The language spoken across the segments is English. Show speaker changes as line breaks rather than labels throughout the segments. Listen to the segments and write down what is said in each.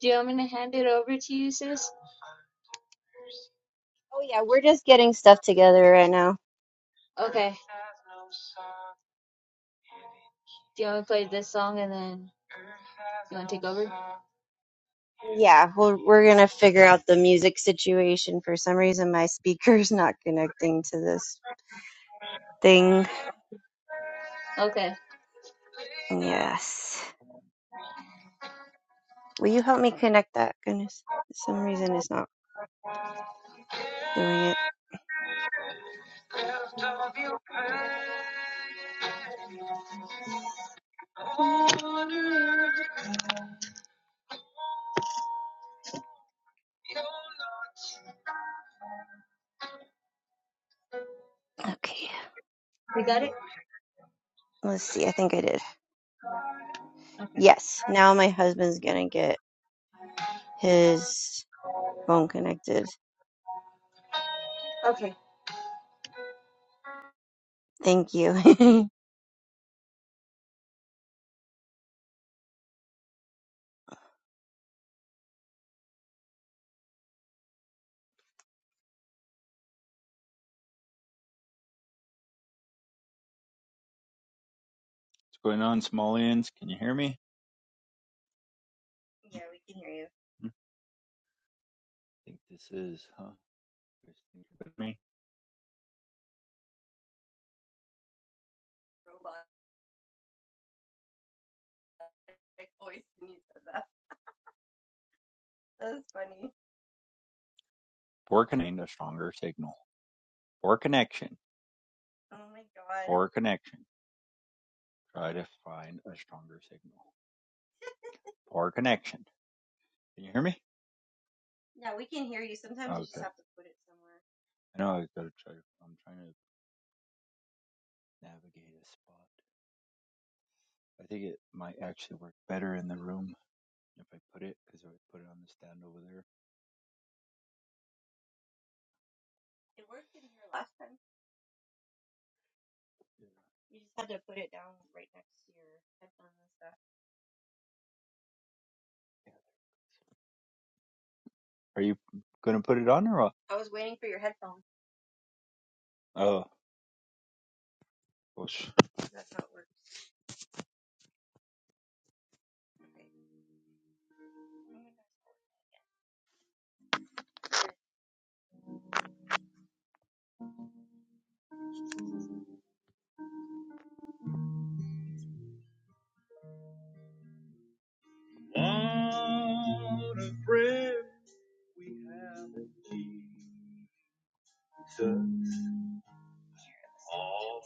Do you want me to hand it over to you, sis?
Oh yeah, we're just getting stuff together right now.
Okay. Do you want me to play this song and then you want to take over?
Yeah, we're we're gonna figure out the music situation. For some reason, my speaker's not connecting to this thing.
Okay.
Yes, will you help me connect that? Goodness, for some reason it's not doing it. Okay,
We got it?
let's see. I think I did. Yes, now my husband's gonna get his phone connected.
Okay.
Thank you.
What's going on, Somalians? Can you hear me? Hmm, I think this is, huh? Poor connection, a stronger signal. Poor connection. Poor connection. Try to find a stronger signal. Poor connection. Can you hear me? I know I gotta try. I'm trying to navigate a spot. I think it might actually work better in the room if I put it, because I would put it on the stand over there. Yeah. Are you gonna put it on or? what? Oh, gosh. What a friend we have Jesus. All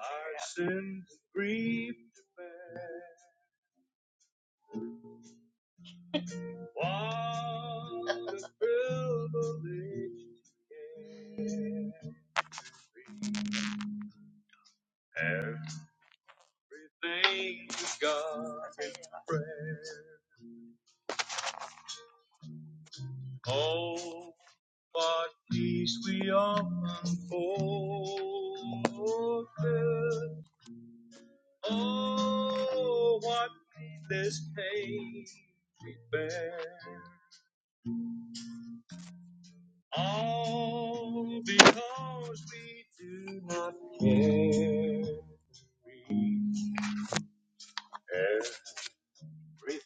our sins grieved to bear. What a privilege to carry everything to God in prayer. Oh, what peace we often forfeit Oh, what needless pain we bear. All because we do not care. We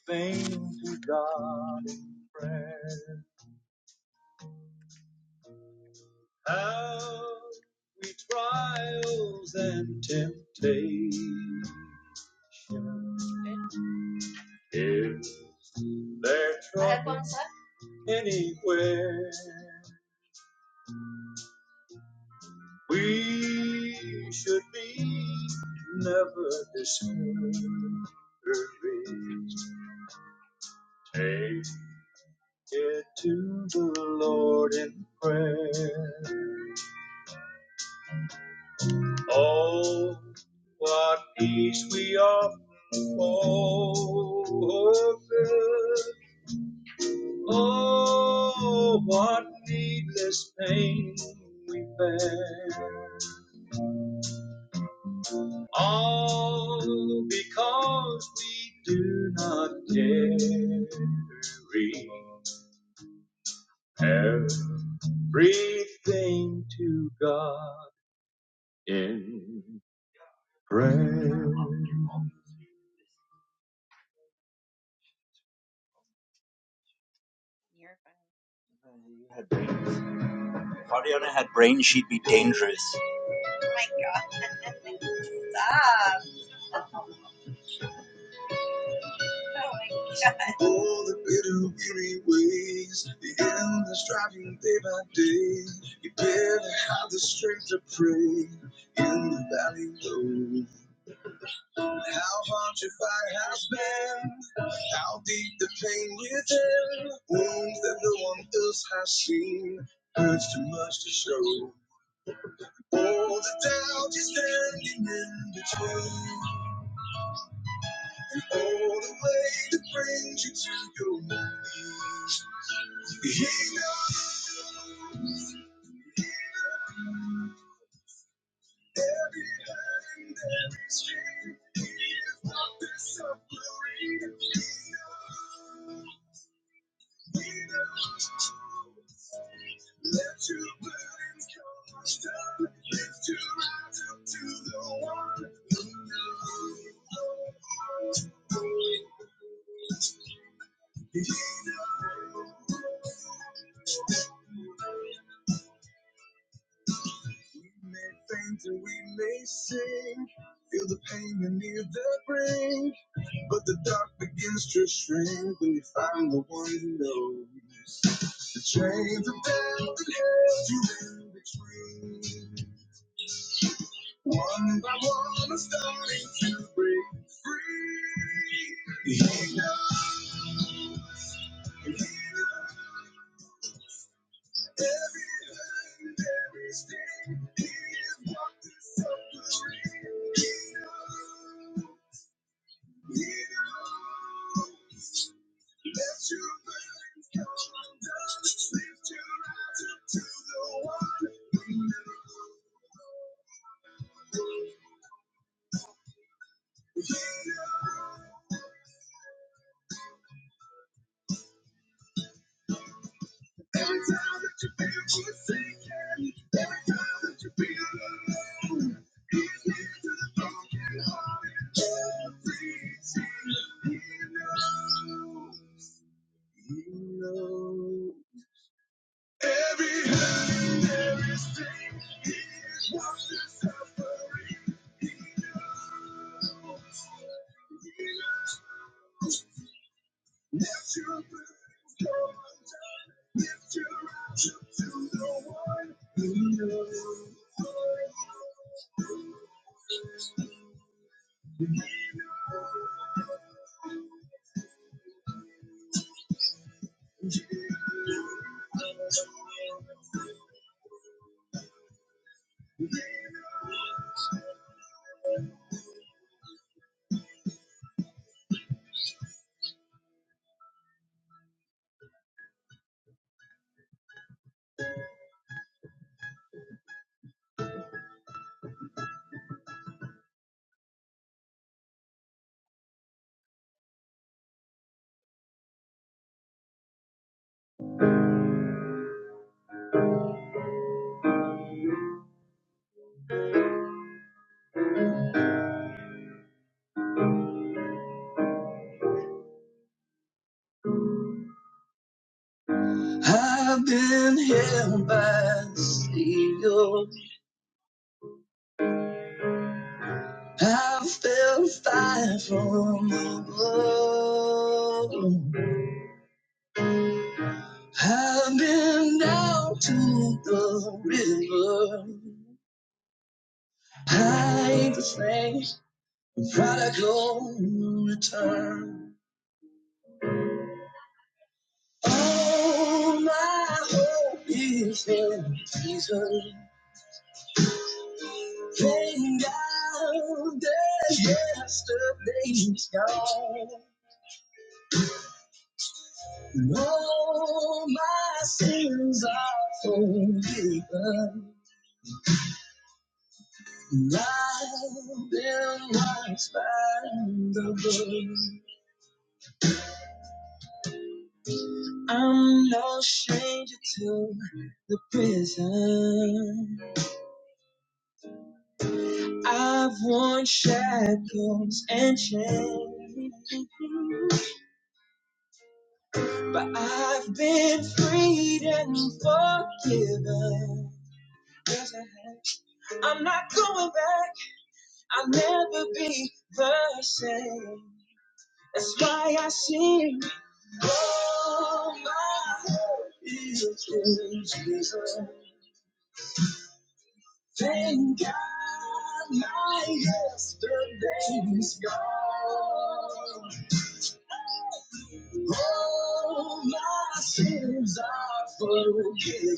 everything to God in prayer. How we trials and temptation is there trouble anywhere? We should be never discouraged. Take it to the Lord in prayer. Oh, what peace we often forfeit. Oh, what needless pain we bear. All because we do not carry everything to God in prayer. If Ariana had brains, she'd be dangerous. All the bitter, weary ways, the endless driving day by day. You barely have the strength to pray in the valley low. How hard your fight has been, how deep the pain within. Wounds that no one else has seen, hurts too much to show. All the doubt you're standing in between, and all the way that brings you to your knees. He knows every hurt everything that is true. This up, let your burdens come undone. Lift your eyes on one. We may faint and we may sink. Feel the pain and near the brink. But the dark begins to shrink when you find the one who knows. The chains of doubt that held you in between. One by one, I'm starting to break free. Healer, healer. Every time that you feel forsaken, every time that you feel alone, every time he knows, he knows. Every hand is stretched, watch the suffering knows. He knows. Natural I've been held by steel. I've felt fire from above. I've been down to the river. I ain't the same. The Prodigal return. All my hope is in Jesus. Thank God that yesterday's gone. And all my sins are forgiven. And I've been washed by the blood. I'm no stranger to the prison. I've worn shackles and chains. But I've been freed and forgiven. Yes, I I'm not going back. I'll never be the same. That's why I sing. Oh, my hope is in Jesus. Thank God my yesterday's gone. Oh, my sins are forgiven.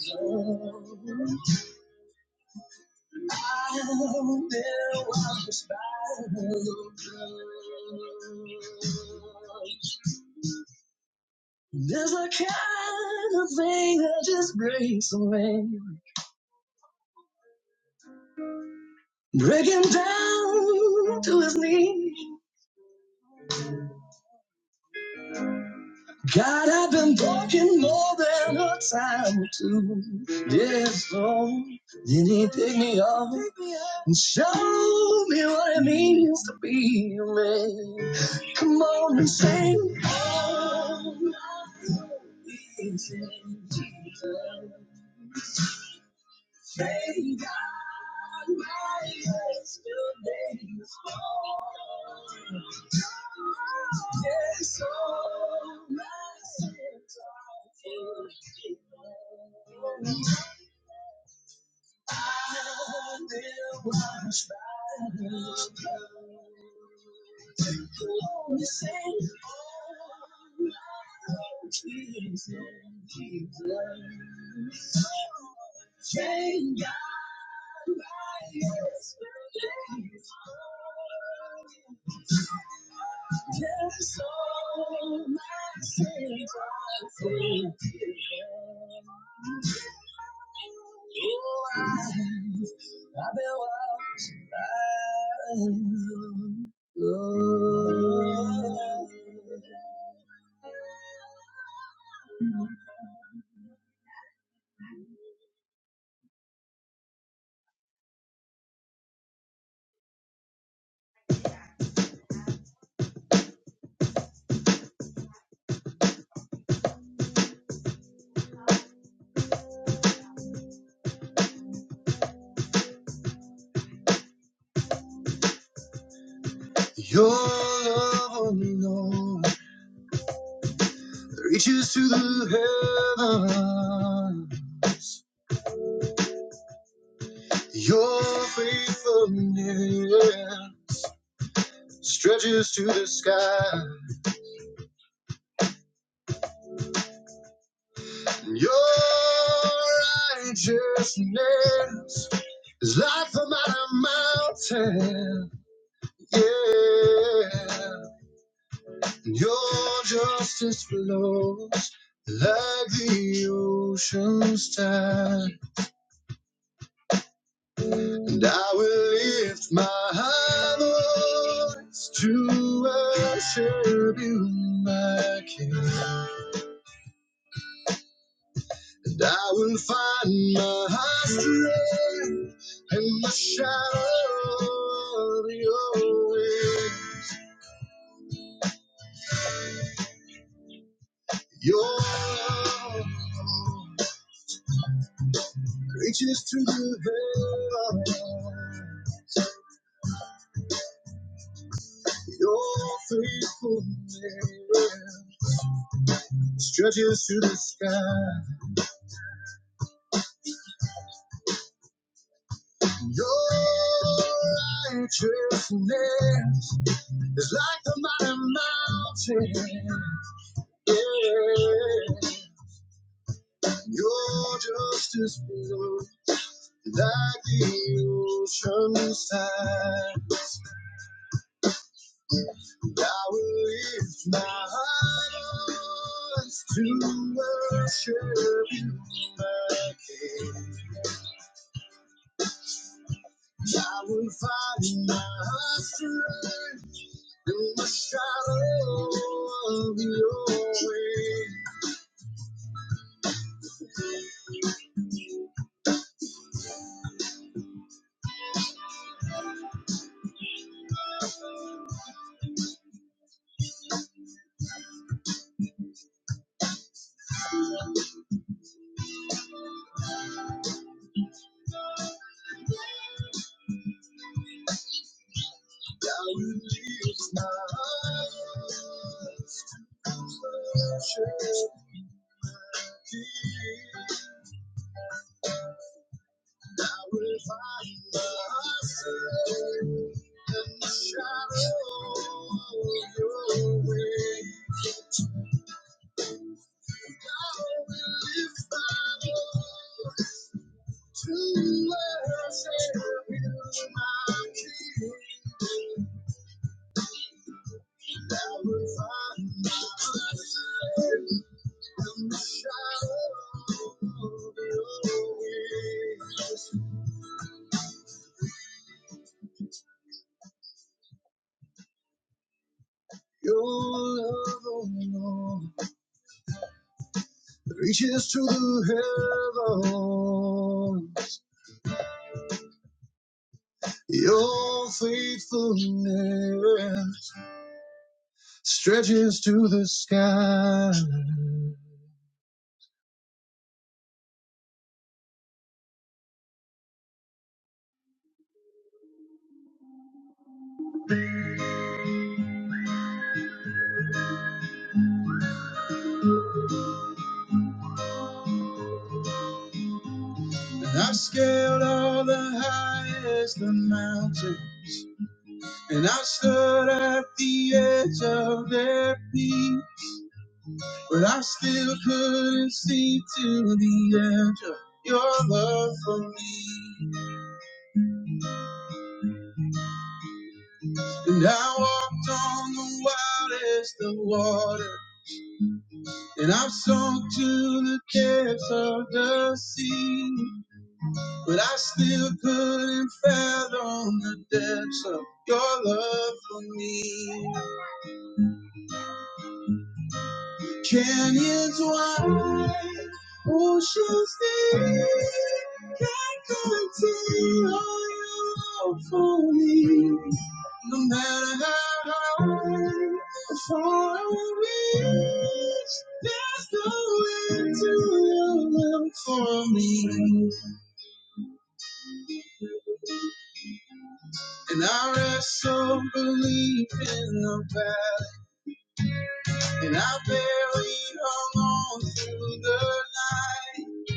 I knew I was bound. There's a kind of thing that just breaks away, breaking down to his knees. God, I've been broken more than a time or two. Yes, Lord. Then he picked me up and showed me what it means to be a man. Come on and sing. Oh, my soul is in Jesus. Thank God my yesterday is gone. Yes, all my sins are forgiven. Thank God, my Yes, all my sins are forgiven. Oh, I, I belong to Your love alone reaches to the heavens. Your faithfulness stretches to the sky. Your righteousness is like the mighty mountain. Yeah. Your justice flows like the ocean's tide. And I will lift my voice to worship you, my King. And I will find my strength in the shadow of your wing. Your love reaches to the heaven. Your faithfulness stretches to the sky. Your righteousness is like the mighty mountain. Yeah. Your justice flows like the ocean tides. I will lift my eyes to worship you, my King. I will find my strength. In the shadow of your wing, I will lift my eyes to worship my King. I will find myself in the shadow of your wing. I will lift my eyes to worship you, my King. Your love, oh Lord, reaches to heaven. Your faithfulness stretches to the sky. And I've scaled all the highest of mountains, and I've stood at the edge of their peak. But I still couldn't see to the edge of your love for me. And I walked on the wildest of water. And i sunk to the depths of the sea. But I still couldn't fathom the depths of your love for me. Canyons wide, oceans deep, can't contain all your love for me. No matter how high, far I reach, there's no end to your love for me. And I wrestle, believe in the battle. And I barely hung on through the night.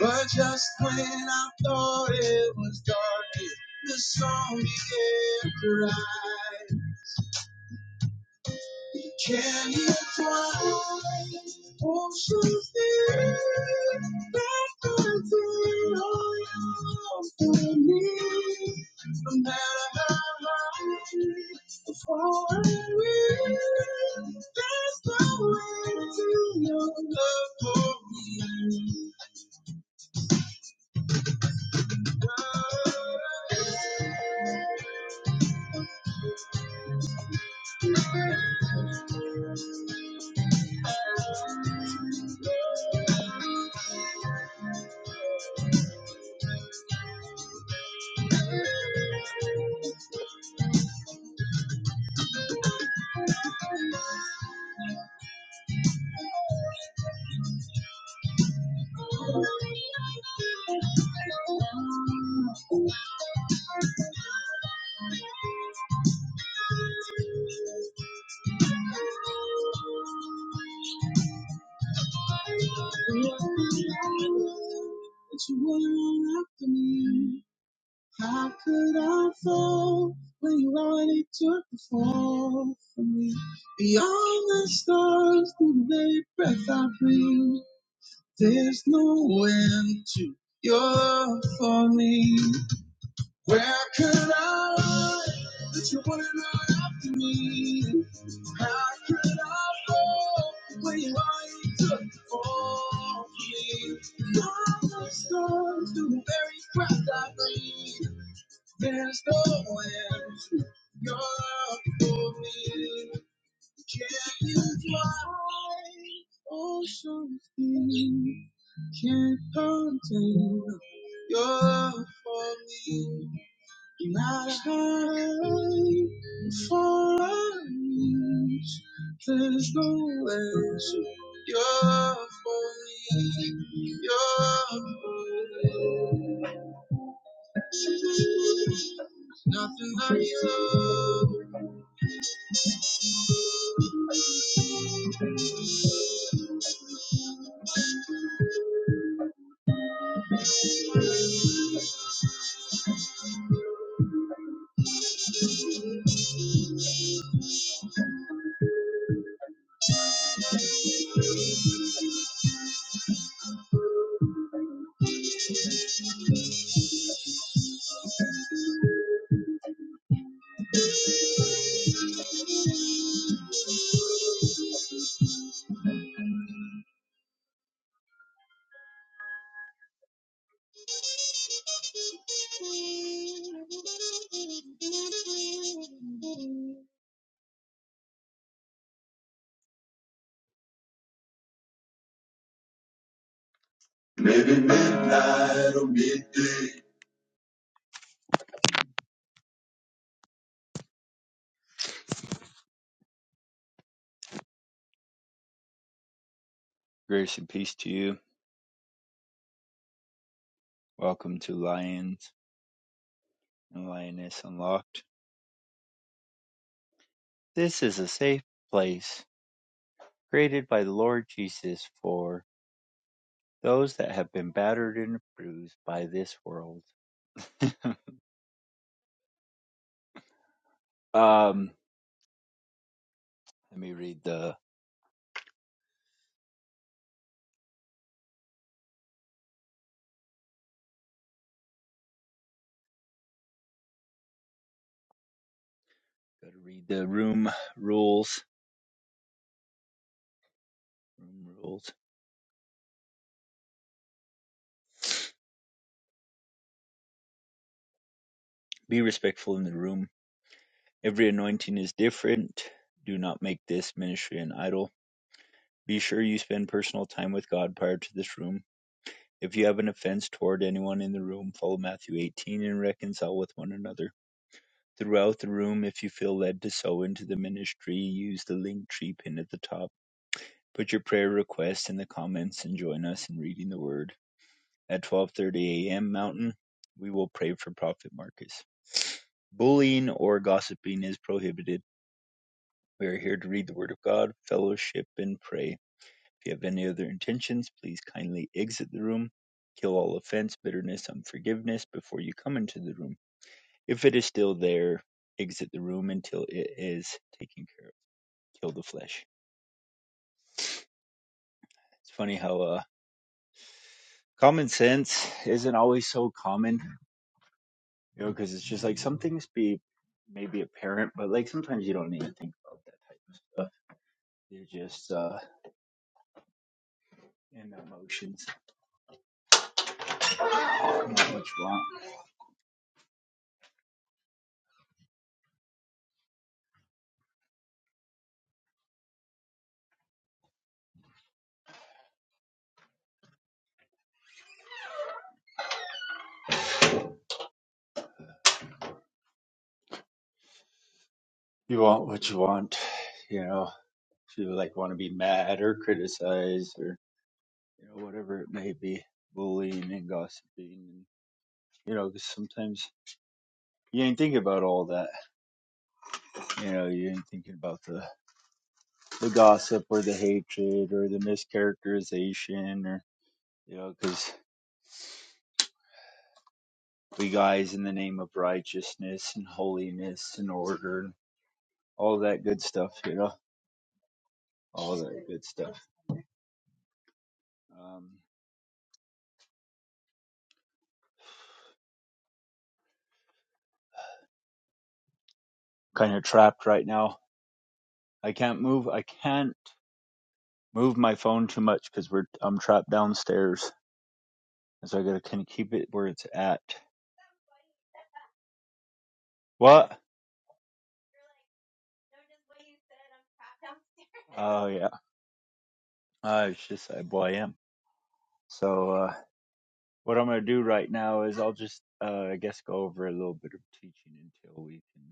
But just when I thought it was dark, the song began to rise. Can you find oceans deep that empty all for me? No matter how high or far away, there's no way to your love for me. God, I love you, that you were all after me. How could I fall when you already took the fall for me? Beyond the stars, through the very breath I breathe, there's no end to your for me. Where could I run that you wouldn't run after me? How could I fall when you already took the fall for me? Beyond the stars, through the very breath I breathe. There's nowhere you're for me. Can you fly? Oh, something can't contain. You're for me. Not high for us. There's nowhere you're for me. You're for me. Nothing but you. Maybe midnight or midday. Grace and peace to you. Welcome to Lions and Lioness Unlocked. This is a safe place created by the Lord Jesus for those that have been battered and bruised by this world. um, let me read the gotta read the room rules. Room rules. Be respectful in the room. Every anointing is different. Do not make this ministry an idol. Be sure you spend personal time with God prior to this room. If you have an offense toward anyone in the room, follow Matthew 18 and reconcile with one another. Throughout the room, if you feel led to sow into the ministry, use the link tree pin at the top. Put your prayer request in the comments and join us in reading the word. At 12:30 a.m. Mountain, we will pray for Prophet Marcus. Bullying or gossiping is prohibited We are here to read the Word of God, fellowship, and pray. If you have any other intentions, please kindly exit the room. Kill all offense, bitterness, unforgiveness before you come into the room. If it is still there, exit the room until it is taken care of. Kill the flesh. It's funny how uh, common sense isn't always so common, you know, because it's just like some things be maybe apparent, but like sometimes you don't need to think about that type of stuff. You're just uh, in emotions. Not much wrong. you want what you want, you know, if you like want to be mad or criticized or, you know, whatever it may be, bullying and gossiping, and, you know, 'cause sometimes you ain't thinking about all that, you know, you ain't thinking about the, the gossip or the hatred or the mischaracterization or, you know, 'cause we guys in the name of righteousness and holiness and order and all that good stuff, you know, all good stuff. Um, kind of trapped right now. I can't move. I can't. move my phone too much because we're I'm trapped downstairs, so I gotta kind of keep it where it's at. What? Oh yeah, uh, it's just uh, well I am. So uh, what I'm gonna do right now is I'll just uh, I guess go over a little bit of teaching until we can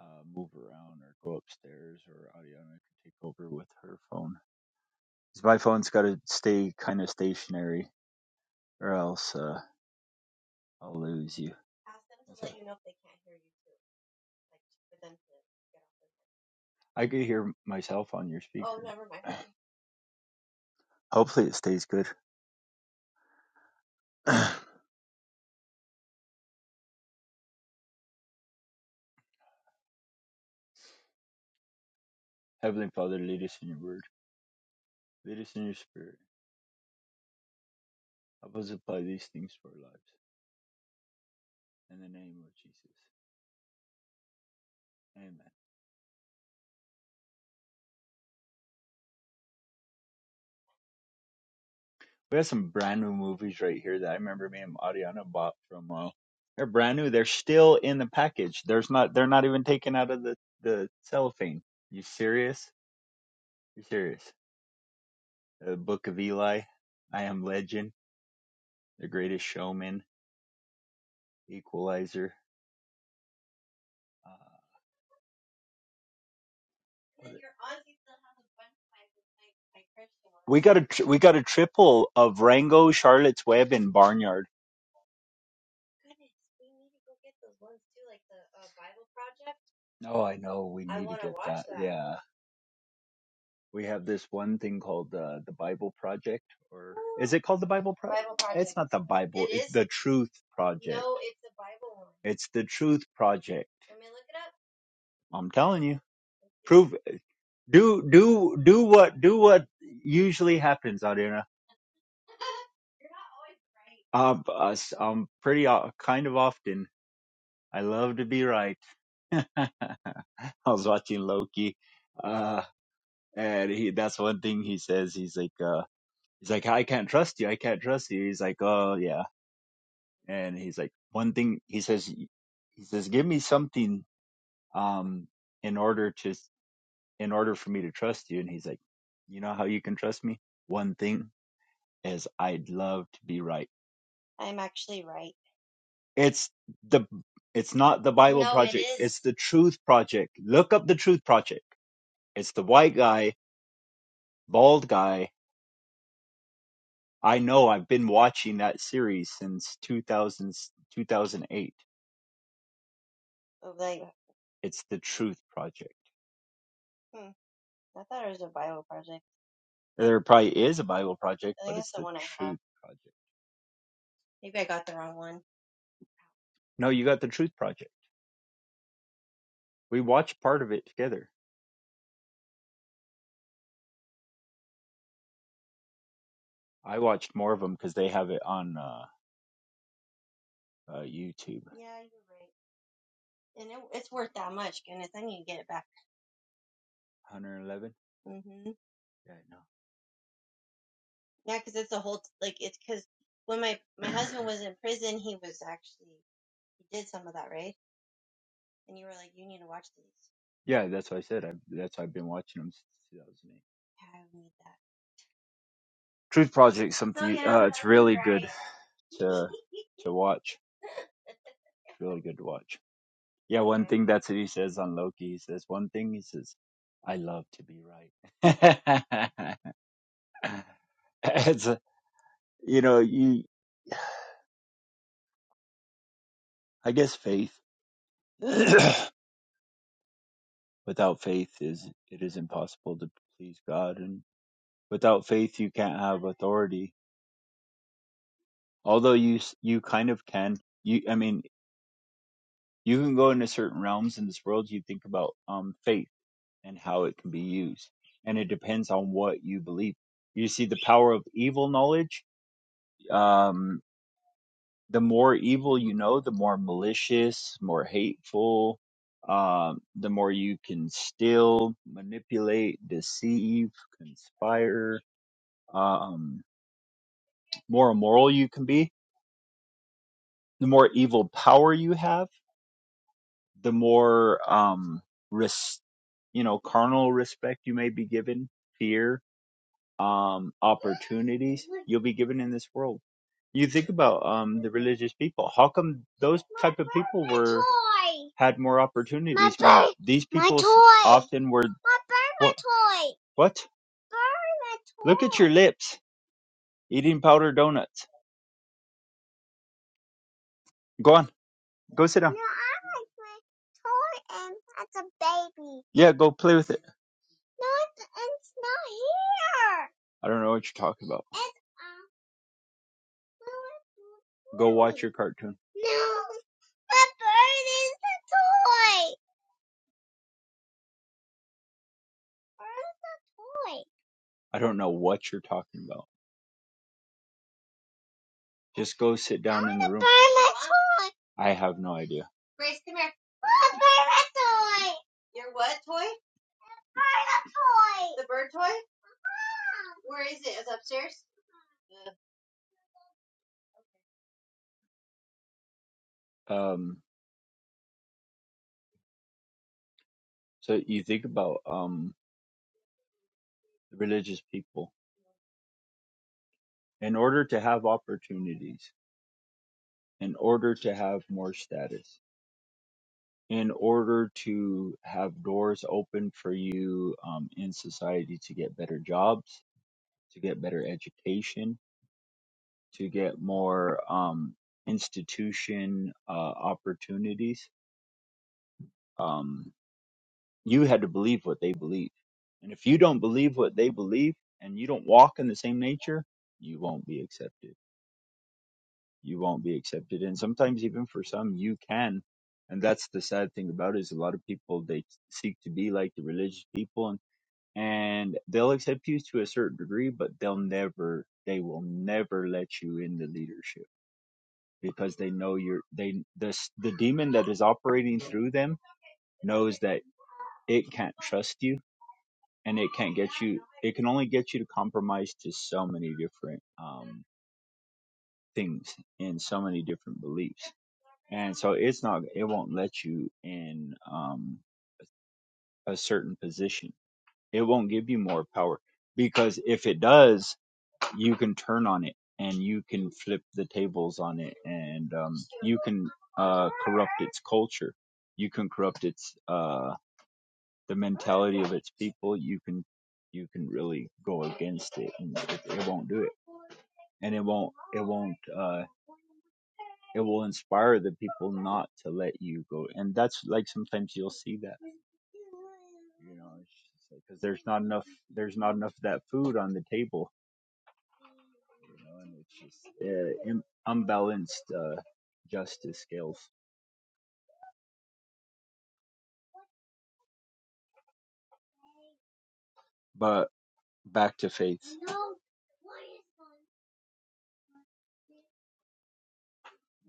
uh, move around or go upstairs or Ariana can take over with her phone. 'Cause my phone's gotta stay kind of stationary or else uh, I'll lose you. I could hear myself on your speaker. Hopefully it stays good. Heavenly Father, lead us in your word. Lead us in your spirit. Help us apply these things to our lives. In the name of Jesus. Amen. We have some brand new movies right here that I remember me and Ariana bought from uh they're brand new. They're still in the package. There's not they're not even taken out of the, the cellophane. You serious? You serious? The Book of Eli, I Am Legend, The Greatest Showman, Equalizer. Uh, got a triple of Rango, Charlotte's Web, and Barnyard. Oh, I know. We uh, we have this one thing called uh, the Bible Project, or it called the Bible Project? Not the Bible, the Truth Project. It's the Truth Project. I'm telling you, do do do what do what usually happens, Audrina. Uh, us, um, pretty o- kind of often. I love to be right. I was watching Loki, uh, and he that's one thing he says. He's like, uh, he's like, I can't trust you. I can't trust you. He's like, oh yeah. and he's like one thing he says he says give me something um in order to in order for me to trust you and he's like you know how you can trust me one thing is i'd love to be right it's the it's not the bible it's the truth project look up the truth project it's the white guy bald guy i know i've been watching that series since 2000 2008. it's the truth project there probably is a bible project No, you got the Truth Project. We watched part of it together. I watched more of them because they have it on uh, uh, YouTube. 111. Yeah, no. Yeah, that's what I said. I, that's why I've been watching them since 2008. Truth Project, something to watch. It's really good to watch. Yeah, think that's what he says on Loki. He says one thing. He says, "I love to be right." it's a, you know you. I guess faith. Without faith, is it is impossible to please God and. without faith you can't have authority although you s- you kind of can you i mean you can go into certain realms in this world you think about um faith and how it can be used and it depends on what you believe you see the power of evil knowledge um the more evil you know the more malicious more hateful um the more you can steal manipulate deceive conspire um more immoral you can be the more evil power you have, the more um res- you know carnal respect you may be given, fear, um opportunities you'll be given in this world. You think about um the religious people. How come those type of people were had more opportunities? when These people s- often were what? What? Look at your lips, eating powder donuts. Go on. Go sit down. No, I like my toy, and as a baby. Yeah, go play with it. No, it's it's not here. I don't know what you're talking about. It's a toy. Go watch your cartoon. No, the bird is the toy. Where's the toy. I don't know what you're talking about. Just go sit down I'm in the room. Bird toy. I have no idea. Bird Bird bird toy. toy. toy. toy. Um, so you think about um the religious people, in order to have opportunities, in order to have more status, in order to have doors open for you um, in society to get better jobs, to get better education, to get more um, institution uh, opportunities. Um, you had to believe what they believe. And if you don't believe what they believe and you don't walk in the same nature, you won't be accepted you won't be accepted and sometimes even for some you can and that's the sad thing about it is a lot of people they seek to be like the religious people and and they'll accept you to a certain degree but they'll never they will never let you in the leadership because they know you're they the the demon that is operating through them knows that it can't trust you and it can't get it can only get you to compromise to so many different um things and so many different beliefs and so it's not it won't let you in um a certain position it won't give you more power because if it does you can turn on it and you can flip the tables on it and um can uh corrupt its culture you can corrupt its uh the mentality of its people you can you can really go against it and it, it won't do it and it won't won't uh it will inspire the people not to let you go and that's like sometimes you'll see that You know, it's just like because there's not enough there's not enough of that food on the table. You know, and it's just uh, im- unbalanced uh, justice scales. But back to faith,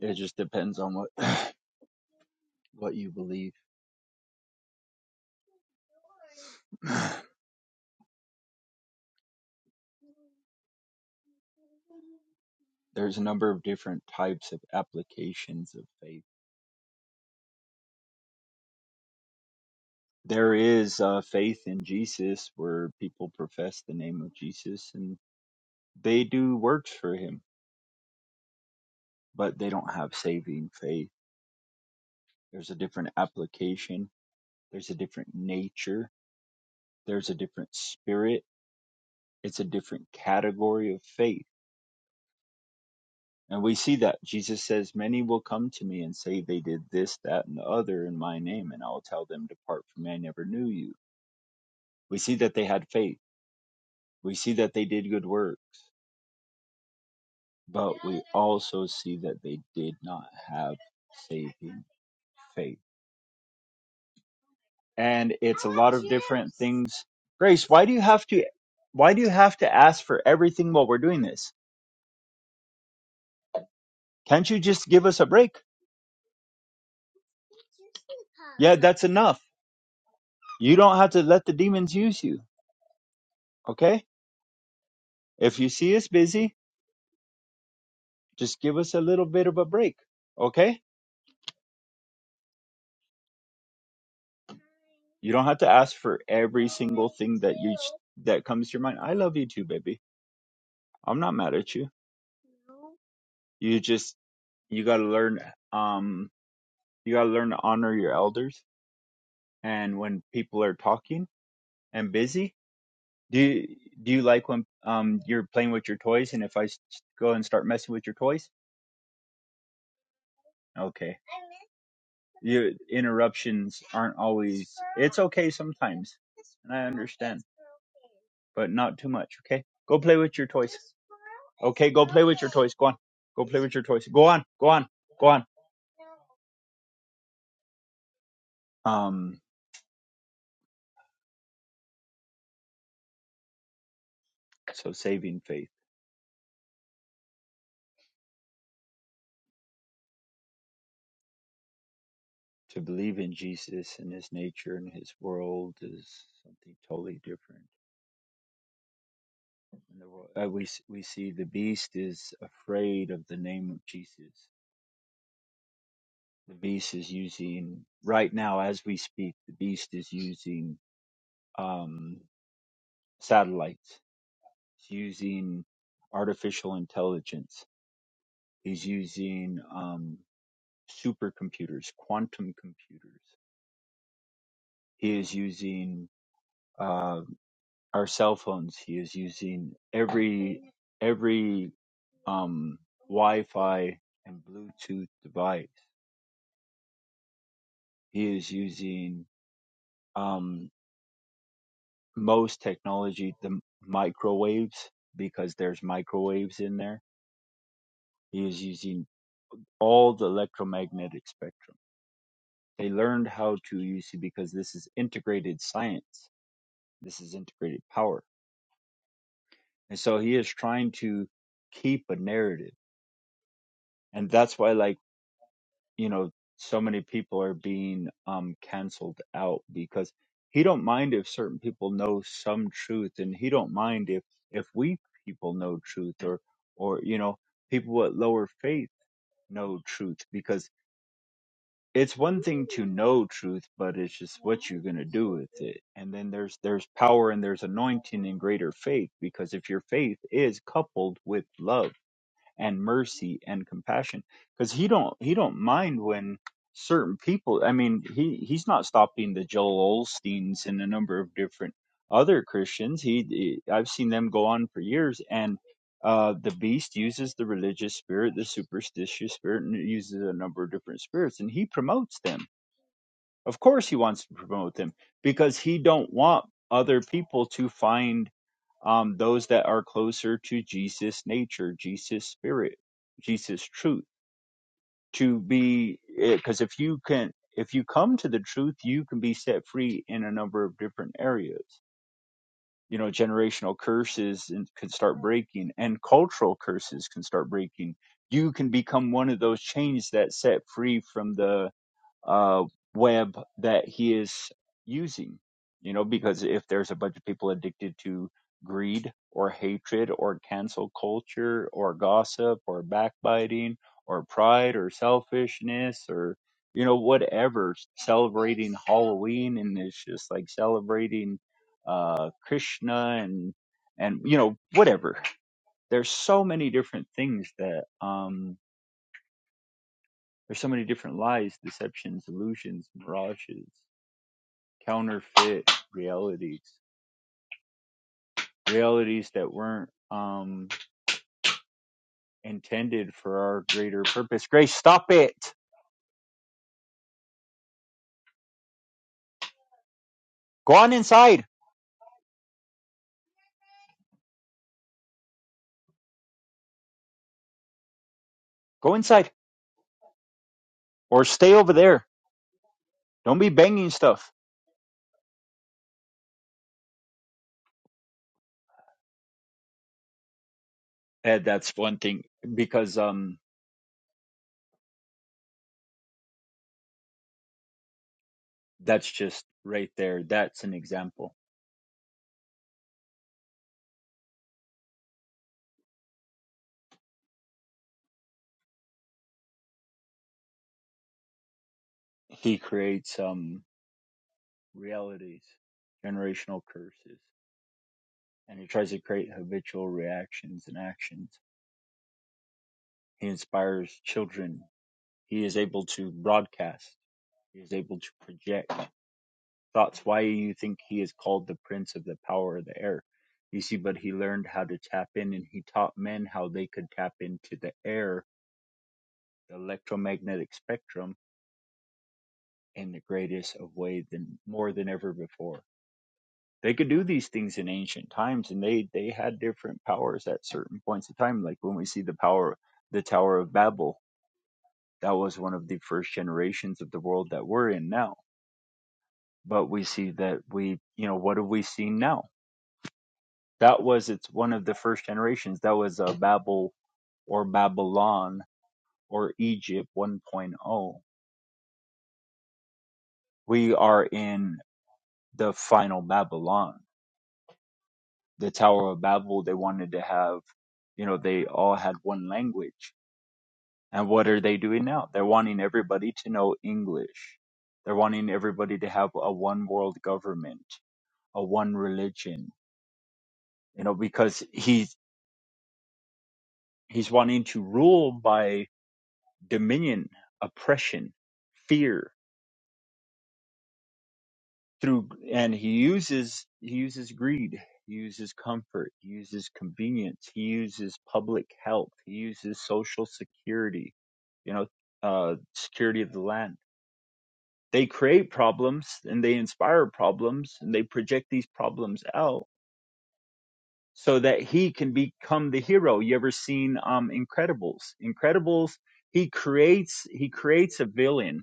it just depends on what what you believe. There's a number of different types of applications of faith. There is uh, faith in Jesus, where people profess the name of Jesus and they do works for Him, but they don't have saving faith. There's a different application There's a different nature. There's a different spirit. It's a different category of faith. And we see that Jesus says, Many will come to me and say they did this, that, and the other in my name, and I'll tell them, Depart from me, I never knew you. We see that they had faith. We see that they did good works, but also see that they did not have faith. And it's Grace, why do you have to why do you have to ask for everything while we're doing this? Can't you just give us a break? That's enough You don't have to let the demons use you, okay? If you see us busy, just give us a little bit of a break, okay? You don't have to ask for every single thing that you that comes to your mind. I love you too, baby. I'm not mad at you. You just you got to learn um you got to learn to honor your elders and when people are talking and busy, do you, do you like when um you're playing with your toys and if I s- go and start messing with your toys? Okay. Your interruptions aren't always okay sometimes and I, but not too much. Okay, go play with your toys. Okay, toys, go on. Go play with your toys. Go on, go on, go on. Um, so saving faith to believe in Jesus and His nature and His world is something totally different. In the world, uh, we we see the beast is afraid of the name of Jesus. The beast is using right now as we speak. The beast is using um satellites. It's using artificial intelligence. He's using um supercomputers, quantum computers. He is using uh, our cell phones. He is using every every um, Wi-Fi and Bluetooth device. He is using um, most technology, the microwaves, because there's microwaves in there. He is using all the electromagnetic spectrum. They learned how to use it because this is integrated science. This is integrated power And so he is trying to keep a narrative. And that's why, like, you know, so many people are being um, canceled out because he don't mind if certain people know some truth and he don't mind if, if we people know truth or, or, you know, people with lower faith know truth because it's one thing to know truth, but it's just what you're going to do with it. And then there's, there's power and there's anointing in greater faith because if your faith is coupled with love, and mercy and compassion because he don't he don't mind when certain people i mean he he's not stopping the joel olsteins and a number of different other christians he, he- i've seen them go on for years and uh the beast uses the religious spirit the superstitious spirit and it uses a number of different spirits and he promotes them of course he wants to promote them because he don't want other people to find um, those that are closer to Jesus' nature, Jesus' spirit, Jesus' truth. To be, because if you can, if you come to the truth, you can be set free in a number of different areas. You know, generational curses and- can start breaking, and cultural curses can start breaking. You can become one of those chains that's set free from the uh, web that he is using. You know, because if there's a bunch of people addicted to greed or hatred or cancel culture or gossip or backbiting or pride or selfishness or, you know, whatever, celebrating Halloween and it's just like celebrating uh, Krishna and, and, you know, whatever. There's so many different things that, um, there's so many different lies, deceptions, illusions, mirages counterfeit realities, realities that weren't um, intended for our greater purpose. Grace, stop it. Go on inside. Go inside, or stay over there. Don't be banging stuff. And that's one thing because um, that's just right there. That's an example. He creates um realities, generational curses, and he tries to create habitual reactions and actions. He inspires children He is able to broadcast. He is able to project thoughts. Why you think he is called the prince of the power of the air? You see, but he learned how to tap in and he taught men how they could tap into the air, the electromagnetic spectrum in the greatest of ways, than more than ever before. They could do these things in ancient times and they, they had different powers at certain points of time. Like when we see the power, the Tower of Babel, that was one of the first generations of the world that we're in now but we see that we you know what do we see now that was it's one of the first generations that was a babel or babylon or egypt 1.0 we are in the final babylon the tower of babel they wanted to have you know they all had one language and what are they doing now they're wanting everybody to know english they're wanting everybody to have a one world government a one religion you know because he He's wanting to rule by dominion, oppression, fear through, and he uses, he uses greed. He uses comfort. He uses convenience. He uses public health. He uses social security, you know, uh, security of the land. They create problems and they inspire problems and they project these problems out so that he can become the hero. You ever seen um, Incredibles? Incredibles, he creates he creates a villain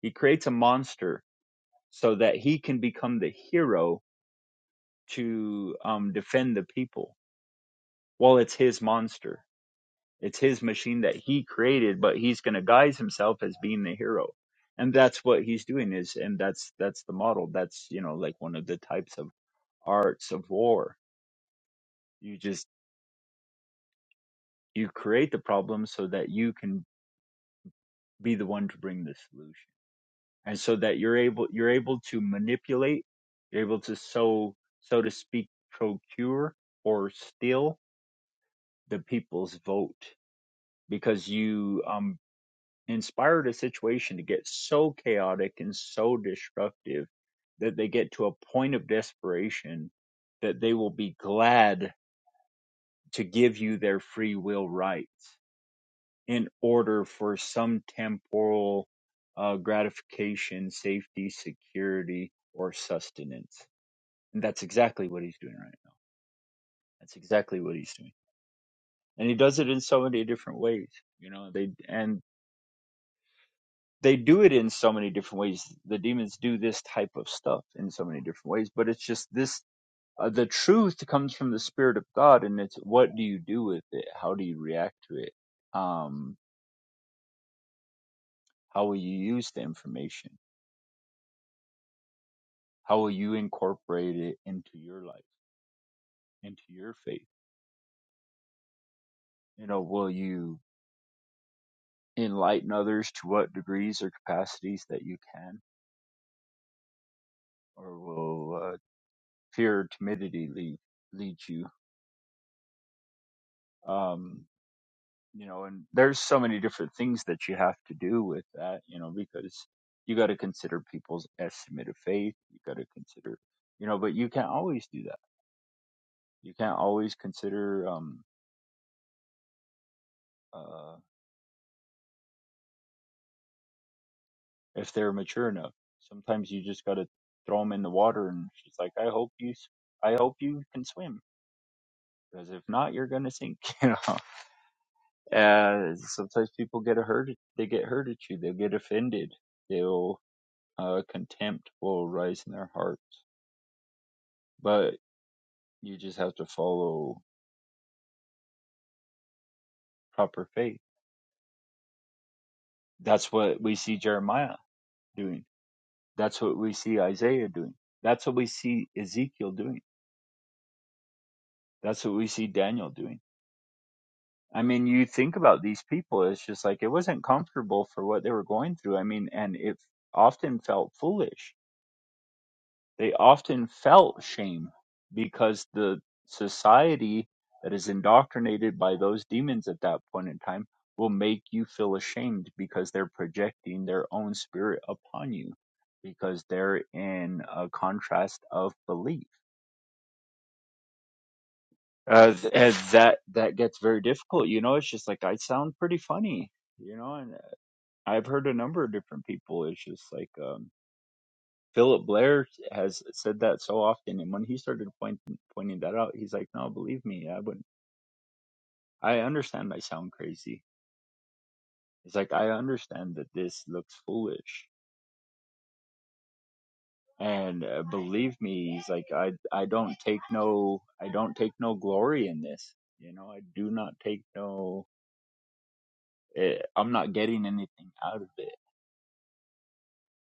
He creates a monster so that he can become the hero to um, defend the people. Well, it's his monster. It's his machine that he created, but he's going to guise himself as being the hero. And that's what he's doing is, and that's, that's the model. That's, you know, like one of the types of arts of war. You just, you create the problem so that you can be the one to bring the solution. and so that you're able you're able to manipulate you're able to so so to speak procure or steal the people's vote because you um inspired a situation to get so chaotic and so destructive that they get to a point of desperation that they will be glad to give you their free will rights in order for some temporal uh, gratification, safety, security, or sustenance. And that's exactly what he's doing right now. That's exactly what he's doing. And he does it in so many different ways. You know, they and they do it in so many different ways. The demons do this type of stuff in so many different ways, but it's just this uh, the truth comes from the spirit of God and it's what do you do with it? How do you react to it? Um how will you use the information? How will you incorporate it into your life, into your faith? You know, will you enlighten others to what degrees or capacities that you can, or will uh, fear or timidity lead lead you? Um, you know, and there's so many different things that you have to do with that. You know, because you got to consider people's estimate of faith. You got to consider, you know, but you can't always do that. You can't always consider. Um, uh. if they're mature enough. Sometimes you just gotta throw them in the water, and she's like, "I hope you, s- I hope you can swim, because if not, you're gonna sink." You know. Uh, sometimes people get hurt. They get hurt at you. They'll get offended. They'll uh, contempt will rise in their hearts. But you just have to follow proper faith. That's what we see Jeremiah doing. That's what we see Isaiah doing. That's what we see Ezekiel doing. That's what we see Daniel doing I mean, you think about these people, it's just like it wasn't comfortable for what they were going through. I mean, and it often felt foolish. They often felt shame because the society that is indoctrinated by those demons at that point in time will make you feel ashamed because they're projecting their own spirit upon you because they're in a contrast of belief. Uh, th- and that that gets very difficult, you know. It's just like I sound pretty funny, you know, and. I've heard a number of different people. It's just like um, Philip Blair has said that so often, and when he started pointing pointing that out, he's like, "No, believe me, I wouldn't. I understand I sound crazy. He's like, I understand that this looks foolish, and uh, believe me, he's like, I I don't take no I don't take no glory in this. You know, I do not take no. eh, I'm not getting anything out of it.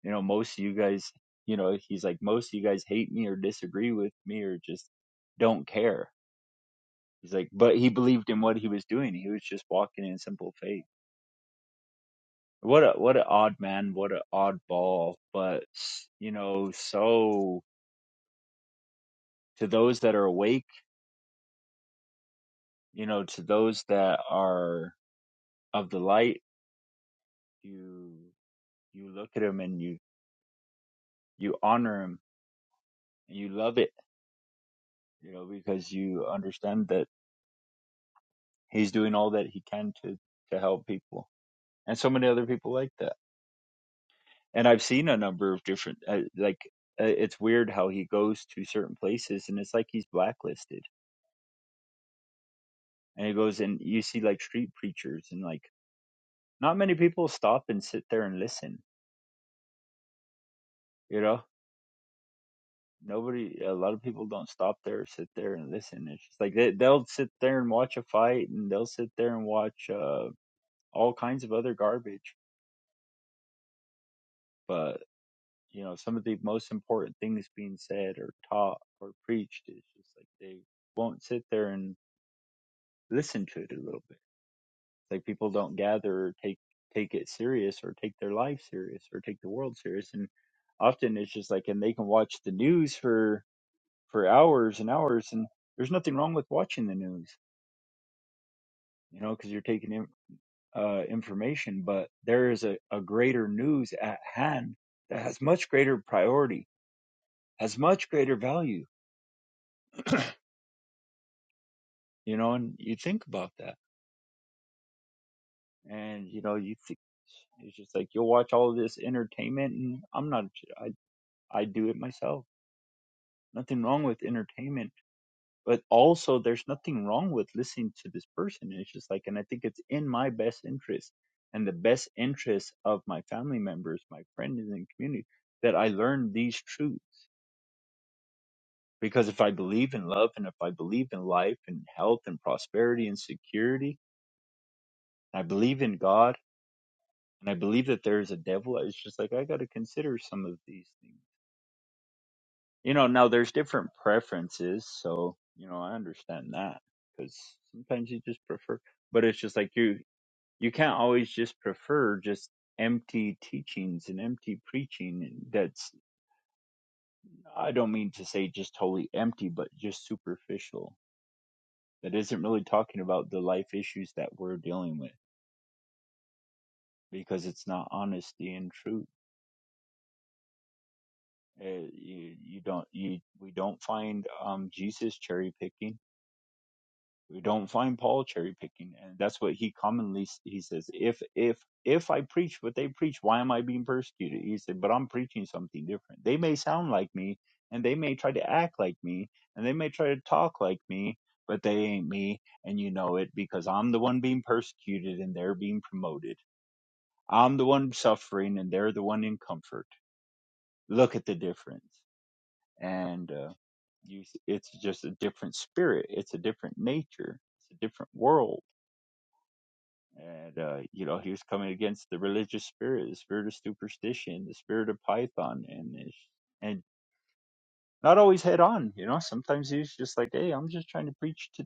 you know most of you guys you know he's like most of you guys hate me or disagree with me or just don't care he's like but he believed in what he was doing he was just walking in simple faith what a what an odd man what an oddball but you know so to those that are awake you know to those that are of the light you you look at him and you you honor him and you love it you know because you understand that he's doing all that he can to to help people and so many other people like that. And I've seen a number of different, uh, like, uh, it's weird how he goes to certain places and it's like he's blacklisted. And he goes and you see like street preachers and like not many people stop and sit there and listen, you know? Nobody, a lot of people don't stop there, sit there and listen. It's just like they, they'll sit there and watch a fight and they'll sit there and watch uh, all kinds of other garbage. but. you know some of the most important things being said or taught or preached is just like they won't sit there and listen to it a little bit like people don't gather or take take it serious or take their life serious or take the world serious and often it's just like and they can watch the news for for hours and hours and there's nothing wrong with watching the news you know because you're taking in uh, information but there is a, a greater news at hand that has much greater priority has much greater value you know, and you think about that. And, you know, you think, it's just like, you'll watch all this entertainment and I'm not, I, I do it myself. Nothing wrong with entertainment, but also there's nothing wrong with listening to this person. It's just like, and I think it's in my best interest and the best interest of my family members, my friends and community that I learn these truths. Because if I believe in love and if I believe in life and health and prosperity and security, I believe in God and I believe that there is a devil. It's just like I got to consider some of these things. You know, now there's different preferences, so you know I understand that because sometimes you just prefer, but it's just like you you can't always just prefer just empty teachings and empty preaching. and That's I don't mean to say just totally empty, but just superficial. That isn't really talking about the life issues that we're dealing with because it's not honesty and truth Uh, you you don't you we don't find um Jesus cherry picking. We don't find Paul cherry picking, and that's what he commonly s- he says. If if if I preach what they preach, why am I being persecuted? He said, but I'm preaching something different. They may sound like me, and they may try to act like me, and they may try to talk like me, but they ain't me, and you know it because I'm the one being persecuted and they're being promoted. I'm the one suffering and they're the one in comfort. Look at the difference and uh, you it's just a different spirit it's a different nature it's a different world and uh, you know he was coming against the religious spirit the spirit of superstition the spirit of python and it's- and not always head on you know sometimes he was just like hey i'm just trying to preach to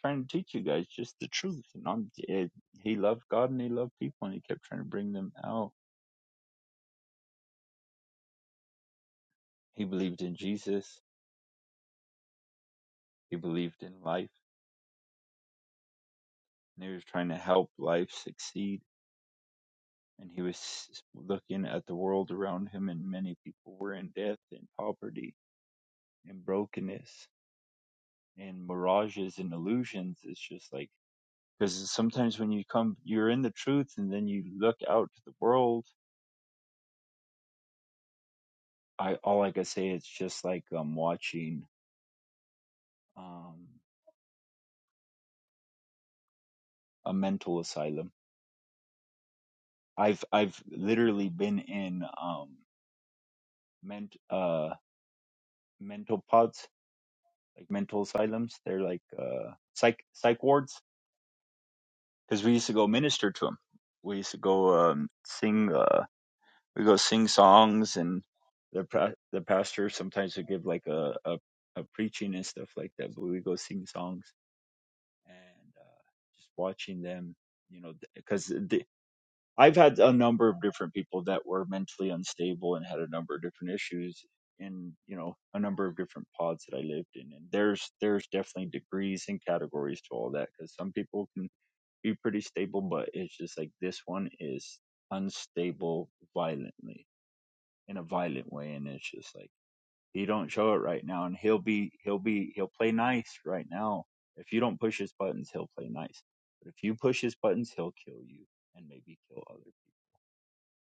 trying to teach you guys just the truth and i'm it, he loved god and he loved people and he kept trying to bring them out he believed in jesus he believed in life and he was trying to help life succeed and he was looking at the world around him and many people were in death and poverty and brokenness and mirages and illusions it's just like because sometimes when you come you're in the truth and then you look out to the world i all i can say it's just like um watching um a mental asylum i've i've literally been in um ment uh mental pods like mental asylums they're like uh psych psych wards because we used to go minister to them, We used to go um, sing. Uh, we go sing songs, and the pra- the pastor sometimes would give like a, a a preaching and stuff like that. But we go sing songs and uh, just watching them, you know, because I've had a number of different people that were mentally unstable and had a number of different issues in you know a number of different pods that I lived in, and there's there's definitely degrees and categories to all that because some people can be pretty stable, but it's just like this one is unstable violently in a violent way, and it's just like he don't show it right now, and he'll be he'll be he'll play nice right now. If you don't push his buttons, he'll play nice, but if you push his buttons, he'll kill you and maybe kill other people.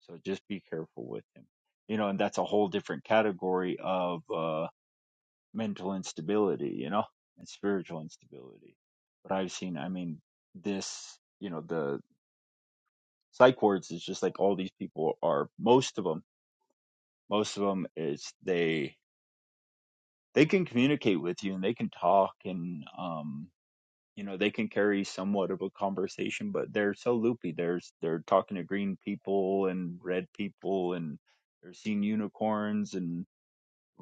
So just be careful with him, you know. And that's a whole different category of uh, mental instability, you know, and spiritual instability. But I've seen, I mean, this you know the psych wards is just like all these people are most of them most of them is they they can communicate with you and they can talk and um you know they can carry somewhat of a conversation but they're so loopy there's they're talking to green people and red people and they're seeing unicorns and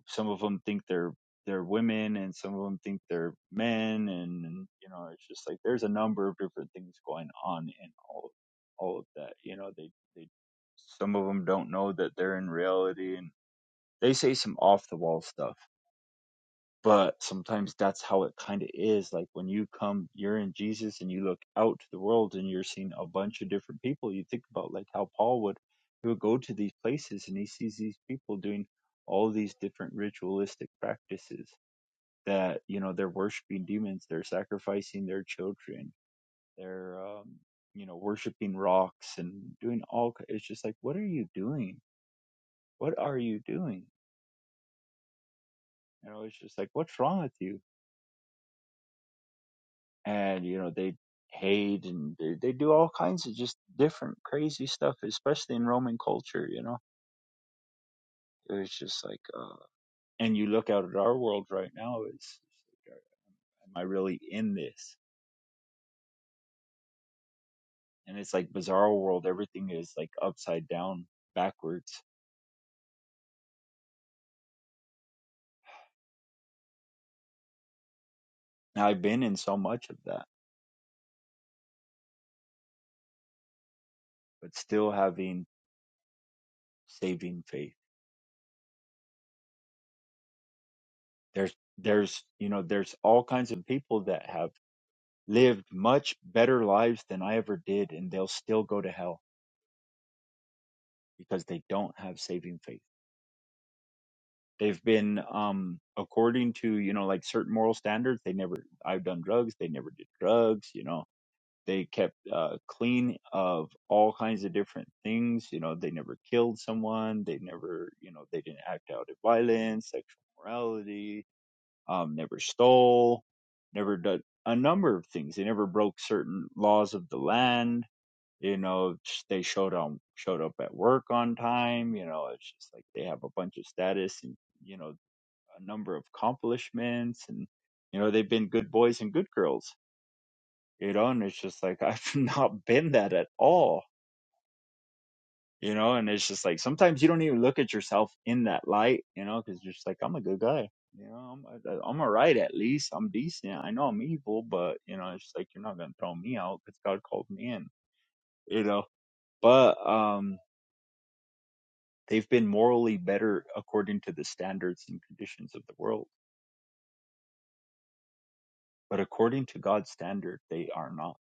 some of them think they're they're women and some of them think they're men and, and you know it's just like there's a number of different things going on in all all of that you know they they some of them don't know that they're in reality and they say some off the wall stuff but sometimes that's how it kind of is like when you come you're in jesus and you look out to the world and you're seeing a bunch of different people you think about like how paul would he would go to these places and he sees these people doing all these different ritualistic practices that you know they're worshiping demons they're sacrificing their children they're um you know worshiping rocks and doing all it's just like what are you doing what are you doing you know it's just like what's wrong with you and you know they hate and they, they do all kinds of just different crazy stuff especially in roman culture you know it was just like uh and you look out at our world right now it's it's like, uh, am i really in this and it's like bizarre world everything is like upside down backwards now i've been in so much of that but still having saving faith there's there's you know there's all kinds of people that have lived much better lives than i ever did and they'll still go to hell because they don't have saving faith. They've been, um, according to, you know, like certain moral standards, they never, I've done drugs, they never did drugs, you know, they kept uh, clean of all kinds of different things, you know, they never killed someone, they never, you know, they didn't act out of violence, sexual morality, um, never stole, never did a number of things. They never broke certain laws of the land you know they showed up showed up at work on time you know it's just like they have a bunch of status and you know a number of accomplishments and you know they've been good boys and good girls you know and it's just like i've not been that at all you know and it's just like sometimes you don't even look at yourself in that light you know because you're just like i'm a good guy you know i'm, I'm all right at least i'm decent i know i'm evil but you know it's just like you're not gonna throw me out because god called me in you know but um They've been morally better according to the standards and conditions of the world, but according to God's standard, they are not.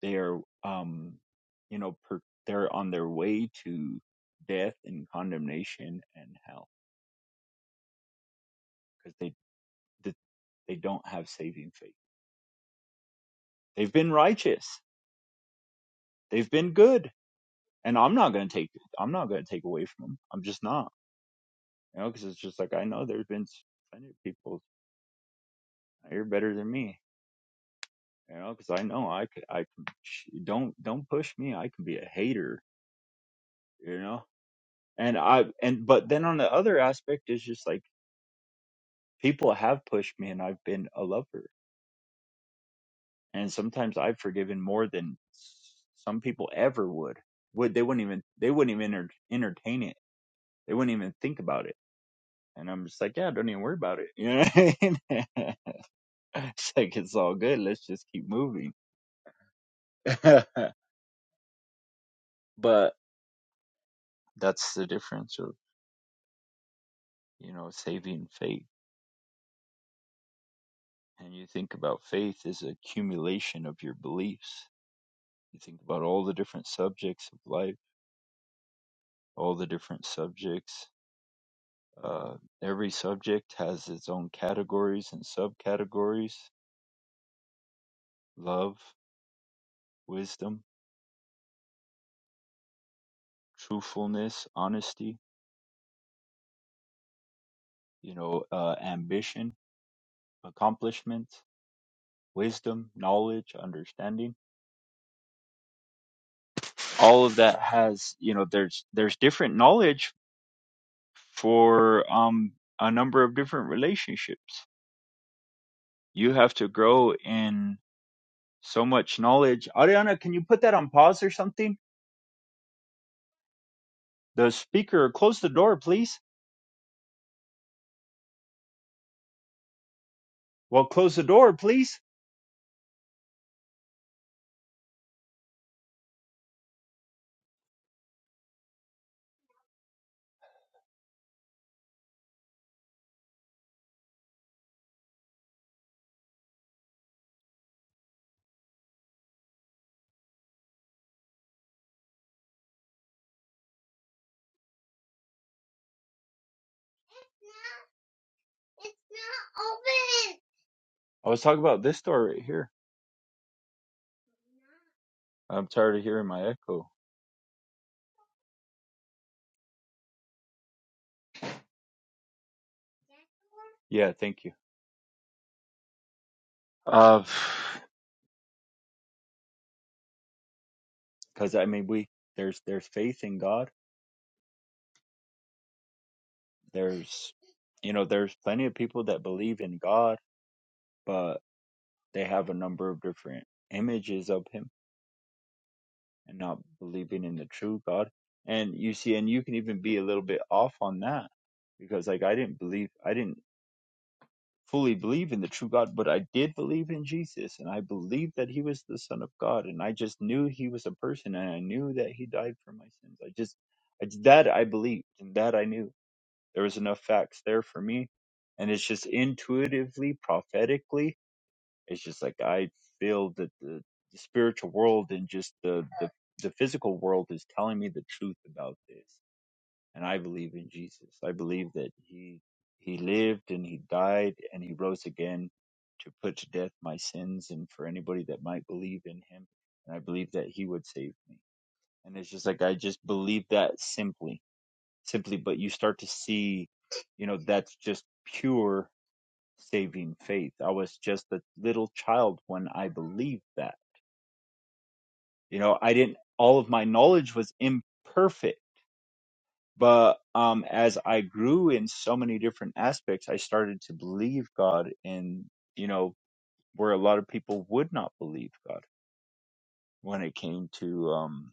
They are, um, you know, per, they're on their way to death and condemnation and hell because they they don't have saving faith. They've been righteous. They've been good, and I'm not going to take I'm not going to take away from them. I'm just not, you know, because it's just like I know there's been plenty of people out are better than me you know, because I know I could, I can, don't, don't push me. I can be a hater, you know, and I, and, but then on the other aspect is just like people have pushed me and I've been a lover. And sometimes I've forgiven more than s- some people ever would. Would they wouldn't even, they wouldn't even enter, entertain it. They wouldn't even think about it. And I'm just like, yeah, don't even worry about it. You know what I mean? it's like, it's all good. Let's just keep moving. but that's the difference of, you know, saving faith and you think about faith as an accumulation of your beliefs. You think about all the different subjects of life, all the different subjects. Uh, every subject has its own categories and subcategories: love, wisdom, truthfulness, honesty. You know, uh, ambition, accomplishment, wisdom, knowledge, understanding. All of that has, you know, there's there's different knowledge for um, a number of different relationships you have to grow in so much knowledge. Ariana, can you put that on pause or something? The speaker, close the door, please. Well, close the door, please. I was talking about this door right here. I'm tired of hearing my echo. Yeah, thank you. Uh, because I mean, we there's there's faith in God. There's you know there's plenty of people that believe in God, but they have a number of different images of Him and not believing in the true God. And you see, and you can even be a little bit off on that because, like, I didn't believe, I didn't fully believe in the true God, but I did believe in Jesus and I believed that he was the Son of God. And I just knew he was a person and I knew that he died for my sins. I just, I, that I believed and that I knew. There was enough facts there for me. And it's just intuitively, prophetically, it's just like I feel that the, the spiritual world and just the the physical world is telling me the truth about this and i believe in jesus i believe that he he lived and he died and he rose again to put to death my sins and for anybody that might believe in him and i believe that he would save me and it's just like i just believe that simply simply but you start to see you know that's just pure saving faith i was just a little child when i believed that you know i didn't all of my knowledge was imperfect But um, as I grew in so many different aspects, I started to believe God in, you know, where a lot of people would not believe God when it came to um,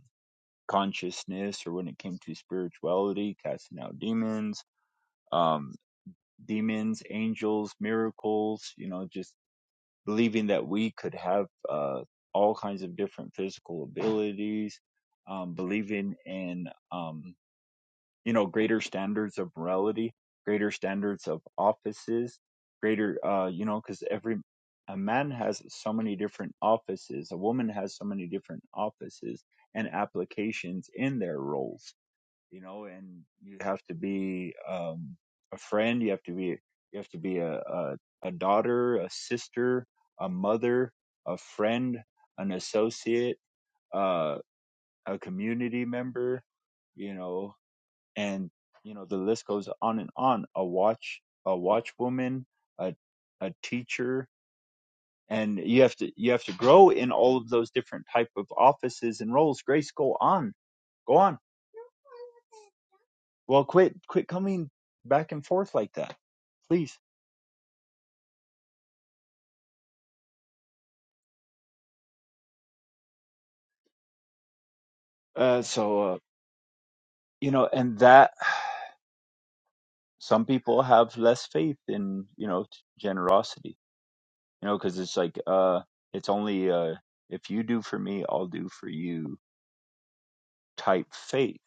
consciousness or when it came to spirituality, casting out demons, um, demons, angels, miracles, you know, just believing that we could have uh, all kinds of different physical abilities, um, believing in. Um, you know greater standards of morality greater standards of offices greater uh you know because every a man has so many different offices a woman has so many different offices and applications in their roles you know and you have to be um a friend you have to be you have to be a a, a daughter a sister a mother a friend an associate uh a community member you know and you know the list goes on and on a watch a watchwoman a a teacher and you have to you have to grow in all of those different type of offices and roles grace go on go on well quit quit coming back and forth like that please uh so uh, you know and that some people have less faith in you know t- generosity you know because it's like uh it's only uh if you do for me i'll do for you type faith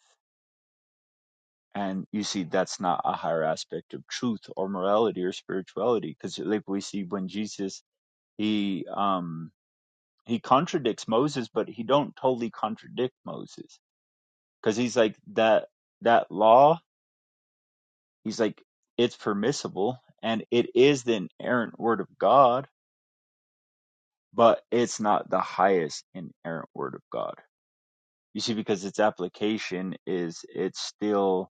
And you see, that's not a higher aspect of truth or morality or spirituality, because like we see when Jesus, he um he contradicts Moses, but he don't totally contradict Moses, because he's like that that law. He's like it's permissible and it is the inerrant word of God, but it's not the highest inerrant word of God. You see, because its application is it's still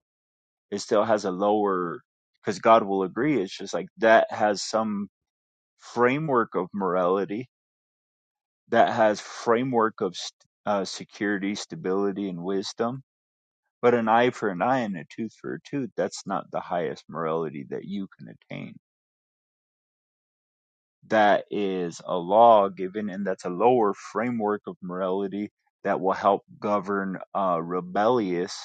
it still has a lower because God will agree. It's just like that has some framework of morality that has framework of st- uh, security, stability, and wisdom. But an eye for an eye and a tooth for a tooth, that's not the highest morality that you can attain. That is a law given, and that's a lower framework of morality that will help govern uh, rebellious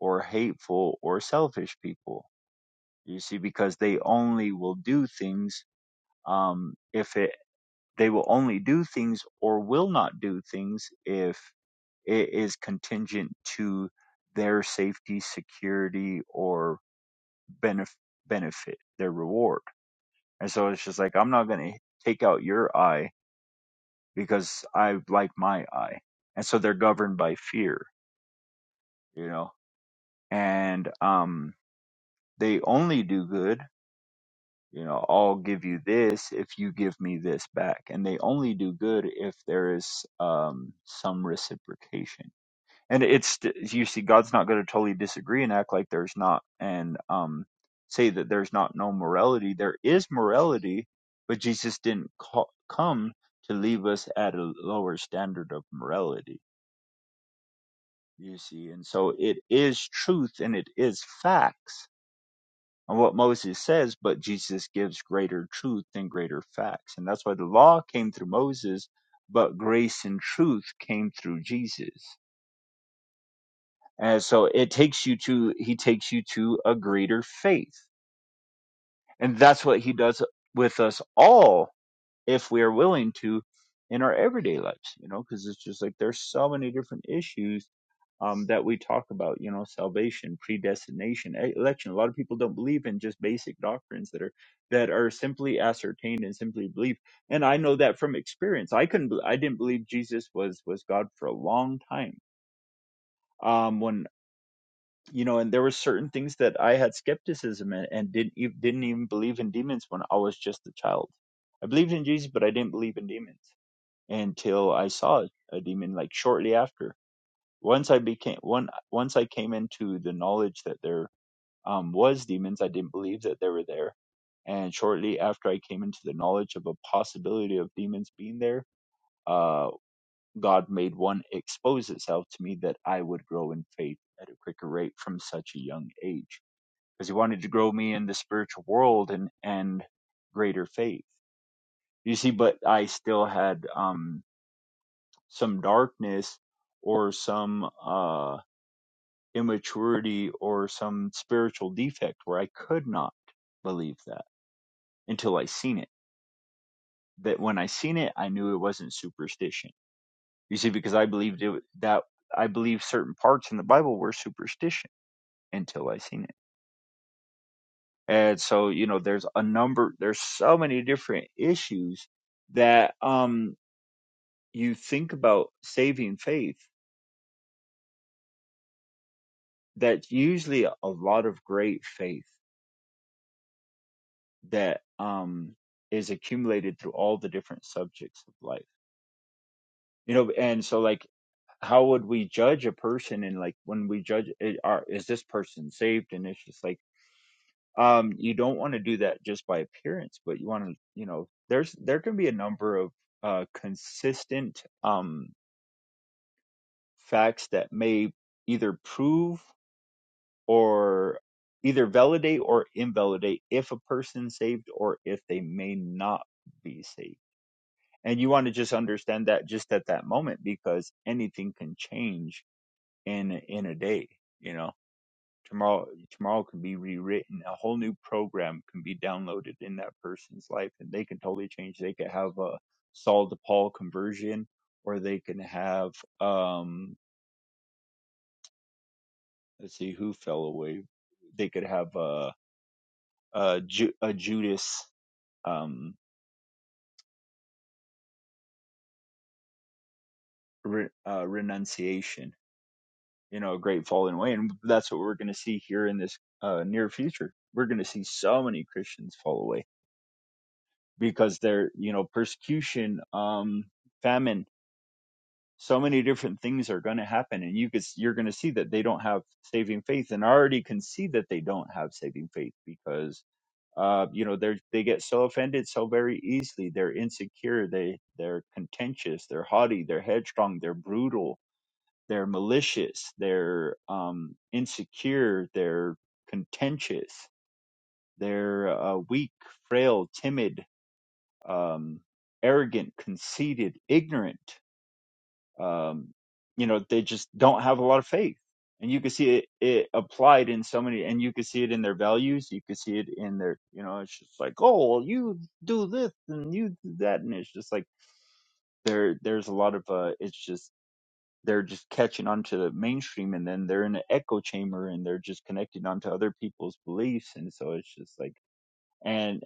or hateful or selfish people. You see, because they only will do things um, if it they will only do things or will not do things if it is contingent to their safety, security, or benef- benefit, their reward. And so it's just like I'm not going to take out your eye because I like my eye. And so they're governed by fear, you know. And um, they only do good you know, I'll give you this if you give me this back. And they only do good if there is um, some reciprocation. And it's, you see, God's not going to totally disagree and act like there's not, and um, say that there's not no morality. There is morality, but Jesus didn't ca- come to leave us at a lower standard of morality, you see. And so it is truth and it is facts on what Moses says, but Jesus gives greater truth and greater facts. And that's why the law came through Moses, but grace and truth came through Jesus. And so it takes you to, he takes you to a greater faith. And that's what he does with us all if we are willing to in our everyday lives, you know, because it's just like there's so many different issues um, that we talk about, you know, salvation, predestination, e- election. A lot of people don't believe in just basic doctrines that are that are simply ascertained and simply believed. And I know that from experience. I couldn't, be- I didn't believe Jesus was was God for a long time. Um, when you know, and there were certain things that I had skepticism in, and didn't ev- didn't even believe in demons when I was just a child. I believed in Jesus, but I didn't believe in demons until I saw a demon like shortly after. Once I became one once I came into the knowledge that there um, was demons, I didn't believe that they were there. And shortly after I came into the knowledge of a possibility of demons being there, uh, God made one expose itself to me that I would grow in faith at a quicker rate from such a young age, because He wanted to grow me in the spiritual world and and greater faith. You see, but I still had um some darkness or some uh, immaturity or some spiritual defect where I could not believe that until I seen it. That when I seen it, I knew it wasn't superstition. You see, because I believed it, that I believed certain parts in the Bible were superstition until I seen it. And so, you know, there's a number, there's so many different issues that um you think about saving faith that's usually a lot of great faith that um is accumulated through all the different subjects of life you know and so like how would we judge a person and like when we judge it, are is this person saved and it's just like um you don't want to do that just by appearance but you want to you know there's there can be a number of uh consistent um facts that may either prove or either validate or invalidate if a person's saved or if they may not be saved and you want to just understand that just at that moment because anything can change in in a day you know tomorrow tomorrow can be rewritten a whole new program can be downloaded in that person's life and they can totally change they could have a Saul to Paul conversion or they can have um let's see who fell away they could have a a, Ju- a Judas um re- uh, renunciation you know, a great falling away. And that's what we're going to see here in this uh, near future. We're going to see so many Christians fall away because they're, you know, persecution, um, famine, so many different things are going to happen. And you could, you're going to see that they don't have saving faith and I already can see that they don't have saving faith because, uh, you know, they're, they get so offended so very easily. They're insecure. They, they're contentious. They're haughty. They're headstrong. They're brutal they're malicious, they're um, insecure, they're contentious, they're uh, weak, frail, timid, um, arrogant, conceited, ignorant. Um, you know, they just don't have a lot of faith. And you can see it, it applied in so many, and you can see it in their values. You can see it in their, you know, it's just like, oh, well, you do this and you do that, and it's just like there, there's a lot of, uh, it's just they're just catching onto the mainstream and then they're in an echo chamber and they're just connecting onto other people's beliefs and so it's just like and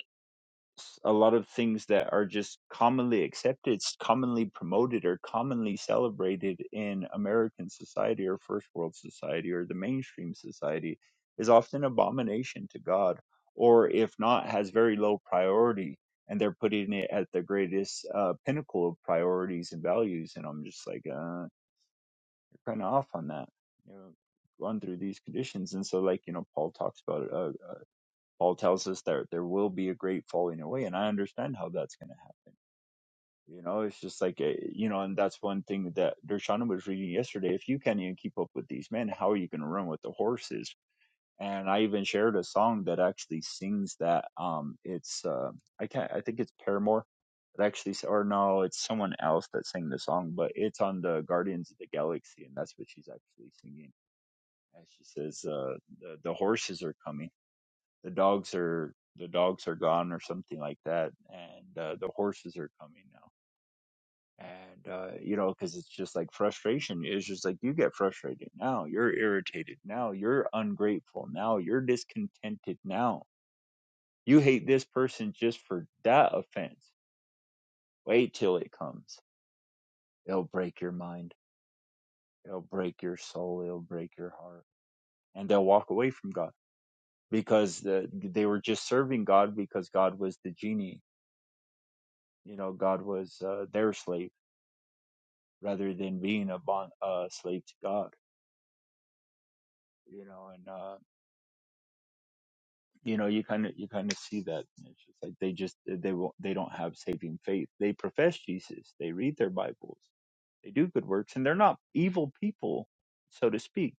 s- a lot of things that are just commonly accepted s- commonly promoted or commonly celebrated in american society or first world society or the mainstream society is often abomination to god or if not has very low priority and they're putting it at the greatest uh, pinnacle of priorities and values and i'm just like uh, you're kind of off on that. You know, run through these conditions, and so like you know, Paul talks about it. Uh, uh, Paul tells us that there will be a great falling away, and I understand how that's going to happen. You know, it's just like a, you know, and that's one thing that Dershana was reading yesterday. If you can't even keep up with these men, how are you going to run with the horses? And I even shared a song that actually sings that. Um, it's uh, I can't. I think it's Paramore It actually or no it's someone else that sang the song but it's on the guardians of the galaxy and that's what she's actually singing and she says, uh, the, the horses are coming. The dogs are, the dogs are gone or something like that. And, uh, the horses are coming now. And, uh, you know, cause it's just like frustration. It's just like you get frustrated now. You're irritated now. You're ungrateful now. You're discontented now. You hate this person just for that offense. Wait till it comes. It'll break your mind. It'll break your soul. It'll break your heart. And they'll walk away from God because the, they were just serving God because God was the genie. You know, God was uh, their slave rather than being a bond uh, slave to God. You know, and uh, you know you kind of you kind of see that. And It's just like they just they won't they don't have saving faith. They profess Jesus. They read their Bibles. They do good works, and they're not evil people, so to speak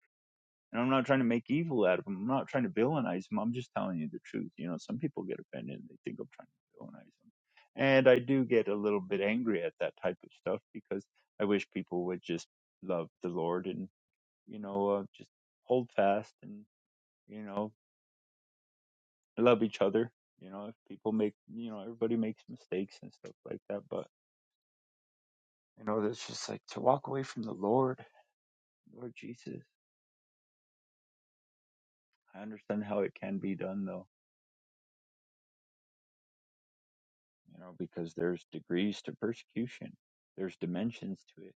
And I'm not trying to make evil out of them. I'm not trying to villainize them. I'm just telling you the truth. You know, some people get offended and they think I'm trying to villainize them. And I do get a little bit angry at that type of stuff because I wish people would just love the Lord and, you know, uh, just hold fast and, you know, love each other. You know, if people make, you know, everybody makes mistakes and stuff like that. But, you know, it's just like to walk away from the Lord, Lord Jesus. I understand how it can be done though you know, because there's degrees to persecution, there's dimensions to it.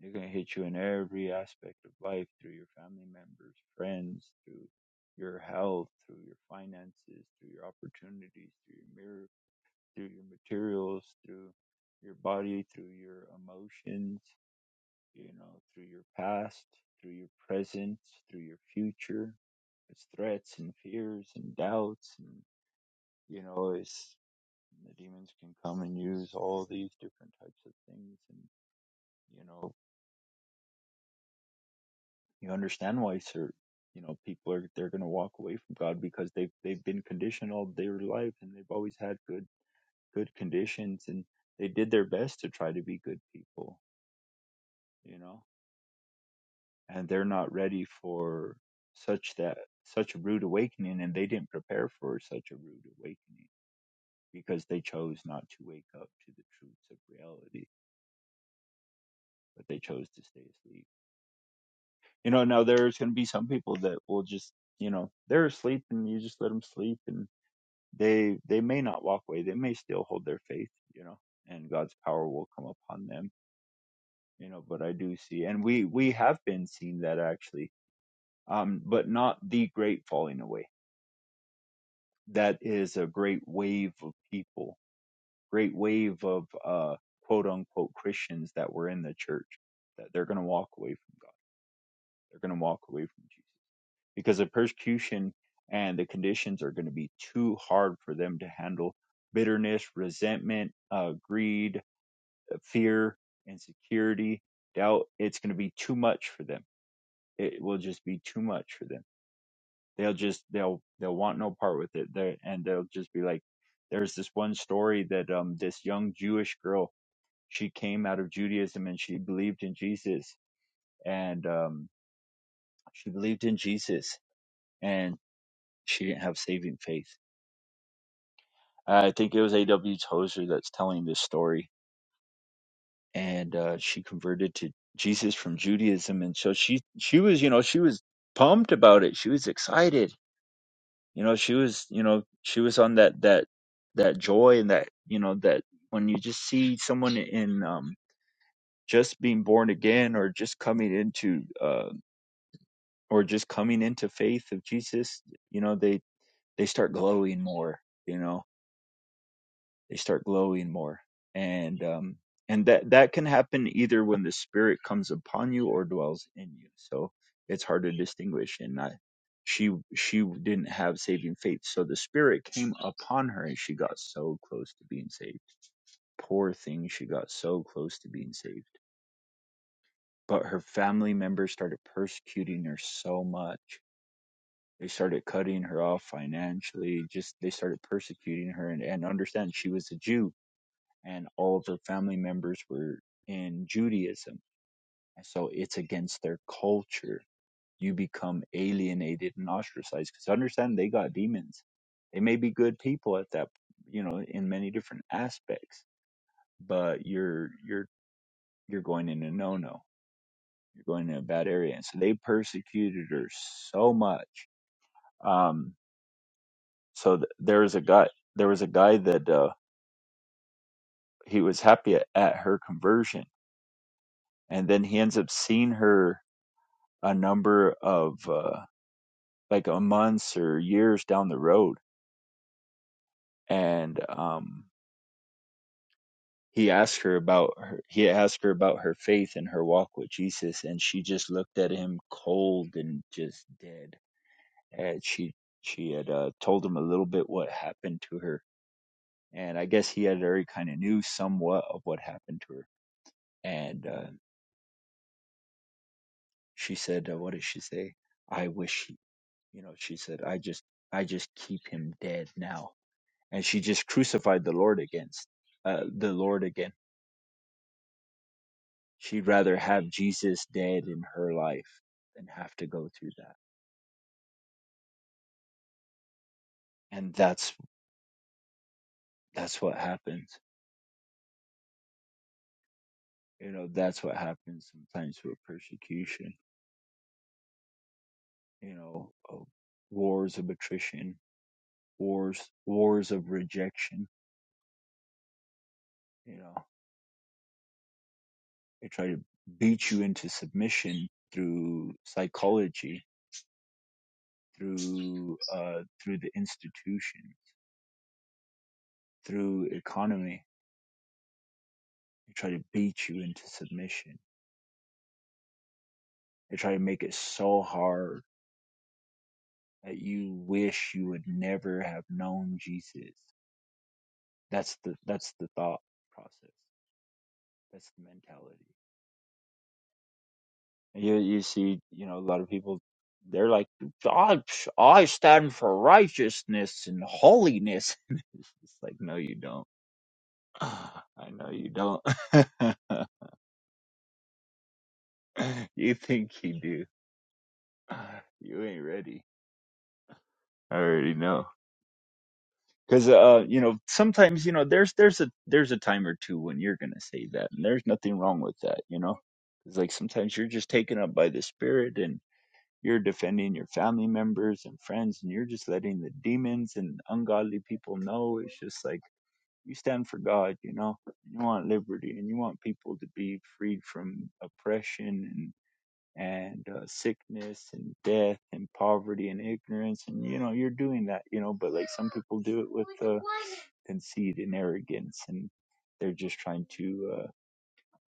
They're going to hit you in every aspect of life through your family members, friends, through your health, through your finances, through your opportunities, through your mirror, through your materials, through your body, through your emotions, you know, through your past, through your present, through your future. It's threats and fears and doubts and you know, it's The demons can come and use all these different types of things, and you know you understand why Sir, you know people are they're going to walk away from God because they've they've been conditioned all their life and they've always had good good conditions and they did their best to try to be good people, you know, and they're not ready for such that such a rude awakening and they didn't prepare for such a rude awakening because they chose not to wake up to the truths of reality but they chose to stay asleep You know, now there's going to be some people that will just, you know, they're asleep and you just let them sleep and they they may not walk away. They may still hold their faith, you know, and God's power will come upon them, you know, but I do see and we we have been seeing that actually. Um but not the great falling away. That is a great wave of people, great wave of uh quote unquote Christians that were in the church that they're going to walk away from God. They're going to walk away from Jesus because the persecution and the conditions are going to be too hard for them to handle. Bitterness, resentment, uh, greed, uh, fear, insecurity, doubt. It's going to be too much for them. It will just be too much for them. They'll just they'll they'll want no part with it. They and they'll just be like, there's this one story that um this young Jewish girl she came out of Judaism and she believed in Jesus and um she believed in Jesus and she didn't have saving faith I think it was A.W. Tozer that's telling this story, and uh, she converted to Jesus from Judaism, and so she she was you know she was pumped about it. She was excited. You know, she was you know she was on that that that joy and that you know that when you just see someone in um, just being born again or just coming into uh, or just coming into faith of Jesus, you know they they start glowing more. You know, they start glowing more and um and that that can happen either when the spirit comes upon you or dwells in you so it's hard to distinguish and I, she she didn't have saving faith so the spirit came upon her and she got so close to being saved poor thing she got so close to being saved but her family members started persecuting her so much they started cutting her off financially just they started persecuting her and, and understand she was a jew and all of her family members were in Judaism. And so it's against their culture. You become alienated and ostracized because understand they got demons. They may be good people at that, you know, in many different aspects, but you're you're you're going in a no-no. You're going in a bad area, and so they persecuted her so much. Um, so th- there was a guy. There was a guy that uh, he was happy at, at her conversion, and then he ends up seeing her a number of uh, like a months or years down the road and um he asked her about her he asked her about her faith and her walk with jesus and she just looked at him cold and just dead and she she had uh, told him a little bit what happened to her and i guess he had already kind of knew somewhat of what happened to her and uh, she said uh, what did she say i wish he, you know she said i just i just keep him dead now and she just crucified the Lord against uh, the Lord again. She'd rather have Jesus dead in her life than have to go through that. And that's that's what happens. You know, that's what happens sometimes with persecution. You know, of wars of attrition, wars wars of rejection. You know, they try to beat you into submission through psychology, through uh, through the institution, through economy They try to beat you into submission. They try to make it so hard that you wish you would never have known Jesus. That's the that's the thought process. That's the mentality. And You you see, you know, a lot of people they're like, I, I stand for righteousness and holiness. it's like, no, you don't. I know you don't. you think you do. You ain't ready. I already know. because uh you know sometimes you know there's there's a there's a time or two when you're gonna say that and there's nothing wrong with that you know it's like sometimes you're just taken up by the spirit and you're defending your family members and friends and you're just letting the demons and ungodly people know it's just like you stand for god you know you want liberty and you want people to be freed from oppression and and uh, sickness and death and poverty and ignorance and you know you're doing that you know but like some people do it with uh, conceit and arrogance and they're just trying to uh,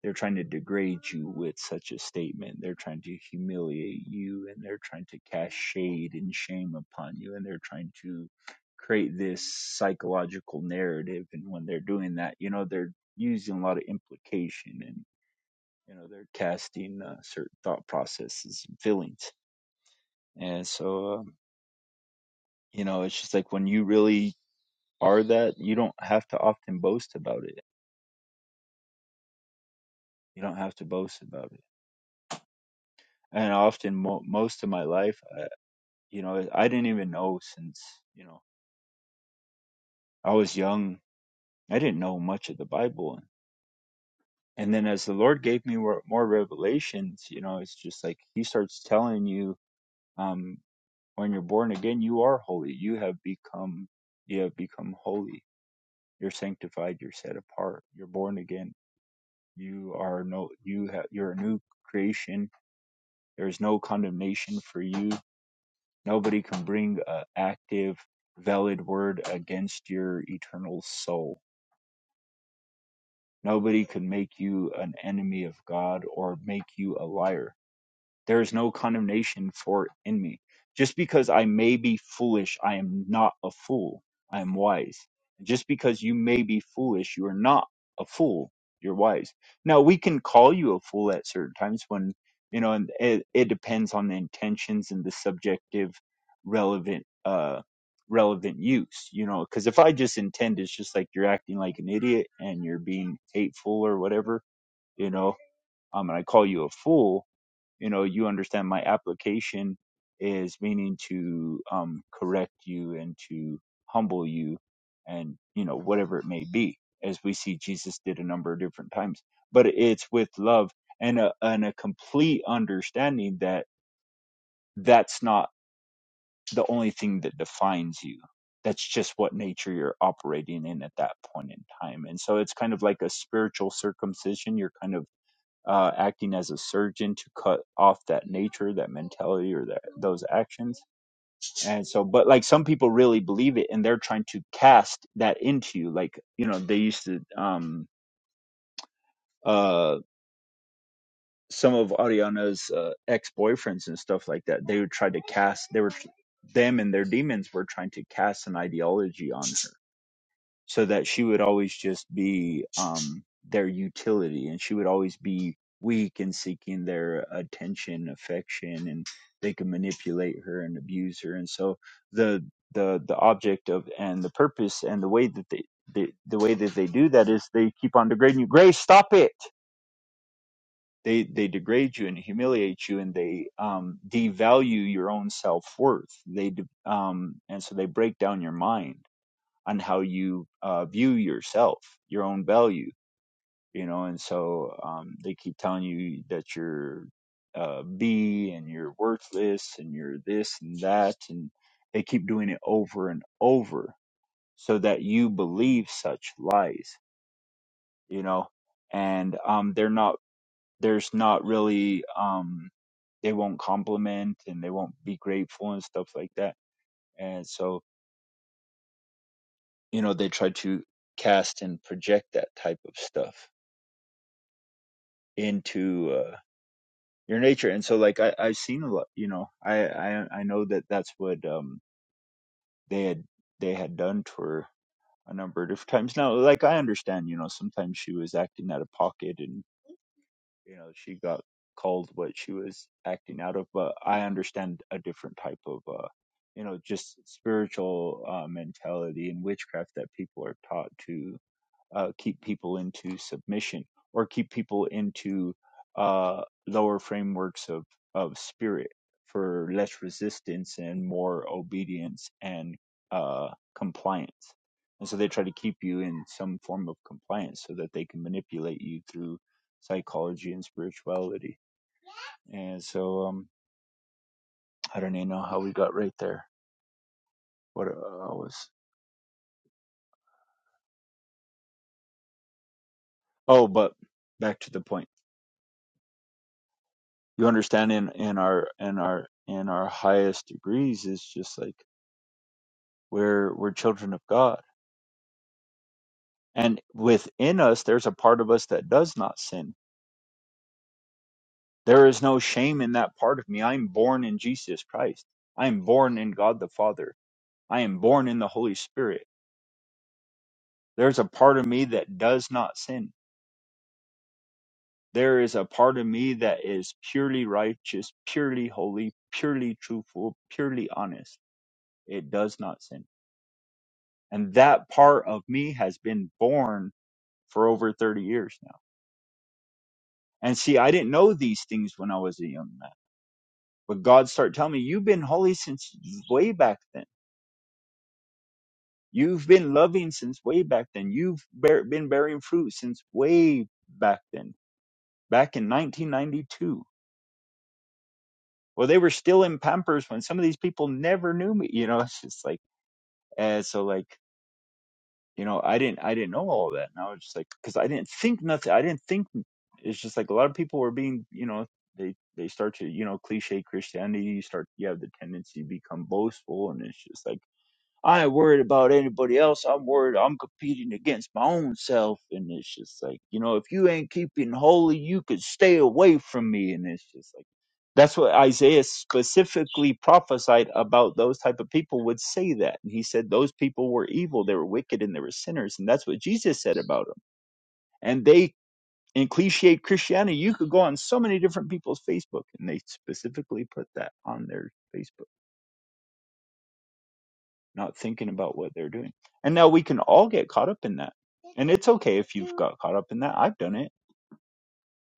they're trying to degrade you with such a statement they're trying to humiliate you and they're trying to cast shade and shame upon you and they're trying to create this psychological narrative and when they're doing that you know they're using a lot of implication and you know they're casting uh, certain thought processes and feelings and so um, you know it's just like when you really are that you don't have to often boast about it You don't have to boast about it. And often, mo- most of my life, I, you know, I didn't even know since, you know, I was young, I didn't know much of the Bible. And then as the Lord gave me more, more revelations, you know, it's just like He starts telling you, um, when you're born again, you are holy. You have become, you have become holy. You're sanctified. You're set apart. You're born again. You are no, you have, you're a new creation. There is no condemnation for you Nobody can bring a active, valid word against your eternal soul. Nobody can make you an enemy of God or make you a liar. There is no condemnation for it in me. Just because I may be foolish, I am not a fool. I am wise. Just because you may be foolish, you are not a fool. You're wise. Now, we can call you a fool at certain times when, you know, and it, it depends on the intentions and the subjective relevant, uh, relevant use, you know, because if I just intend it's just like you're acting like an idiot and you're being hateful or whatever, you know, um, and I call you a fool, you know you understand my application is meaning to um correct you and to humble you and you know whatever it may be as we see jesus did a number of different times but it's with love and a, and a complete understanding that that's not the only thing that defines you that's just what nature you're operating in at that point in time and so it's kind of like a spiritual circumcision you're kind of uh, acting as a surgeon to cut off that nature, that mentality, or that those actions. And so, but like some people really believe it, and they're trying to cast that into you. Like you know, they used to um uh some of Ariana's uh, ex boyfriends and stuff like that. They would try to cast. They were them and their demons were trying to cast an ideology on her so that she would always just be um, their utility and she would always be weak and seeking their attention affection and they could manipulate her and abuse her and so the the the object of and the purpose and the way that they the, the way that they do that is they keep on degrading you grace stop it they they degrade you and humiliate you and they um devalue your own self-worth they de- um and so they break down your mind on how you uh, view yourself, your own value, you know. And so um, they keep telling you that you're uh, B and you're worthless and you're this and that, and they keep doing it over and over so that you believe such lies, you know. And um, they're not. There's not really. Um, they won't compliment and they won't be grateful and stuff like that. And so you know they try to cast and project that type of stuff into uh, your nature. And so, like I, I've seen a lot, you know, I, I I know that that's what um they had they had done to her a number of different times. Now, like I understand, you know, sometimes she was acting out of pocket, and you know, she got called what she was acting out of. But I understand a different type of uh, you know, just spiritual uh, mentality and witchcraft that people are taught to uh, keep people into submission or keep people into uh, lower frameworks of, of spirit for less resistance and more obedience and uh, compliance. And so they try to keep you in some form of compliance so that they can manipulate you through psychology and spirituality. And so um, I don't even know how we got right there. What uh, I was. Oh, but back to the point you understand in in our in our in our highest degrees is just like we're we're children of god and within us there's a part of us that does not sin there is no shame in that part of me i'm born in jesus christ i'm born in god the father i am born in the holy spirit there's a part of me that does not sin there is a part of me that is purely righteous purely holy purely truthful purely honest it does not sin And that part of me has been born for over 30 years now. And see, I didn't know these things when I was a young man. But God started telling me, you've been holy since way back then. You've been loving since way back then. You've bear, been bearing fruit since way back then, back in 1992. Well, they were still in Pampers when some of these people never knew me. You know, it's just like, and so like you know i didn't i didn't know all that and i was just like because i didn't think nothing i didn't think it's just like a lot of people were being you know they they start to you know cliche christianity you start you have the tendency to become boastful and it's just like I ain't worried about anybody else. I'm worried I'm competing against my own self. And it's just like, you know, if you ain't keeping holy, you could stay away from me. And it's just like, that's what Isaiah specifically prophesied about those type of people would say that. And he said those people were evil, they were wicked, and they were sinners. And that's what Jesus said about them. And they, in cliche Christianity, you could go on so many different people's Facebook, and they specifically put that on their Facebook. not thinking about what they're doing. And now we can all get caught up in that. And it's okay if you've got caught up in that. I've done it.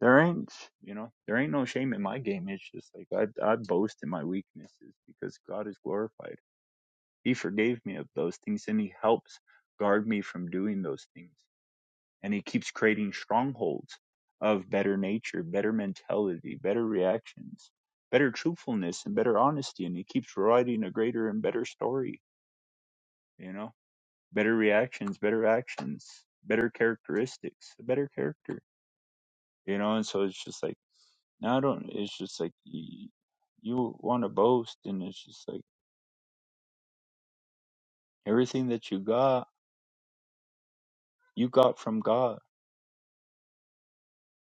There ain't, you know, there ain't no shame in my game. It's just like I, I boast in my weaknesses because God is glorified. He forgave me of those things and He helps guard me from doing those things. And He keeps creating strongholds of better nature, better mentality, better reactions, better truthfulness, and better honesty. And He keeps writing a greater and better story, you know? better reactions, better actions, better characteristics, a better character, you know. And so it's just like, no, I don't. It's just like you, you want to boast, and it's just like everything that you got, you got from God.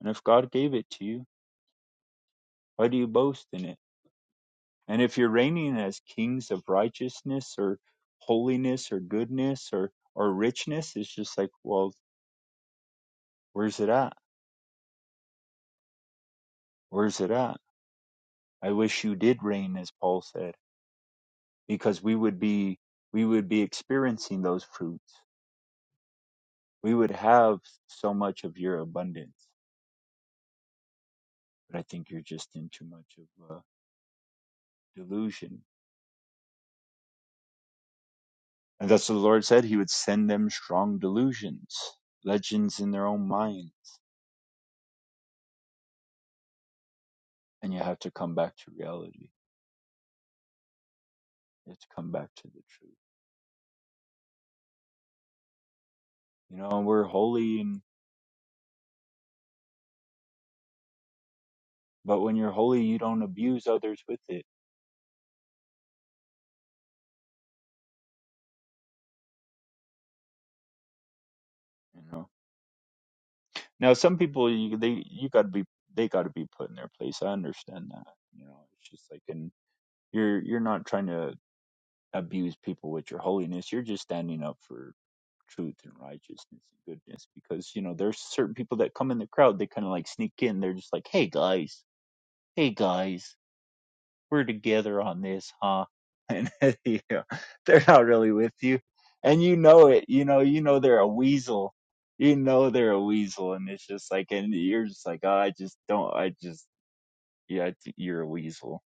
And if God gave it to you, why do you boast in it? And if you're reigning as kings of righteousness or holiness or goodness or or richness, it's just like, well, where's it at? Where's it at? I wish you did reign, as Paul said. because we would be we would be experiencing those fruits we would have so much of your abundance but i think you're just in too much of a delusion and that's what the lord said he would send them strong delusions legends in their own minds and you have to come back to reality you have to come back to the truth you know and we're holy and but when you're holy you don't abuse others with it you know now some people you they you got to be they got to be put in their place i understand that you know it's just like in You're you're not trying to abuse people with your holiness. You're just standing up for truth and righteousness and goodness because you know there's certain people that come in the crowd they kind of like sneak in they're just like hey guys hey guys we're together on this huh and you know, they're not really with you and you know it you know you know they're a weasel you know they're a weasel and it's just like and you're just like oh, i just don't i just yeah I th- you're a weasel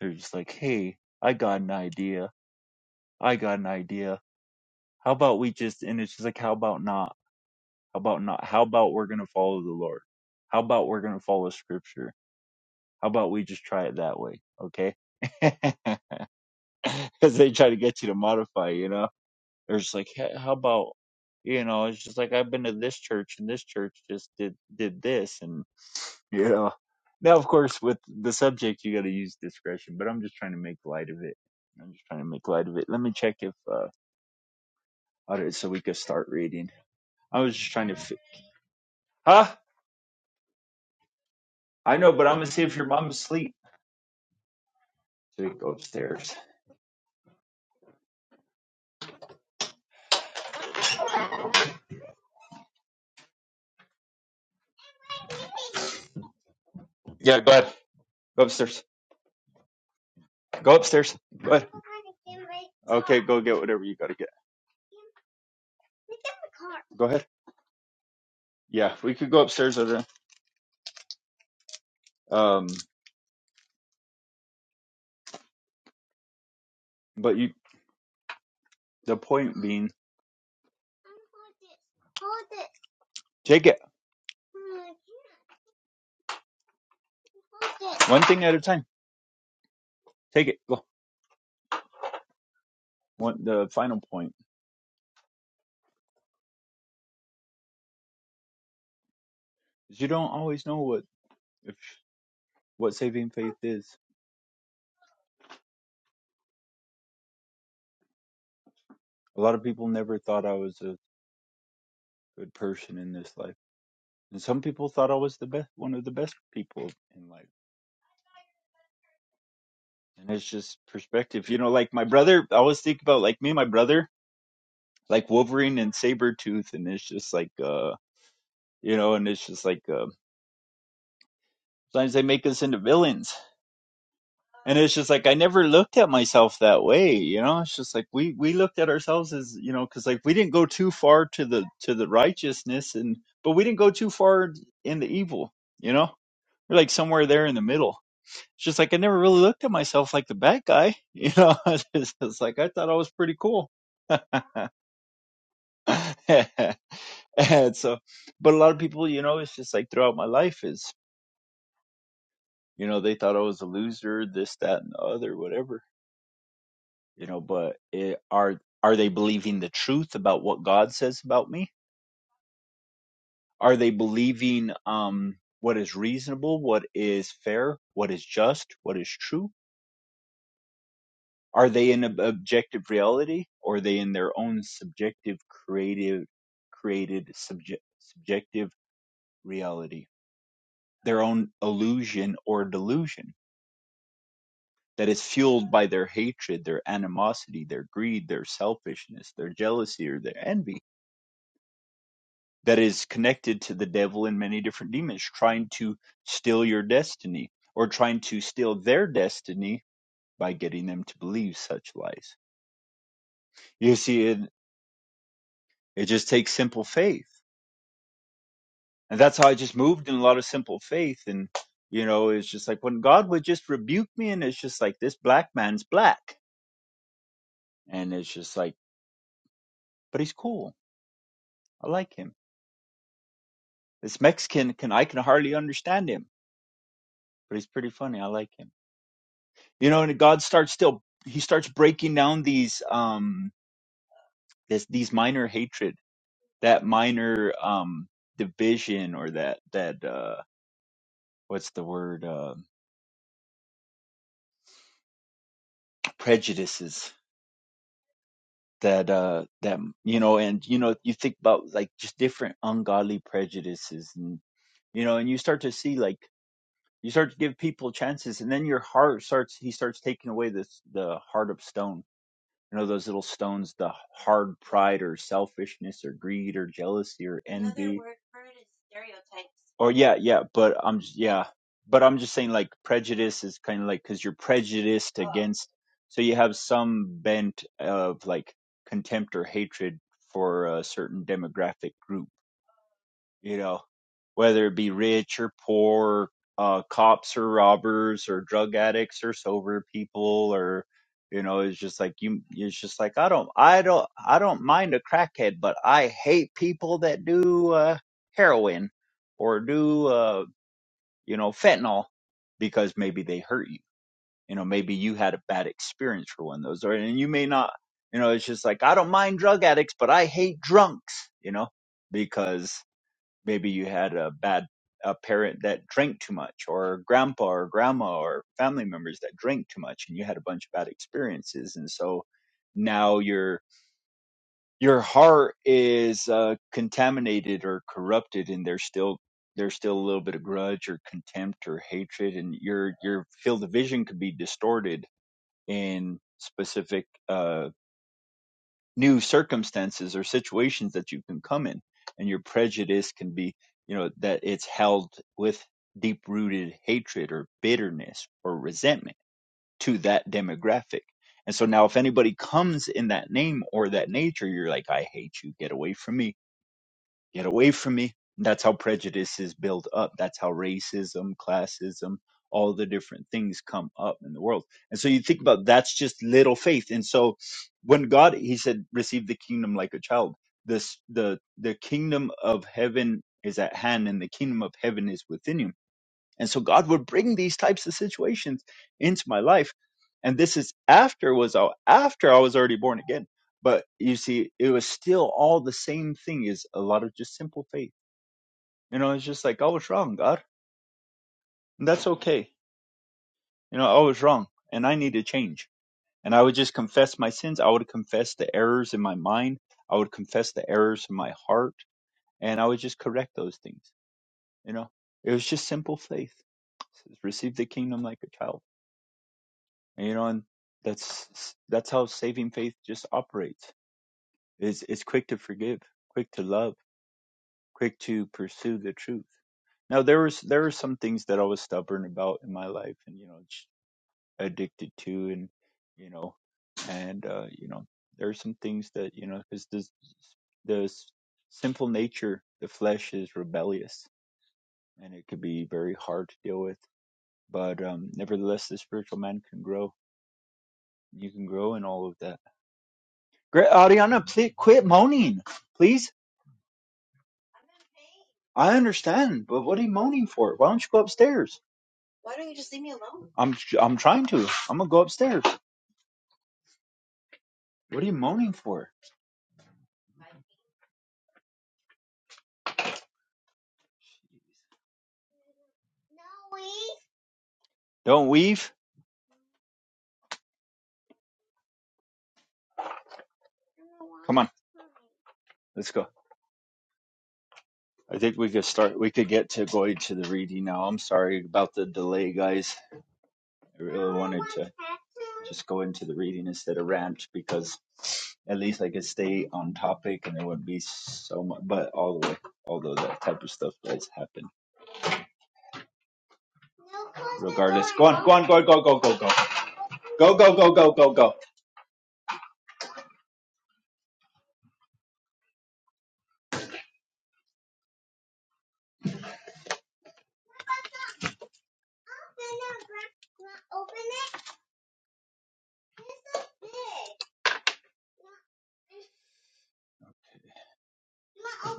they're just like hey i got an idea I got an idea. How about we just, and it's just like, how about not? How about not? How about we're going to follow the Lord? How about we're going to follow scripture? How about we just try it that way? Okay. Because they try to get you to modify, you know? They're just like, "Hey, how about, you know, it's just like, I've been to this church and this church just did, did this. And, you know, now, of course, with the subject, you got to use discretion, but I'm just trying to make light of it. I'm just trying to make light of it. Let me check if, uh, all right, so we could start reading. I was just trying to. Fi- huh? I know, but I'm gonna see if your mom's asleep. So go upstairs. Yeah, go ahead. Go upstairs. Go upstairs. Go ahead. Okay, go get whatever you gotta get. Go ahead. Yeah, we could go upstairs. Over. Um, but you. The point being, take it one thing at a time. Take it. Go. One. The final point is you don't always know what if what saving faith is. A lot of people never thought I was a good person in this life. And some people thought I was the best, one of the best people in life. And it's just perspective. You know, like my brother, I always think about like me and my brother, like Wolverine and Sabretooth. And it's just like, uh, you know, and it's just like, uh, sometimes they make us into villains. And it's just like, I never looked at myself that way. You know, it's just like we, we looked at ourselves as, you know, cause like we didn't go too far to the, to the righteousness and, but we didn't go too far in the evil, you know, we're like somewhere there in the middle It's just like I never really looked at myself like the bad guy. You know, it's, it's like I thought I was pretty cool. and so, but a lot of people, you know, it's just like throughout my life is, you know, they thought I was a loser, this, that, and the other, whatever. You know, but it, are are they believing the truth about what God says about me? Are they believing um what is reasonable, what is fair, what is just, what is true? Are they in ob- objective reality or are they in their own subjective creative created subject, subjective reality? Their own illusion or delusion that is fueled by their hatred, their animosity, their greed, their selfishness, their jealousy or their envy that is connected to the devil and many different demons trying to steal your destiny or trying to steal their destiny by getting them to believe such lies. You see, it, it just takes simple faith and that's how I just moved in a lot of simple faith. And you know, it's just like when God would just rebuke me, and it's just like this black man's black, and it's just like, but he's cool. I like him. This Mexican can I can hardly understand him, but he's pretty funny. I like him. You know, and God starts still. He starts breaking down these um this these minor hatred, that minor um division, or that that uh what's the word uh, prejudices that uh that you know and you know you think about like just different ungodly prejudices and you know and you start to see like you start to give people chances and then your heart starts he starts taking away this the heart of stone you know those little stones the hard pride or selfishness or greed or jealousy or en- or yeah yeah but i'm just yeah but i'm just saying like prejudice is kind of like because you're prejudiced so you have some bent of like contempt or hatred for a certain demographic group you know whether it be rich or poor uh cops or robbers or drug addicts or sober people or you know it's just like you it's just like i don't i don't i don't mind a crackhead but i hate people that do uh heroin or do uh you know fentanyl because maybe they hurt you you know maybe you had a bad experience for one of those or and you may not you know it's just like i don't mind drug addicts but i hate drunks you know because maybe you had a bad a parent that drank too much or grandpa or grandma or family members that drank too much and you had a bunch of bad experiences and so now your your heart is uh, contaminated or corrupted and there's still there's still a little bit of grudge or contempt or hatred and your your field of vision could be distorted in specific uh, new circumstances or situations that you can come in. And your prejudice can be, you know, that it's held with deep rooted hatred or bitterness or resentment to that demographic. And so now, if anybody comes in that name or that nature, you're like, I hate you, get away from me get away from me. And that's how prejudice is built up. That's how racism, classism, all the different things come up in the world. And so you think about that's just little faith. And so when God, he said, receive the kingdom like a child. This the the kingdom of heaven is at hand, and the kingdom of heaven is within you and so God would bring these types of situations into my life. And this is after was out after I was already born again. But you see, it was still all the same thing is a lot of just simple faith. You know, it's just like I was wrong, God. And that's okay. You know, I was wrong and I need to change. And I would just confess my sins. I would confess the errors in my mind. I would confess the errors in my heart. And I would just correct those things. You know, it was just simple faith. It says, Receive the kingdom like a child you know, and that's that's how saving faith just operates. Is it's quick to forgive, quick to love, quick to pursue the truth. Now there was there were some things that I was stubborn about in my life, and you know, j- addicted to, and you know, and uh, you know, there are some things that you know, because this the s- sinful nature, the flesh is rebellious, and it could be very hard to deal with. But um, nevertheless, the spiritual man can grow. You can grow in all of that Great, Ariana, please quit moaning, please. I understand, but what are you moaning for? Why don't you go upstairs? I'm I'm trying to. I'm gonna go upstairs. What are you moaning for? Don't weave. Come on, let's go. I think we could start. We could get to going to the reading now. I'm sorry about the delay, guys. I really wanted to. just go into the reading instead of rant because at least I could stay on topic and there wouldn't be so much. But all the way, although that type of stuff does happen, regardless. Go on, go on, go on, go, go, go, go, go, go, go, go, go, go.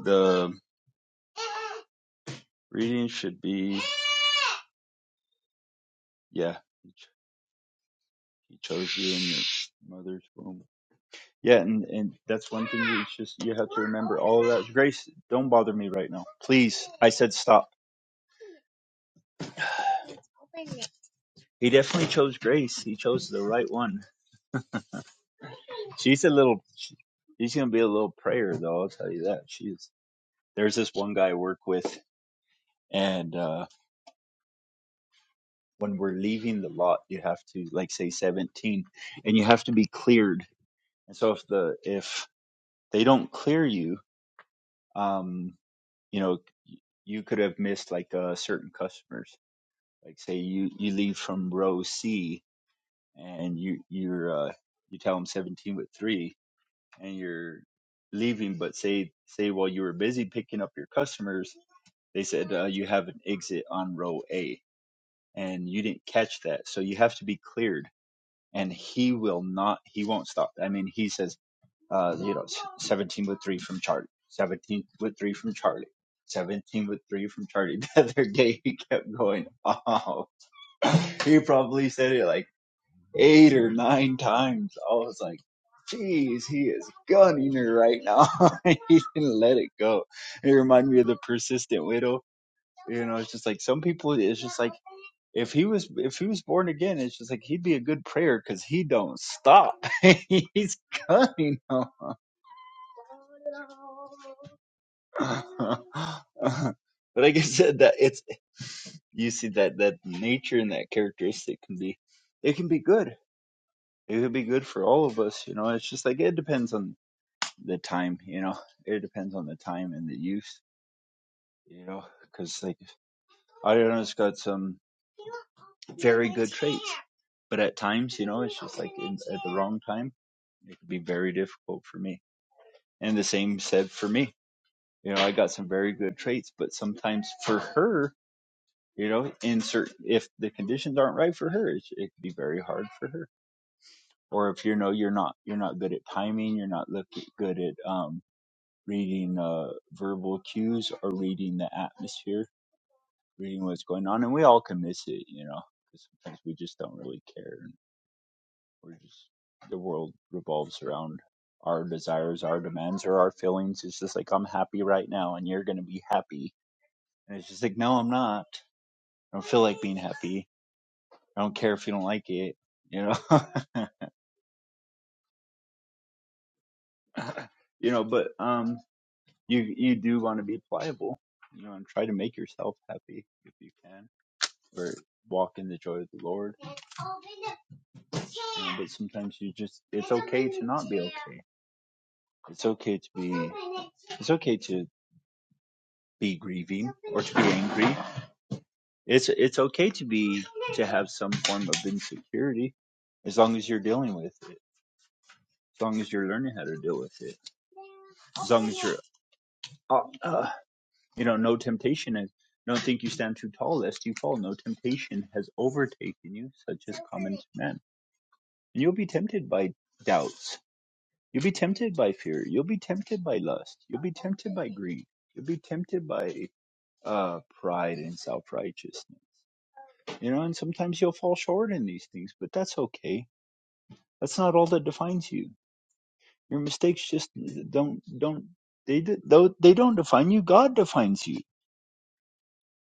The reading should be yeah. He chose you in your mother's womb. Yeah, and, and that's one thing you just you have to remember. All of that grace, don't bother me right now. Please. I said stop. He definitely chose grace. He chose the right one. She's a little she, she's gonna be a little prayer though, I'll tell you that. She's there's this one guy I work with and uh when we're leaving the lot you have to like say seventeen and you have to be cleared. And so if the if they don't clear you, um, you know, you could have missed like uh certain customers like say you you leave from row C and you you're uh, you tell them 17 with three and you're leaving, but say say while you were busy picking up your customers, they said uh, you have an exit on row A and you didn't catch that, so you have to be cleared. And he will not, he won't stop. I mean, he says, uh, you know, 17 with three from Charlie, 17 with three from Charlie. 17 with three from Charlie. The other day, he kept going off he probably said it like eight or nine times. I was like, "Jeez, he is gunning her right now. he didn't let it go. It reminded me of the persistent widow. You know, it's just like some people, it's just like, if he was if he was born again, it's just like he'd be a good prayer because he don't stop. He's gunning 'em. but like I said, that it's you see that that nature and that characteristic can be it can be good it could be good for all of us, you know. It's just like it depends on the time, you know. It depends on the time and the use, you know, because like Ariana's got some very good traits, but at times, you know, it's just like in, at the wrong time, it could be very difficult for me. And the same said for me, you know, I got some very good traits, but sometimes for her, you know, in certain if the conditions aren't right for her, it's, it could be very hard for her. Or if you know you're not you're not good at timing, you're not look good at um reading uh, verbal cues or reading the atmosphere, reading what's going on, and we all can miss it, you know, because sometimes we just don't really care, and we're just the world revolves around our desires, our demands, or our feelings. It's just like I'm happy right now, and you're gonna be happy, and it's just like no, I'm not. I don't feel like being happy. I don't care if you don't like it, you know, you know. But um, you you do want to be pliable, you know, and try to make yourself happy if you can or walk in the joy of the Lord. Um, but sometimes you just, it's okay to not be okay. It's okay to be, it's okay to be grieving or to be angry. It's, it's okay to be, to have some form of insecurity as long as you're dealing with it, as long as you're learning how to deal with it, as long as you're, uh, uh, you know, no temptation is, don't think you stand too tall lest you fall. No temptation has overtaken you, such as common to men. And you'll be tempted by doubts You'll be tempted by fear. You'll be tempted by lust. You'll be tempted by greed. You'll be tempted by uh, pride and self righteousness. You know, and sometimes you'll fall short in these things, but that's okay. That's not all that defines you. Your mistakes just don't don't they d- though they don't define you. God defines you.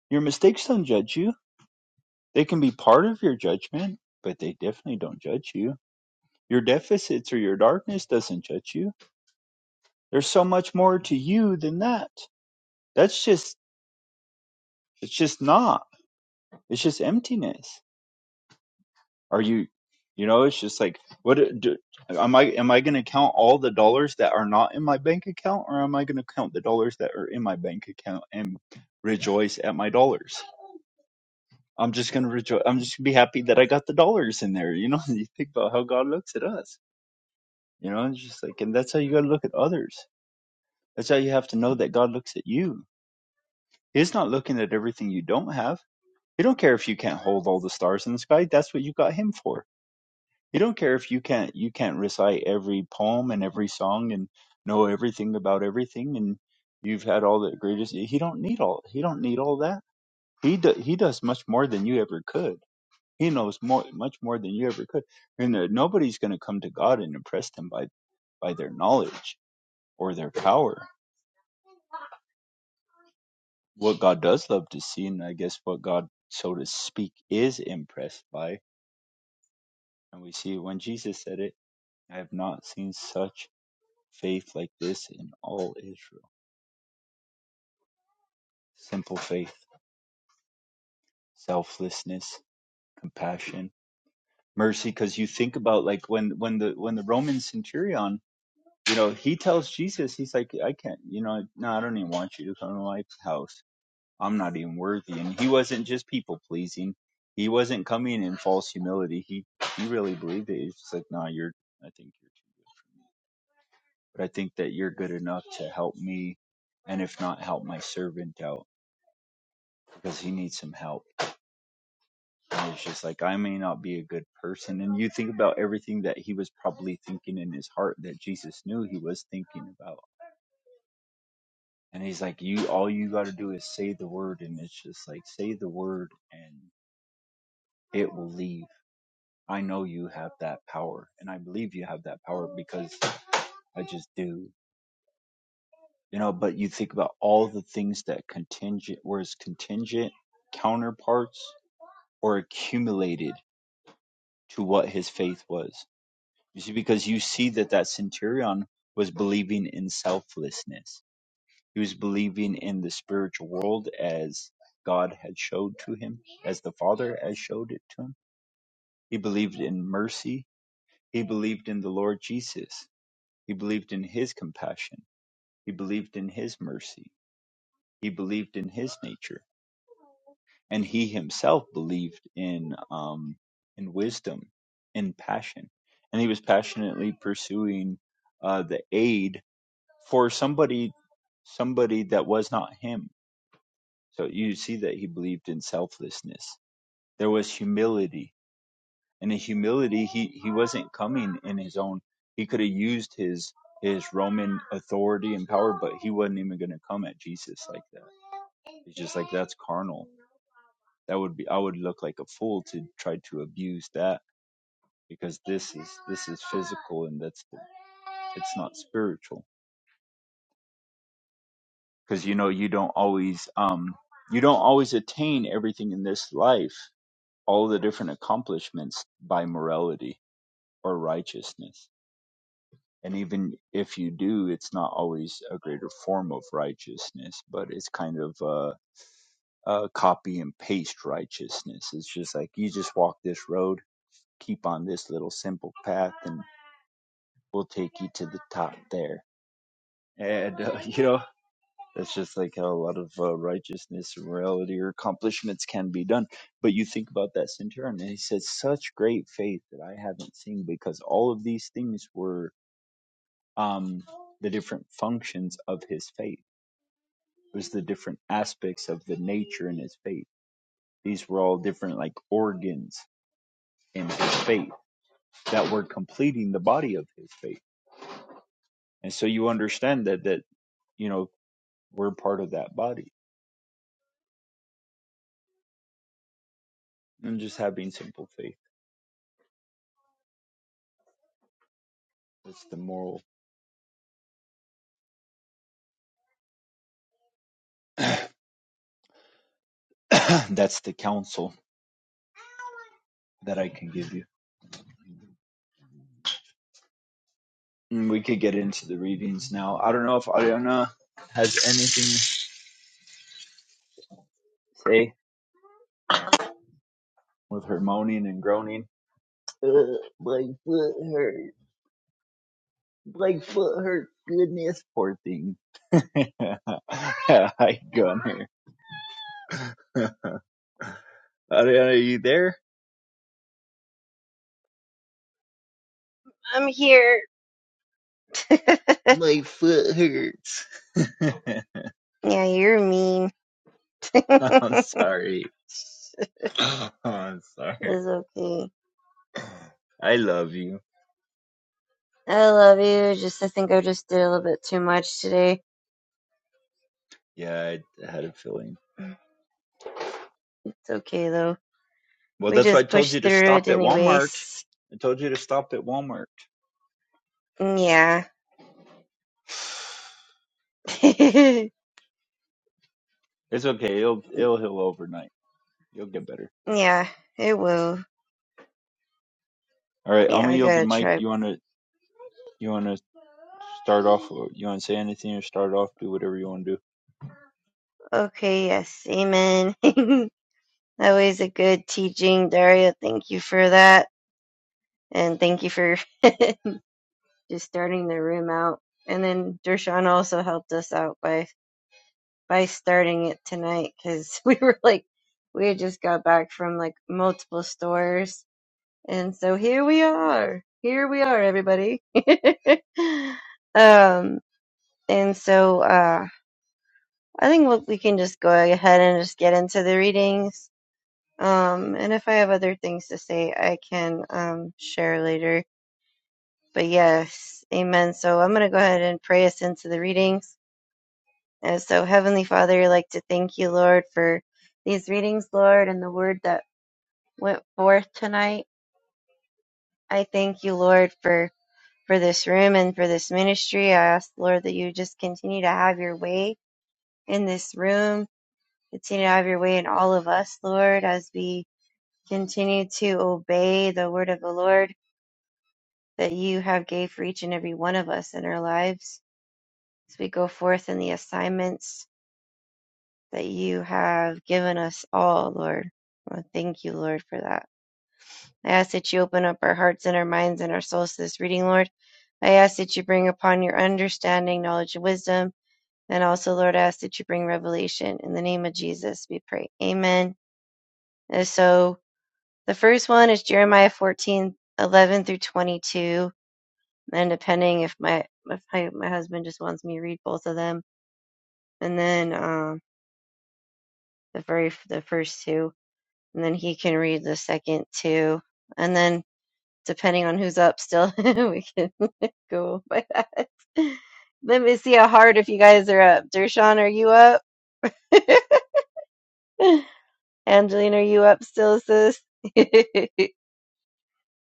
Your mistakes don't judge you. They can be part of your judgment, but they definitely don't judge you. Your deficits or your darkness doesn't judge you. There's so much more to you than that. That's just It's just not. It's just emptiness. Are you, you know, it's just like what do, am I am I going to count all the dollars that are not in my bank account or am I going to count the dollars that are in my bank account and rejoice at my dollars? I'm just going to rejoice. I'm just going to be happy that I got the dollars in there, you know? You think about how God looks at us. You know, it's just like and that's how you got to look at others. That's how you have to know that God looks at you. He's not looking at everything you don't have. He don't care if you can't hold all the stars in the sky. That's what you got him for You don't care if you can't you can't recite every poem and every song and know everything about everything and you've had all the greatest. He don't need all he don't need all that. He do, he does much more than you ever could. He knows more much more than you ever could. And there, nobody's going to come to God and impress them by by their knowledge or their power. What God does love to see, and I guess what God so to speak is impressed by, and we see when Jesus said it, I have not seen such faith like this in all Israel. Simple faith, selflessness, compassion, mercy. Because you think about like when when the when the Roman centurion, you know, he tells Jesus, he's like, I can't, you know, no, I don't even want you to come to my house. I'm not even worthy. And he wasn't just people pleasing. He wasn't coming in false humility. He he really believed it. He's just like, no, you're. I think you're too good for me. But I think that you're good enough to help me, and if not, help my servant out because he needs some help And it's just like, I may not be a good person. And you think about everything that he was probably thinking in his heart that Jesus knew he was thinking about. And he's like, you, all you got to do is say the word. And it's just like, say the word and it will leave. I know you have that power. And I believe you have that power because I just do. You know, but you think about all the things that contingent, whereas contingent counterparts or accumulated to what his faith was You see, because you see that that centurion was believing in selflessness. He was believing in the spiritual world as God had showed to him, as the Father had showed it to him. He believed in mercy. He believed in the Lord Jesus. He believed in his compassion. He believed in his mercy. He believed in his nature. And he himself believed in, um, in wisdom, in passion. And he was passionately pursuing uh, the aid for somebody somebody that was not him. So you see that he believed in selflessness. There was humility. And the humility he, he wasn't coming in his own he could have used his his Roman authority and power, but he wasn't even gonna come at Jesus like that. It's just like that's carnal. That would be I would look like a fool to try to abuse that because this is this is physical and that's it's not spiritual. because you know you don't always um you don't always attain everything in this life all the different accomplishments by morality or righteousness and even if you do it's not always a greater form of righteousness but it's kind of a, a copy and paste righteousness it's just like you just walk this road keep on this little simple path and we'll take you to the top there and uh, you know That's just like how a lot of uh, righteousness and morality or accomplishments can be done. But you think about that centurion, and he says, "Such great faith that I haven't seen," because all of these things were um, the different functions of his faith. It was the different aspects of the nature in his faith. These were all different like organs in his faith that were completing the body of his faith. And so you understand that that you know we're part of that body, and just having simple faith. That's the moral. That's the counsel that I can give you. And we could get into the readings now. I don't know if Ariana has anything to say with her moaning and groaning. Uh, my foot hurt. My foot hurt. Goodness, poor thing. I gone here. Ariana, are you there?
I'm here. yeah,
My foot hurts.
you're mean.
I'm
it's
sorry. Oh, I'm sorry.
okay.
I love you.
I love you. Just I think I just did a little bit too much today.
Yeah, I had a feeling.
It's okay though.
Well,
We
that's why I
just
told you
pushed
to
through it
stop at Walmart.
anyways.
I told you to stop at Walmart.
Yeah. yeah,
It's okay. It'll it'll heal overnight. You'll get better.
it will.
All right. I'm
Yeah,
gonna
I
yield the
gotta
mic.
try.
You wanna you wanna start off? or You wanna say anything or start off? Do whatever you wanna do.
Okay, yes, amen. Always a good teaching, Daria. Thank you for that. And thank you for just starting the room out. And then Dershawn also helped us out by. by starting it tonight because we were like, we had just got back from like multiple stores. And so here we are. Here we are, everybody. um, and so uh, I think what we can just go ahead and just get into the readings. Um, and if I have other things to say, I can um, share later. But yes, amen. So I'm going to go ahead and pray us into the readings. And so, Heavenly Father, I'd like to thank you, Lord, for these readings, Lord, and the word that went forth tonight. I thank you, Lord, for for this room and for this ministry. I ask, Lord, that you just continue to have your way in this room, continue to have your way in all of us, Lord, as we continue to obey the word of the Lord that you have gave for each and every one of us in our lives as we go forth in the assignments that you have given us all, Lord. I wanna thank you, Lord, for that. I ask that you open up our hearts and our minds and our souls to this reading, Lord. I ask that you bring upon your understanding, knowledge, and wisdom. And also, Lord, I ask that you bring revelation. In the name of Jesus, we pray. Amen. And so the first one is Jeremiah 14 11 through 22. And depending if my, if my, my husband just wants me to read both of them. And then um, the very the first two. and then he can read the second two. And then depending on who's up still, we can go by that. Let me see how hard if you guys are up. Dershawn, are you up? Angeline, are you up still, sis?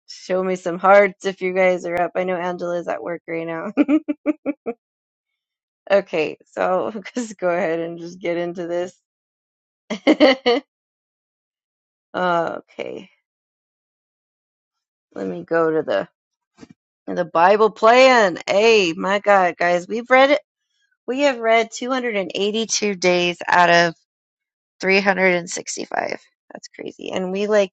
Show me some hearts if you guys are up. I know Angela's at work right now. okay, so I'll just go ahead and just get into this. okay, let me go to the the Bible plan. Hey, my God, guys, we've read it. We have read 282 days out of 365. That's crazy. And we like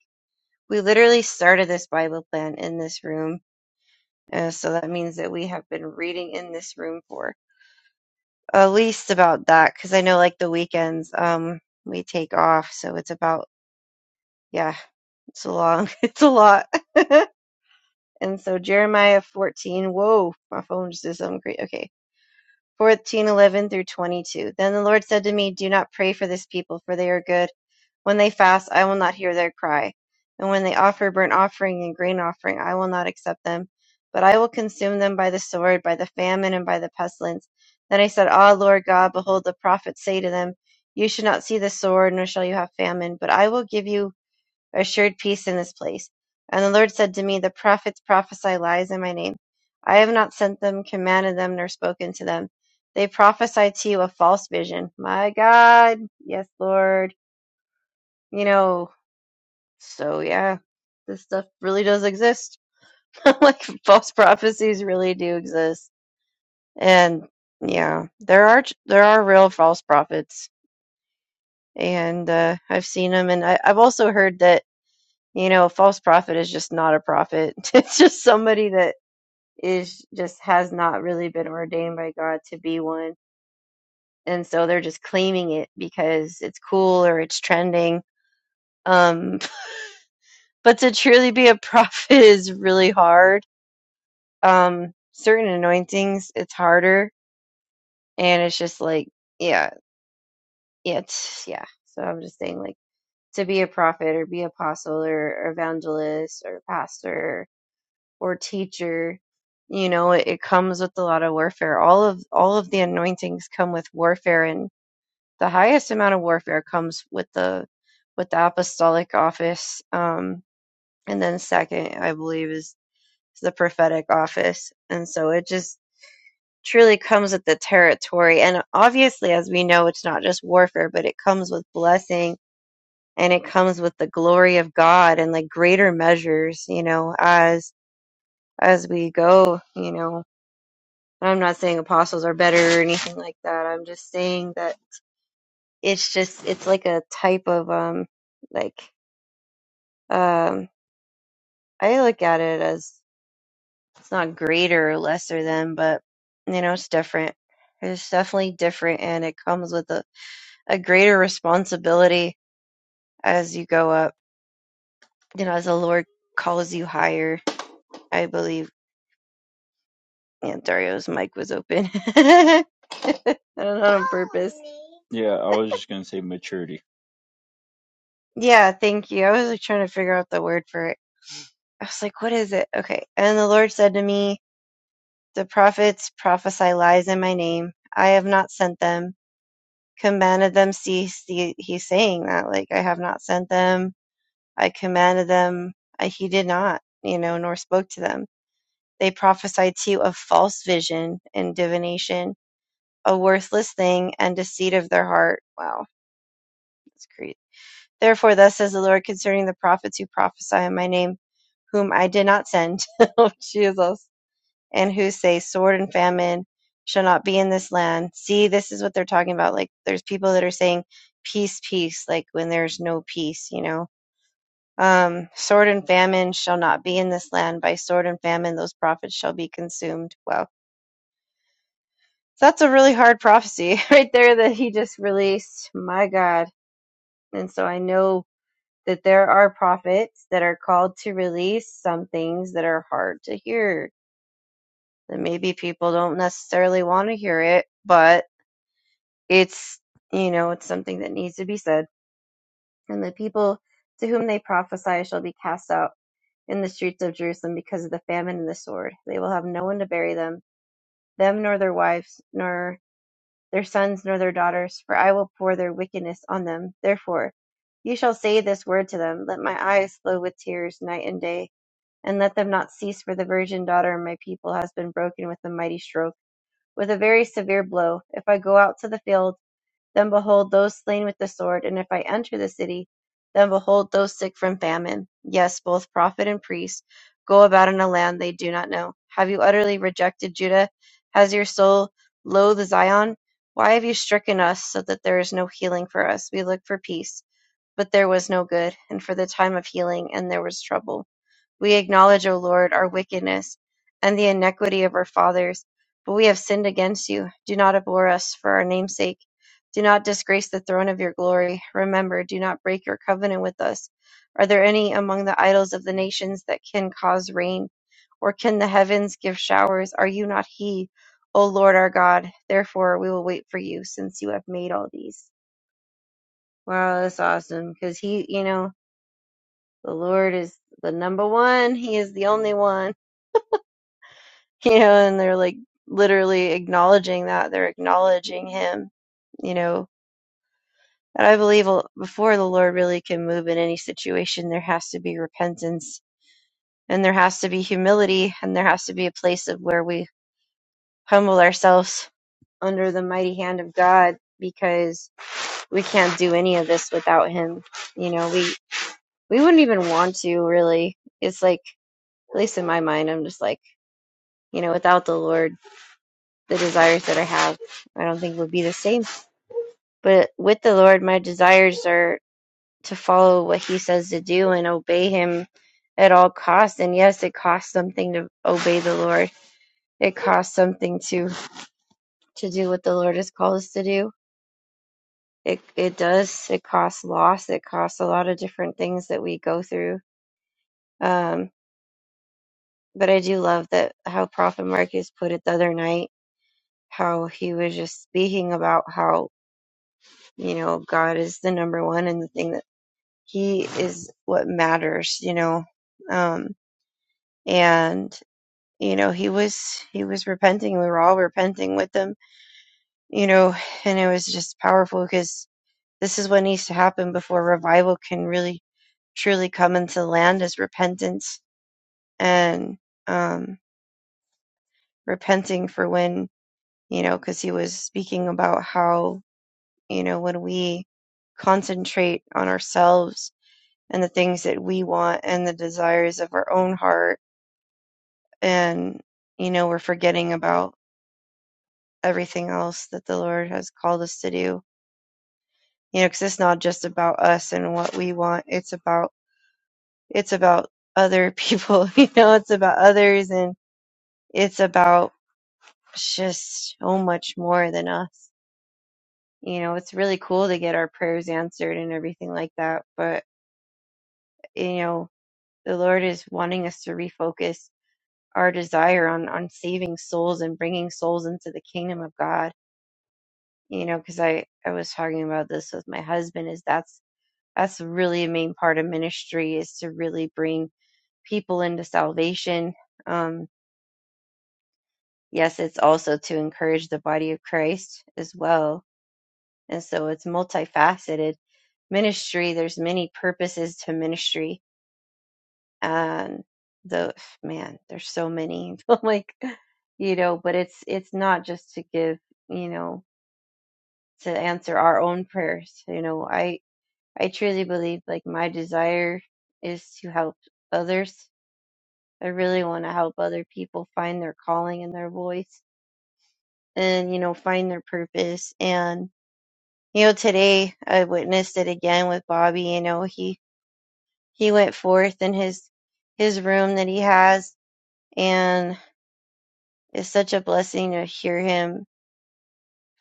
we literally started this Bible plan in this room. Uh, so that means that we have been reading in this room for at least about that cuz I know like the weekends um we take off, so it's about yeah, it's a long it's a lot. and so Jeremiah 14, whoa, my phone just did something great. Okay. 14:11 through 22. Then the Lord said to me, Do not pray for this people, for they are good When they fast, I will not hear their cry. And when they offer burnt offering and grain offering, I will not accept them. But I will consume them by the sword, by the famine, and by the pestilence. Then I said, Ah, Lord God, behold, the prophets say to them, You shall not see the sword, nor shall you have famine, but I will give you assured peace in this place. And the Lord said to me, The prophets prophesy lies in my name. I have not sent them, commanded them, nor spoken to them. They prophesy to you a false vision. My God, yes, Lord. You know, so yeah, this stuff really does exist. like false prophecies really do exist, and yeah, there are there are real false prophets, and uh, I've seen them, and I, I've also heard that you know a false prophet is just not a prophet. it's just somebody that is just has not really been ordained by God to be one, and so they're just claiming it because it's cool or it's trending. Um, but to truly be a prophet is really hard Um, certain anointings, it's harder, and it's just like, yeah, yeah, it's, yeah. So I'm just saying, like, to be a prophet or be apostle or, or evangelist or pastor or teacher, you know, it, it comes with a lot of warfare. All of all of the anointings come with warfare, and the highest amount of warfare comes with the with the apostolic office. Um, and then second, I believe, is the prophetic office, and so it just truly comes with the territory. And obviously, as we know, it's not just warfare, but it comes with blessing and it comes with the glory of God and like greater measures, you know, as as we go, you know. I'm not saying apostles are better or anything like that. I'm just saying that it's just it's like a type of um like um I look at it as it's not greater or lesser than, but you know, it's different. It's definitely different and it comes with a a greater responsibility as you go up, you know, as the Lord calls you higher. I believe and Dario's mic was open. I don't know on purpose.
Yeah, I was just gonna say maturity.
Yeah, thank you. I was like trying to figure out the word for it. I was like, what is it? Okay. And the Lord said to me, The prophets prophesy lies in my name. I have not sent them. Commanded them cease. The- He's saying that, like, I have not sent them. I commanded them. I, he did not, you know, nor spoke to them They prophesy you of false vision and divination, a worthless thing, and deceit of their heart. Wow, that's crazy. Therefore, thus says the Lord concerning the prophets who prophesy in my name, whom I did not send, oh, Jesus, and who say, Sword and famine shall not be in this land. See, this is what they're talking about. Like, there's people that are saying, Peace, peace, like when there's no peace, you know. Um, sword and famine shall not be in this land. By sword and famine, those prophets shall be consumed. Wow that's a really hard prophecy right there that he just released. My God. And so I know that there are prophets that are called to release some things that are hard to hear. And maybe people don't necessarily want to hear it, but it's, you know, it's something that needs to be said. And the people to whom they prophesy shall be cast out in the streets of Jerusalem because of the famine and the sword. They will have no one to bury them, them nor their wives, nor their sons nor their daughters, for I will pour their wickedness on them. Therefore, you shall say this word to them Let my eyes flow with tears night and day, and let them not cease, for the virgin daughter of my people has been broken with a mighty stroke, with a very severe blow. If I go out to the field, then behold those slain with the sword. And if I enter the city, then behold those sick from famine. Yes, both prophet and priest go about in a land they do not know. Have you utterly rejected Judah? Has your soul loathed Zion? Why have you stricken us so that there is no healing for us? We looked for peace, but there was no good, and for the time of healing, and there was trouble. We acknowledge, O Lord, our wickedness and the iniquity of our fathers, but we have sinned against you. Do not abhor us for our name's sake. Do not disgrace the throne of your glory. Remember, do not break your covenant with us. Are there any among the idols of the nations that can cause rain? Or can the heavens give showers? Are you not he, O Lord our God? Therefore, we will wait for you, since you have made all these. Wow, that's awesome. Because he, you know, the Lord is the number one. He is the only one. you know, and they're like literally acknowledging that they're acknowledging him, you know. And I believe l- before the Lord really can move in any situation, there has to be repentance and there has to be humility and there has to be a place of where we humble ourselves under the mighty hand of God because we can't do any of this without him. You know, we we wouldn't even want to really. It's like at least in my mind, I'm just like, you know, without the Lord, the desires that I have I don't think would be the same But with the Lord, my desires are to follow what He says to do and obey Him at all costs. And yes, it costs something to obey the Lord. It costs something to to do what the Lord has called us to do. It it does. It costs loss. It costs a lot of different things that we go through. Um, but I do love that how Prophet Marcus put it the other night. How he was just speaking about how you know God is the number one and the thing that he is what matters, you know. Um, and you know, he was he was repenting. We were all repenting with him, you know, and it was just powerful because this is what needs to happen before revival can really truly come into the land is repentance and um, repenting for when you know, because he was speaking about how you know when we concentrate on ourselves and the things that we want and the desires of our own heart and you know we're forgetting about everything else that the lord has called us to do you know because it's not just about us and what we want it's about it's about other people you know it's about others and it's about just so much more than us you know it's really cool to get our prayers answered and everything like that but you know the lord is wanting us to refocus our desire on on saving souls and bringing souls into the kingdom of god you know because i i was talking about this with my husband is that's that's really a main part of ministry is to really bring people into salvation um yes it's also to encourage the body of christ as well and so it's multifaceted ministry there's many purposes to ministry and the man there's so many like you know but it's it's not just to give you know to answer our own prayers you know i I truly believe like my desire is to help others. I really want to help other people find their calling and their voice and, you know, find their purpose. And, you know, today I witnessed it again with Bobby. You know, he, he went forth in his, his room that he has and it's such a blessing to hear him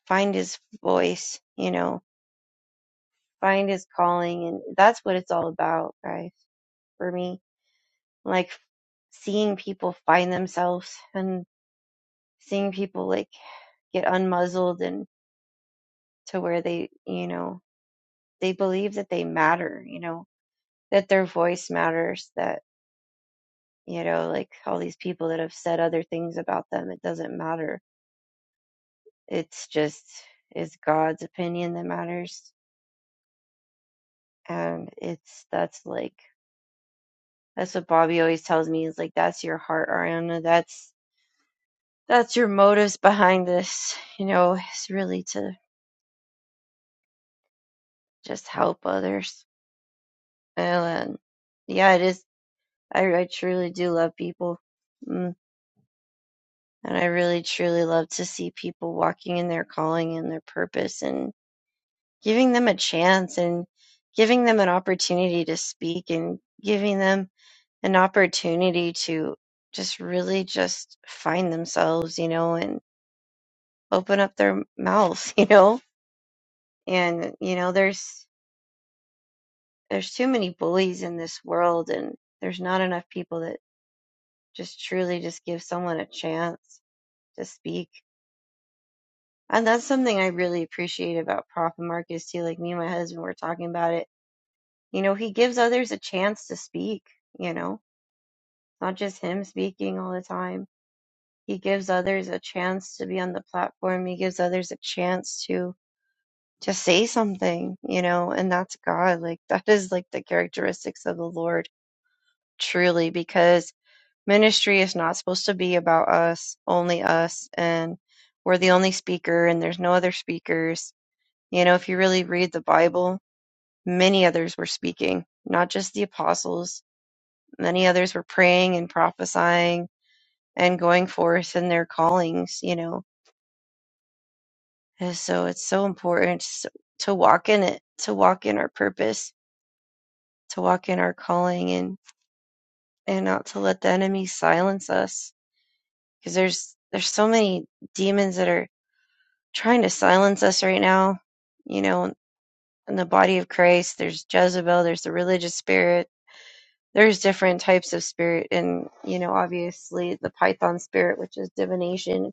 find his voice, you know, find his calling. And that's what it's all about, guys, for me like seeing people find themselves and seeing people like get unmuzzled and to where they you know they believe that they matter you know that their voice matters that you know like all these people that have said other things about them it doesn't matter it's just it's god's opinion that matters and it's that's like that's what bobby always tells me is like that's your heart ariana that's that's your motives behind this you know it's really to just help others. And yeah, it is. I, I truly do love people. Mm, and I really, truly love to see people walking in their calling and their purpose and giving them a chance and giving them an opportunity to speak and giving them an opportunity to just really just find themselves, you know, and open up their mouths, you know. And, you know, there's, there's too many bullies in this world and there's not enough people that just truly just give someone a chance to speak. And that's something I really appreciate about Prophet Marcus too. Like me and my husband were talking about it. You know, he gives others a chance to speak, you know, not just him speaking all the time. He gives others a chance to be on the platform. He gives others a chance to to say something, you know, and that's God. Like that is like the characteristics of the Lord truly because ministry is not supposed to be about us, only us, and we're the only speaker, and there's no other speakers. You know, if you really read the Bible, many others were speaking, not just the apostles. Many others were praying and prophesying and going forth in their callings, you know. And so it's so important s- to walk in it, to walk in our purpose, to walk in our calling and and not to let the enemy silence us because there's there's so many demons that are trying to silence us right now. You know, in the body of Christ, there's Jezebel, there's the religious spirit, there's different types of spirit, and you know, obviously the Python spirit, which is divination,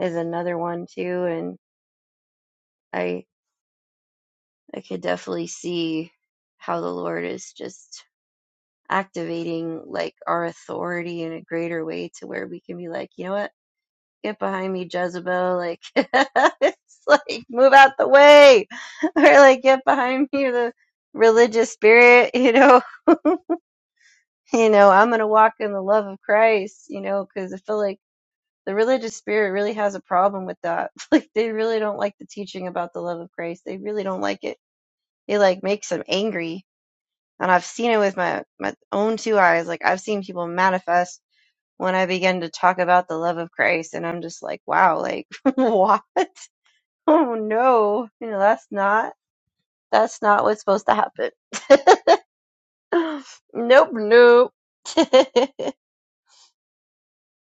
is another one too. And I, I could definitely see how the Lord is just activating like our authority in a greater way to where we can be like, you know what? get behind me, Jezebel. Like, it's like, move out the way. Or like, get behind me, the religious spirit, you know, you know, I'm going to walk in the love of Christ, you know, cause I feel like the religious spirit really has a problem with that. Like, they really don't like the teaching about the love of Christ. They really don't like it. It like makes them angry. And I've seen it with my, my own two eyes. Like, I've seen people manifest when I begin to talk about the love of Christ. And I'm just like, wow, like, what? Oh no, you know, that's not that's not what's supposed to happen. Nope, nope.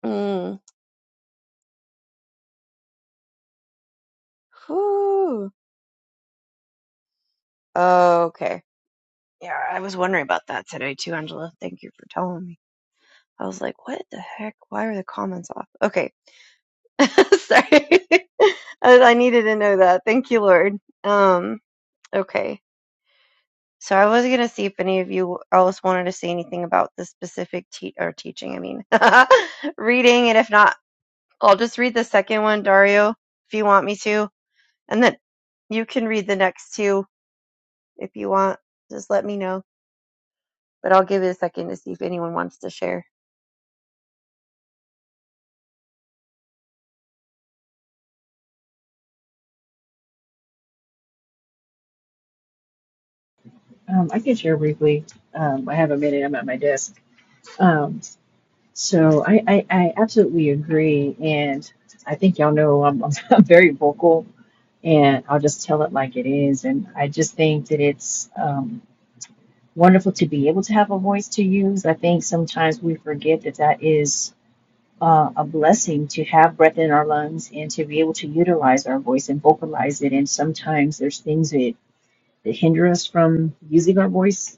Mm. Whew. Okay. Yeah, I was wondering about that today too, Angela. Thank you for telling me. I was like, what the heck? Why are the comments off? Okay. Sorry. I, I needed to know that. Thank you, Lord. Um, okay. So I was gonna see if any of you else wanted to say anything about the specific te- or teaching. I mean, reading, and if not, I'll just read the second one, Dario, if you want me to, and then you can read the next two if you want. Just let me know, but I'll give it a second to see if anyone wants to share.
Um, I can share briefly. Um, I have a minute. I'm at my desk. Um, so I, I, I absolutely agree. And I think y'all know I'm, I'm very vocal and I'll just tell it like it is. And I just think that it's um, wonderful to be able to have a voice to use. I think sometimes we forget that that is uh, a blessing to have breath in our lungs and to be able to utilize our voice and vocalize it. And sometimes there's things that, that hinder us from using our voice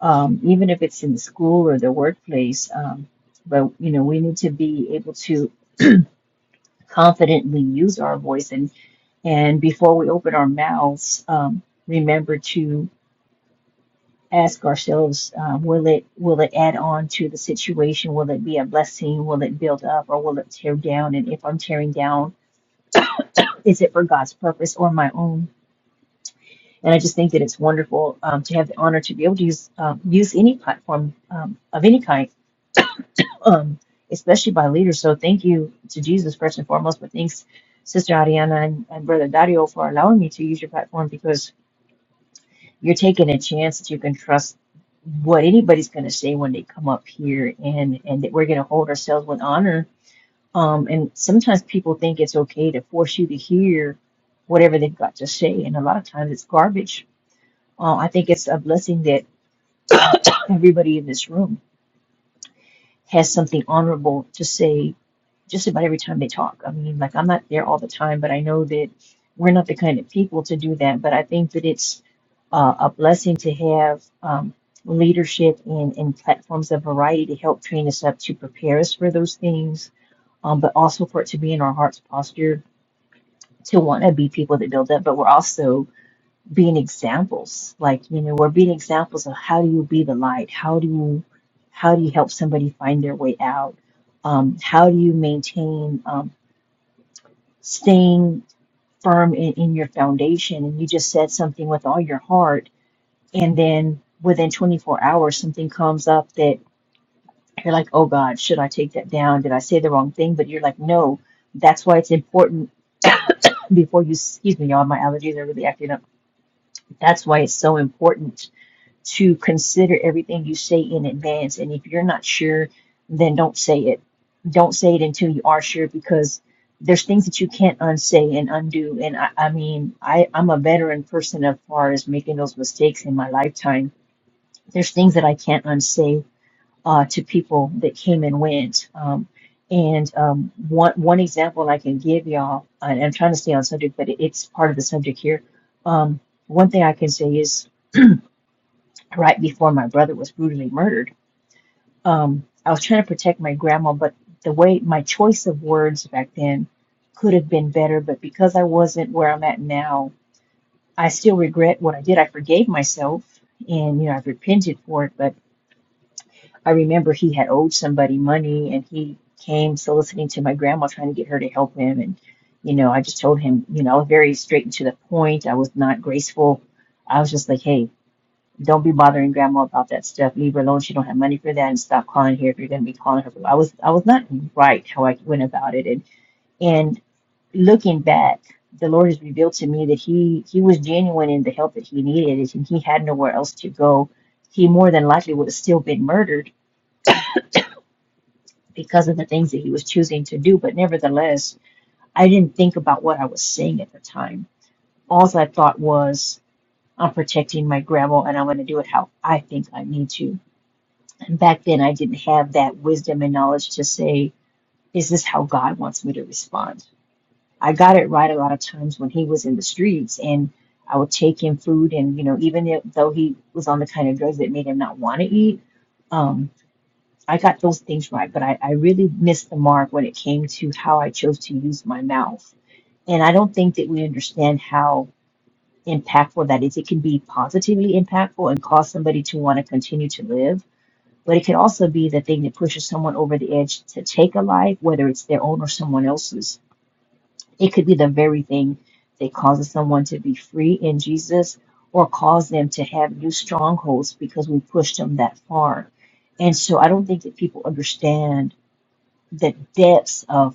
um, even if it's in school or the workplace. Um, but you know, we need to be able to confidently use our voice, and and before we open our mouths, um, remember to ask ourselves: um, Will it will it add on to the situation? Will it be a blessing? Will it build up, or will it tear down? And if I'm tearing down, is it for God's purpose or my own? And I just think that it's wonderful um, to have the honor to be able to use um, use any platform um, of any kind um, especially by leaders. So thank you to Jesus first and foremost, but thanks, Sister Ariana and, and Brother Dario, for allowing me to use your platform because you're taking a chance that you can trust what anybody's going to say when they come up here, and and that we're going to hold ourselves with honor. Um, and sometimes people think it's okay to force you to hear whatever they've got to say, and a lot of times it's garbage. Uh, I think it's a blessing that everybody in this room has something honorable to say just about every time they talk. I mean, like I'm not there all the time, but I know that we're not the kind of people to do that. But I think that it's uh, a blessing to have um, leadership and, and platforms of variety to help train us up to prepare us for those things, um, but also for it to be in our heart's posture to want to be people that build up, but we're also being examples. Like, you know, we're being examples of how do you be the light? How do you, how do you help somebody find their way out? um, how do you maintain um, staying firm in, in your foundation and you just said something with all your heart and then within 24 hours something comes up that you're like oh god should i take that down did i say the wrong thing but you're like no that's why it's important before you excuse me y'all my allergies are really acting up that's why it's so important to consider everything you say in advance. And if you're not sure, then don't say it. Don't say it until you are sure because there's things that you can't unsay and undo. And I, I mean, I, I'm a veteran person as far as making those mistakes in my lifetime. There's things that I can't unsay uh, to people that came and went. Um, and um, one, one example I can give y'all, and I'm trying to stay on subject, but it, it's part of the subject here. Um, one thing I can say is right before my brother was brutally murdered. Um, I was trying to protect my grandma, but the way my choice of words back then could have been better. But because I wasn't where I'm at now, I still regret what I did. I forgave myself and, you know, I've repented for it. But I remember he had owed somebody money and he came soliciting to my grandma, trying to get her to help him. And, you know, I just told him, you know, I was very straight and to the point. I was not graceful. I was just like, hey, don't be bothering grandma about that stuff. Leave her alone. She don't have money for that, and stop calling her if you're gonna be calling her. I was I was not right how I went about it, and and looking back, the Lord has revealed to me that he he was genuine in the help that he needed, and he had nowhere else to go. He more than likely would have still been murdered because of the things that he was choosing to do. But nevertheless, I didn't think about what I was saying at the time. All I thought was, I'm protecting my grandma, and I'm going to do it how I think I need to And back then, I didn't have that wisdom and knowledge to say, "Is this how God wants me to respond. I got it right a lot of times when he was in the streets and I would take him food. And, you know, even if, though he was on the kind of drugs that made him not want to eat, um, I got those things right. But I, I really missed the mark when it came to how I chose to use my mouth. And I don't think that we understand how impactful that is. It can be positively impactful and cause somebody to want to continue to live but it can also be the thing that pushes someone over the edge to take a life, whether it's their own or someone else's. It could be the very thing that causes someone to be free in Jesus or cause them to have new strongholds because we pushed them that far. And so I don't think that people understand the depths of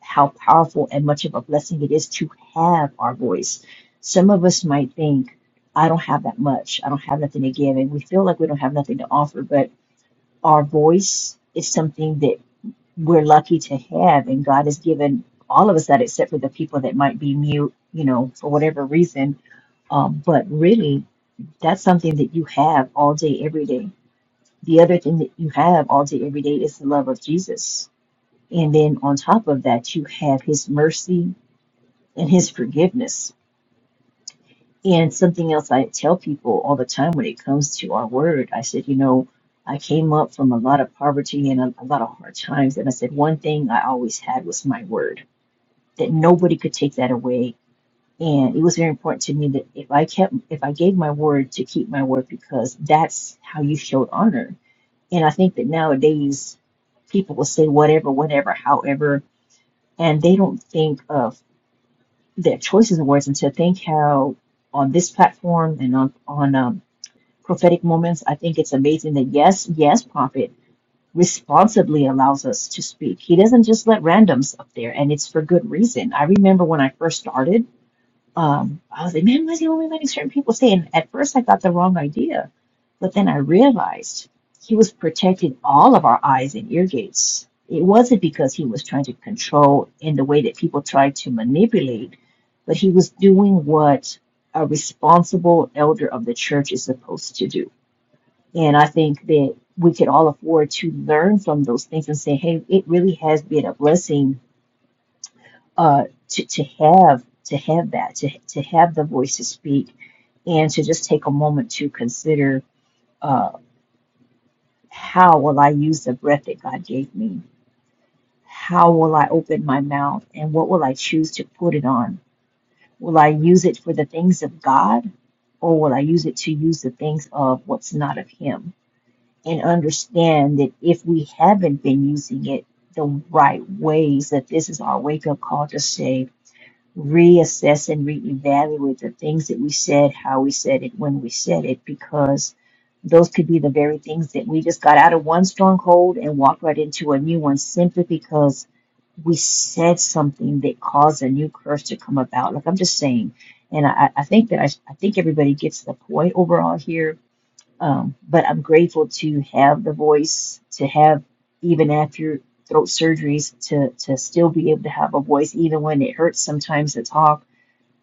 how powerful and much of a blessing it is to have our voice. Some of us might think, I don't have that much. I don't have nothing to give. And we feel like we don't have nothing to offer. But our voice is something that we're lucky to have and god has given all of us that except for the people that might be mute you know for whatever reason um, but really that's something that you have all day every day the other thing that you have all day every day is the love of jesus and then on top of that you have his mercy and his forgiveness And something else I tell people all the time when it comes to our word, I said, you know, I came up from a lot of poverty and a, a lot of hard times. And I said, one thing I always had was my word, that nobody could take that away. And it was very important to me that if I kept, if I gave my word to keep my word, because that's how you showed honor. And I think that nowadays people will say whatever, whatever, however, and they don't think of their choices of words and to think how on this platform and on on um, prophetic moments, I think it's amazing that yes, yes, prophet responsibly allows us to speak. He doesn't just let randoms up there, and it's for good reason. I remember when I first started, um, I was like, man, why is he only letting certain people say? And at first, I got the wrong idea, but then I realized he was protecting all of our eyes and ear gates. It wasn't because he was trying to control in the way that people try to manipulate, but he was doing what a responsible elder of the church is supposed to do and I think that we could all afford to learn from those things and say, hey, it really has been a blessing uh, to, to have to have that, to, to have the voice to speak and to just take a moment to consider uh, how will I use the breath that God gave me? How will I open my mouth and what will I choose to put it on? Will I use it for the things of God or will I use it to use the things of what's not of Him? and understand that if we haven't been using it the right ways, that this is our wake up call to say, reassess and reevaluate the things that we said, how we said it, when we said it, because those could be the very things that we just got out of one stronghold and walked right into a new one simply because we said something that caused a new curse to come about. Like I'm just saying, and I, I think that I, I think everybody gets the point overall here um, but I'm grateful to have the voice, to have even after throat surgeries, to to still be able to have a voice, even when it hurts sometimes to talk.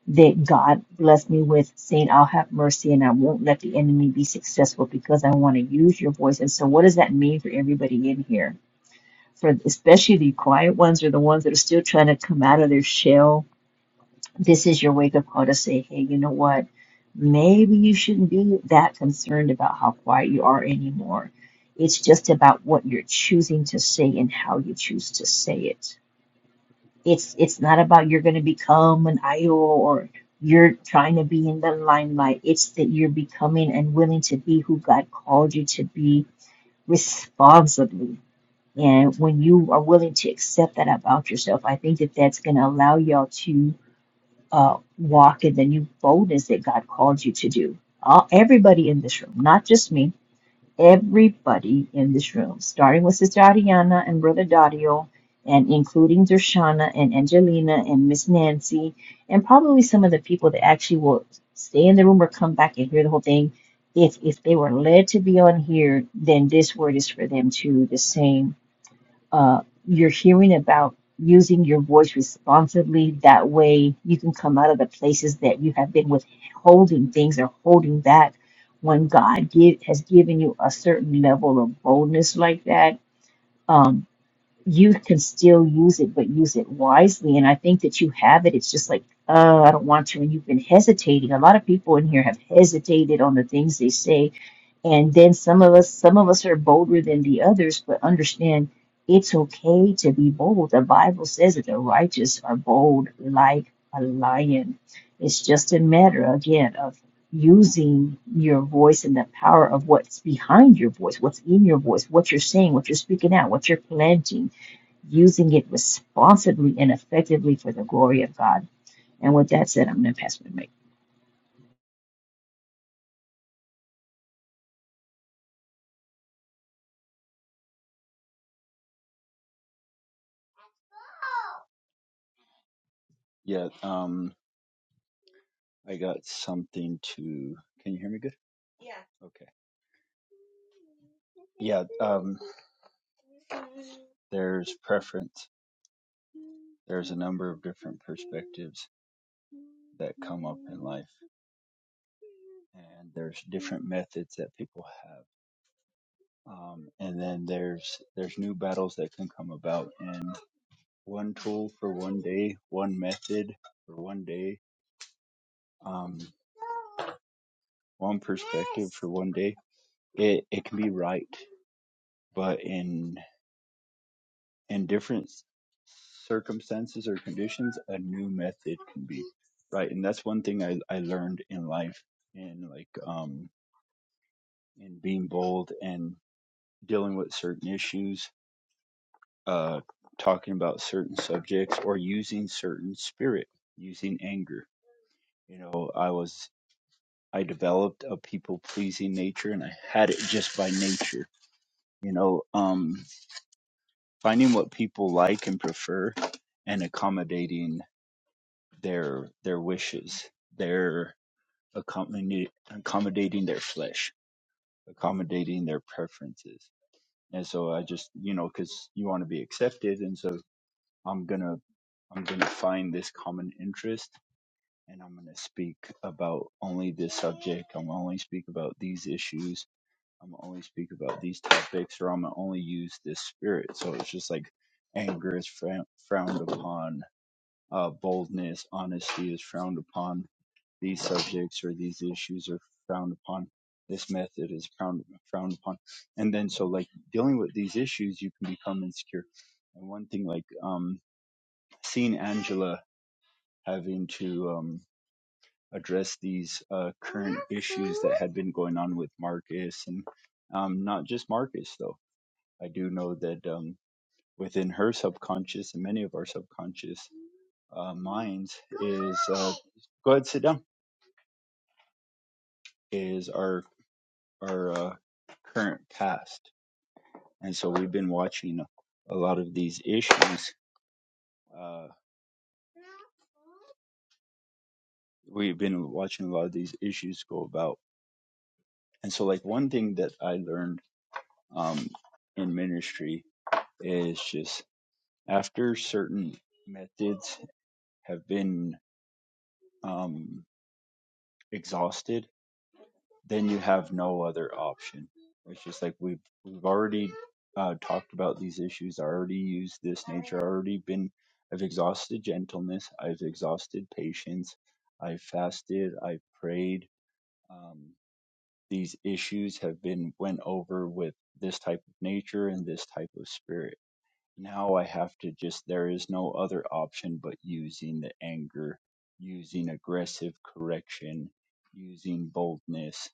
That God blessed me with saying, "I'll have mercy, and I won't let the enemy be successful," because I want to use your voice. And so, what does that mean for everybody in here? For especially the quiet ones, or the ones that are still trying to come out of their shell this is your wake up call to say, hey, you know what? Maybe you shouldn't be that concerned about how quiet you are anymore. It's just about what you're choosing to say and how you choose to say it. It's it's not about you're going to become an idol or you're trying to be in the limelight. It's that you're becoming and willing to be who God called you to be responsibly. And when you are willing to accept that about yourself, I think that that's going to allow y'all to uh, walk in the new boldness that God called you to do. All, everybody in this room, not just me, everybody in this room, starting with Sister Ariana and Brother Dario, and including Dershana and Angelina and Miss Nancy, and probably some of the people that actually will stay in the room or come back and hear the whole thing. If, if they were led to be on here, then this word is for them too, the same uh, you're hearing about using your voice responsibly. That way, you can come out of the places that you have been withholding things or holding back. When God give, has given you a certain level of boldness like that, um, you can still use it, but use it wisely. And I think that you have it. It's just like, oh, I don't want to. And you've been hesitating. A lot of people in here have hesitated on the things they say and then some of us, some of us are bolder than the others, but understand it's okay to be bold. The Bible says that the righteous are bold like a lion. It's just a matter, again, of using your voice and the power of what's behind your voice, what's in your voice, what you're saying, what you're speaking out, what you're planting, using it responsibly and effectively for the glory of God. And with that said, I'm going to pass my mic.
Yeah. Um, I got something to. Can you hear me good? Okay. Yeah. Um, there's preference. There's a number of different perspectives that come up in life. and there's different methods that people have. Um, and then there's there's new battles that can come about, and one tool for one day, one method for one day, um, one person for one day. It it can be right, but in in different circumstances or conditions, a new method can be right. And that's one thing I I learned in life, in like um in being bold and dealing with certain issues uh, talking about certain subjects or using certain spirit, using anger. You know, I was I developed a people pleasing nature, and I had it just by nature. You know, um, finding what people like and prefer, and accommodating their their wishes, their accommodati- accommodating their flesh, accommodating their preferences. And so I just, you know, because you want to be accepted, and so I'm gonna I'm gonna find this common interest and I'm going to speak about only this subject. I'm going to only speak about these issues. I'm going to only speak about these topics, or I'm going to only use this spirit. So it's just like anger is frown- frowned upon, uh, boldness, honesty is frowned upon. These subjects or these issues are frowned upon. This method is frowned, frowned upon. And then, so like dealing with these issues, you can become insecure. And one thing, like, um, seeing Angela having to, um address these uh, current issues that had been going on with Marcus and um, not just Marcus, though. I do know that um, within her subconscious and many of our subconscious uh, minds is uh, go ahead, sit down, is our, our uh, current past. And so we've been watching a lot of these issues. Uh, we've been watching a lot of these issues go about. And so, like, one thing that I learned um, in ministry is just. After certain methods have been um, exhausted, then you have no other option. It's just like we've we've already uh, talked about these issues. I already used this. I've already been. I've exhausted gentleness. I've exhausted patience. I've fasted. I've prayed. Um, these issues have been went over with this type of nature and this type of spirit now I have to just, there is no other option but using the anger, using aggressive correction, using boldness.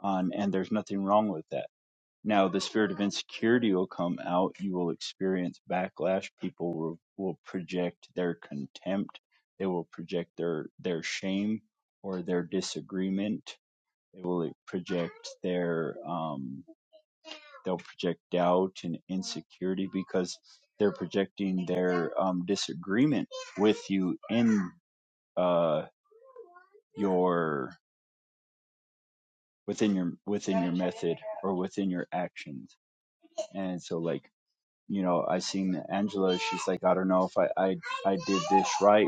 On, and there's nothing wrong with that. Now, the spirit of insecurity will come out. You will experience backlash. People will, will project their contempt. They will project their, their shame or their disagreement. They will project their, um they'll project doubt and insecurity because they're projecting their um, disagreement with you in uh, your within your within your method or within your actions and so like you know i seen angela she's like i don't know if i i, I did this right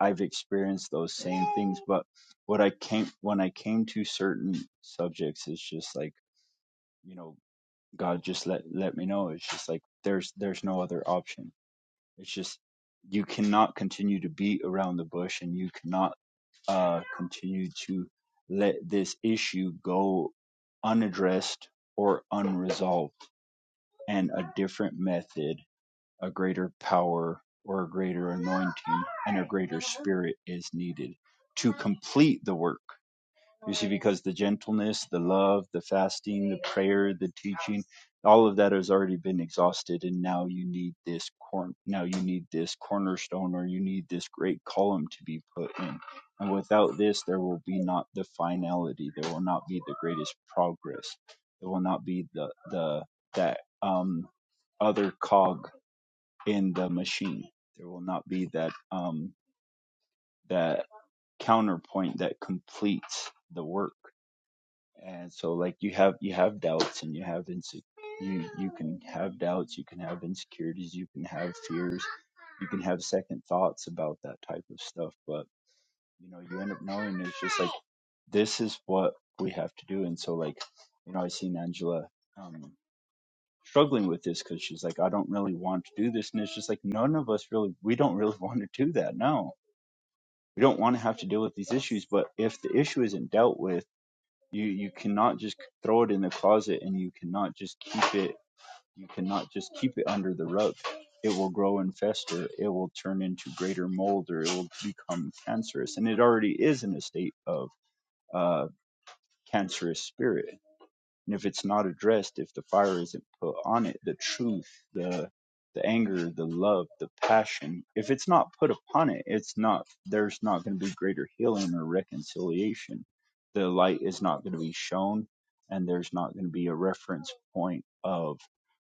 i've experienced those same things but what i came when i came to certain subjects is just like you know god just let let me know it's just like there's there's no other option It's just you cannot continue to beat around the bush, and you cannot uh, continue to let this issue go unaddressed or unresolved. And a different method, a greater power, or a greater anointing and spirit is needed to complete the work. Because the gentleness, the love, the fasting all of that has already been exhausted and now you need this corn now you need this cornerstone or you need this great column to be put in and without this there will be not the finality there will not be the greatest progress there will not be the the that um other cog in the machine there will not be that um that counterpoint that completes the work and so like you have you have doubts and you have inse- you you can have doubts you can have insecurities you can have fears you can have second thoughts about that type of stuff but you know you end up knowing it's just like this is what we have to do and so like you know i seen angela um struggling with this because she's like i don't really want to do this and it's just like none of us really we don't really want to do that no we don't want to have to deal with these issues but if the issue isn't dealt with you you cannot just throw it in the closet and you cannot just keep it you cannot just keep it under the rug it will grow and fester it will turn into greater mold or it will become cancerous and it already is in a state of uh, cancerous spirit and if it's not addressed if the fire isn't put on it the truth the the anger the love the passion if it's not put upon it it's not there's not going to be greater healing or reconciliation the light is not going to be shown and there's not going to be a reference point of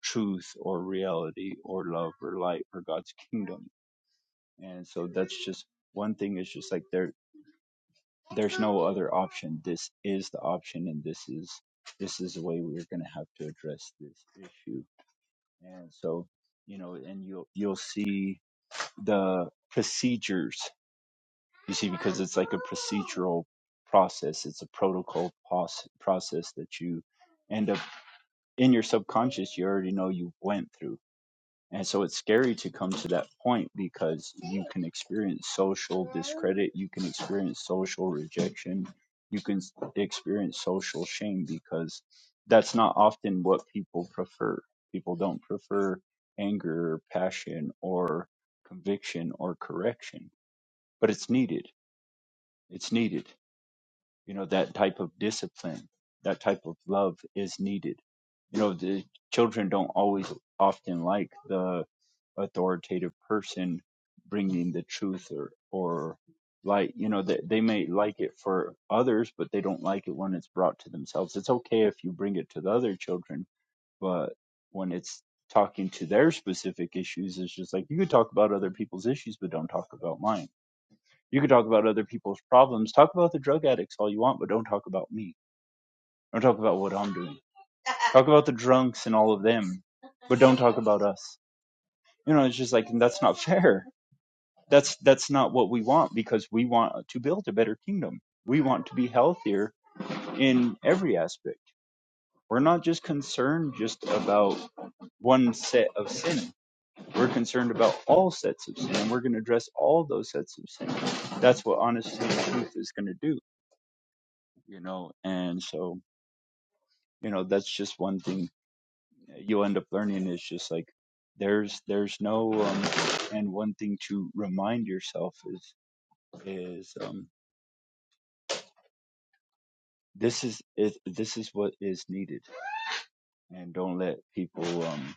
truth or reality or love or light or god's kingdom and so that's just one thing is just like there there's no other option. This is the option, and this is this is the way we're going to have to address this issue. And so, you know, and you'll you'll see the procedures. You see, because it's like a procedural process. It's a protocol pos- process that you end up in your subconscious. You already know you went through and so it's scary to come to that point because you can experience social discredit, you can experience social rejection, you can s- experience social shame because that's not often what people prefer. People don't prefer anger, or passion, or conviction or correction, but it's needed. It's needed you know that type of discipline that type of love is needed you know the children don't always often like the authoritative person bringing the truth or or like you know that they, may like it for others but they don't like it when it's brought to themselves it's okay if you bring it to the other children but when it's talking to their specific issues it's just like you could talk about other people's issues but don't talk about mine you could talk about other people's problems. Talk about the drug addicts all you want, but don't talk about me. Don't talk about what I'm doing. Talk about the drunks and all of them. Don't talk about us. You know, it's just like that's not fair. That's that's not what we want because we want to build a better kingdom. We want to be healthier in every aspect. We're not just concerned just about one set of sin. We're concerned about all sets of sin, and we're going to address all those sets of sin. That's what honesty and truth is going to do, you know. And so, you know that's just one thing you end up learning is just like there's there's no um and one thing to remind yourself is is um this is it, this is what is needed and don't let people um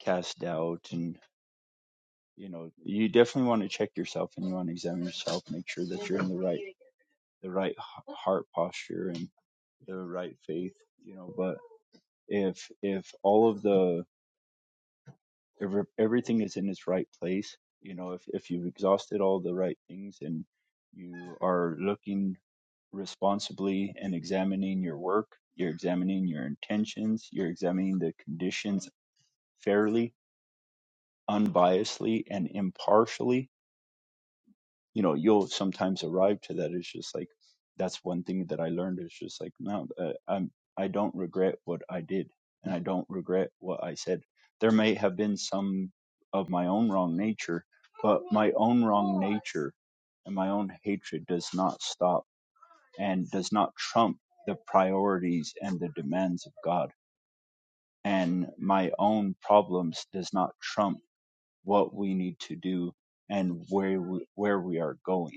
cast doubt and you know you definitely want to check yourself and you want to examine yourself make sure that you're in the, the right h- heart posture and the right faith you know but if if all of the ev- everything is in its right place. You know, if, if you've exhausted all the right things and you are looking responsibly and examining your work, you're examining your intentions, you're examining the conditions fairly, unbiasedly, and impartially, you know you'll sometimes arrive to that it's just like that's one thing that i learned it's just like no uh, i'm i don't regret what i did and i don't regret what i said there may have been some of my own wrong nature but my own wrong nature and my own hatred does not stop and does not trump the priorities and the demands of god and my own problems does not trump what we need to do and where we, where we are going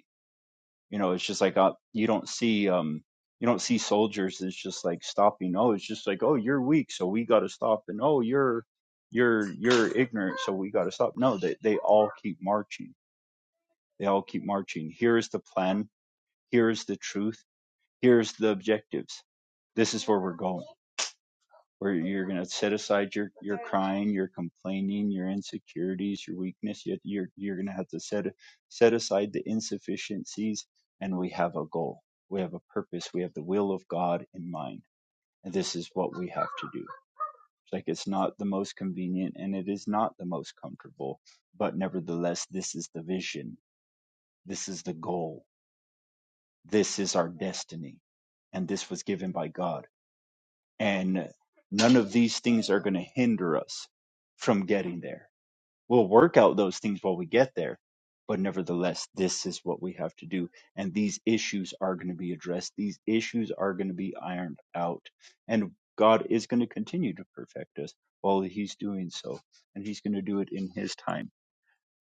you know it's just like uh, you don't see um you don't see soldiers it's just like stopping oh it's just like oh you're weak so we got to stop and oh you're you're you're ignorant so we got to stop no they they all keep marching they all keep marching here is the plan here is the truth here's the objectives this where you guide your crying, your complaining, your insecurities, your weakness. Yet you're you're going to have to set set aside the insufficiencies, and we have a goal, we have a purpose, we have the will of God in mind, and this is what we have to do. It's like it's not the most convenient, and it is not the most comfortable, but nevertheless, this is the vision, this is the goal, this is our destiny, and this was given by God, and none of these things are going to hinder us from getting there We'll work out those things while we get there. But nevertheless, this is what we have to do. And these issues are going to be addressed. These issues are going to be ironed out. And God is going to continue to perfect us while He's doing so. And He's going to do it in His time.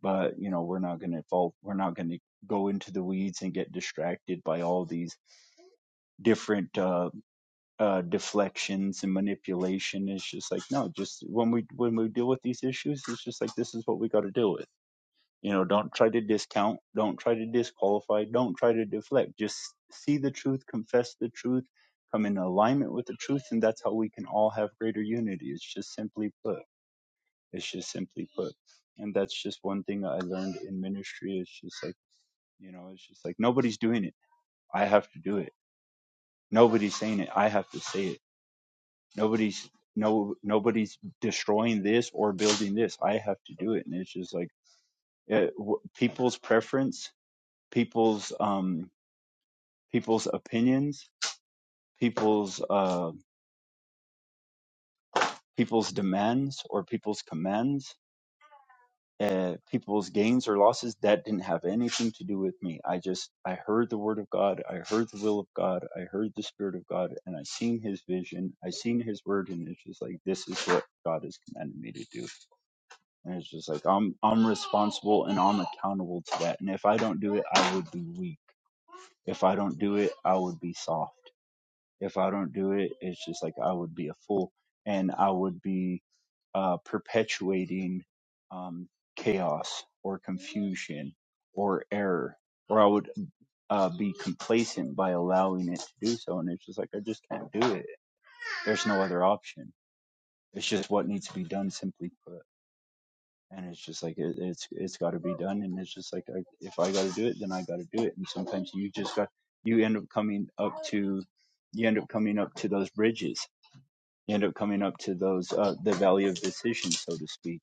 But, you know, we're not going to fall, we're not going to go into the weeds and get distracted by all these different uh, uh, deflections and manipulation. It's just like, no, just when we, when we deal with these issues, it's just like, this is what we got to deal with you know, don't try to discount, don't try to disqualify, don't try to deflect. Just see the truth, confess the truth, come in alignment with the truth, and that's how we can all have greater unity. It's just simply put. It's just simply put. And that's just one thing I learned in ministry. It's just like, you know, it's just like nobody's doing it. I have to do it. Nobody's saying it. I have to say it. Nobody's no nobody's destroying this or building this. I have to do it. And it's just like eh, w- people's preference people's um, people's opinions, people's uh, people's demands or people's commands, uh, people's gains or losses. That didn't have anything to do with me. I just I heard the word of God, I heard the will of God, I heard the spirit of God, and I seen His vision, I seen His word, and it's just like this is what God has commanded me to do, and it's just like I'm I'm responsible and I'm accountable to that. And if I don't do it, I would be weak. If I don't do it, I would be soft if I don't do it, it's just like I would be a fool and I would be uh, perpetuating um, chaos or confusion or error, or I would uh, be complacent by allowing it to do so. And it's just like, I just can't do it. There's no other option. It's just what needs to be done, simply put. And it's just like it, it's it's got to be done, and it's just like I, if I got to do it, then I got to do it. And sometimes you just got you end up coming up to you end up coming up to those bridges you end up coming up to those uh, the valley of decision, so to speak,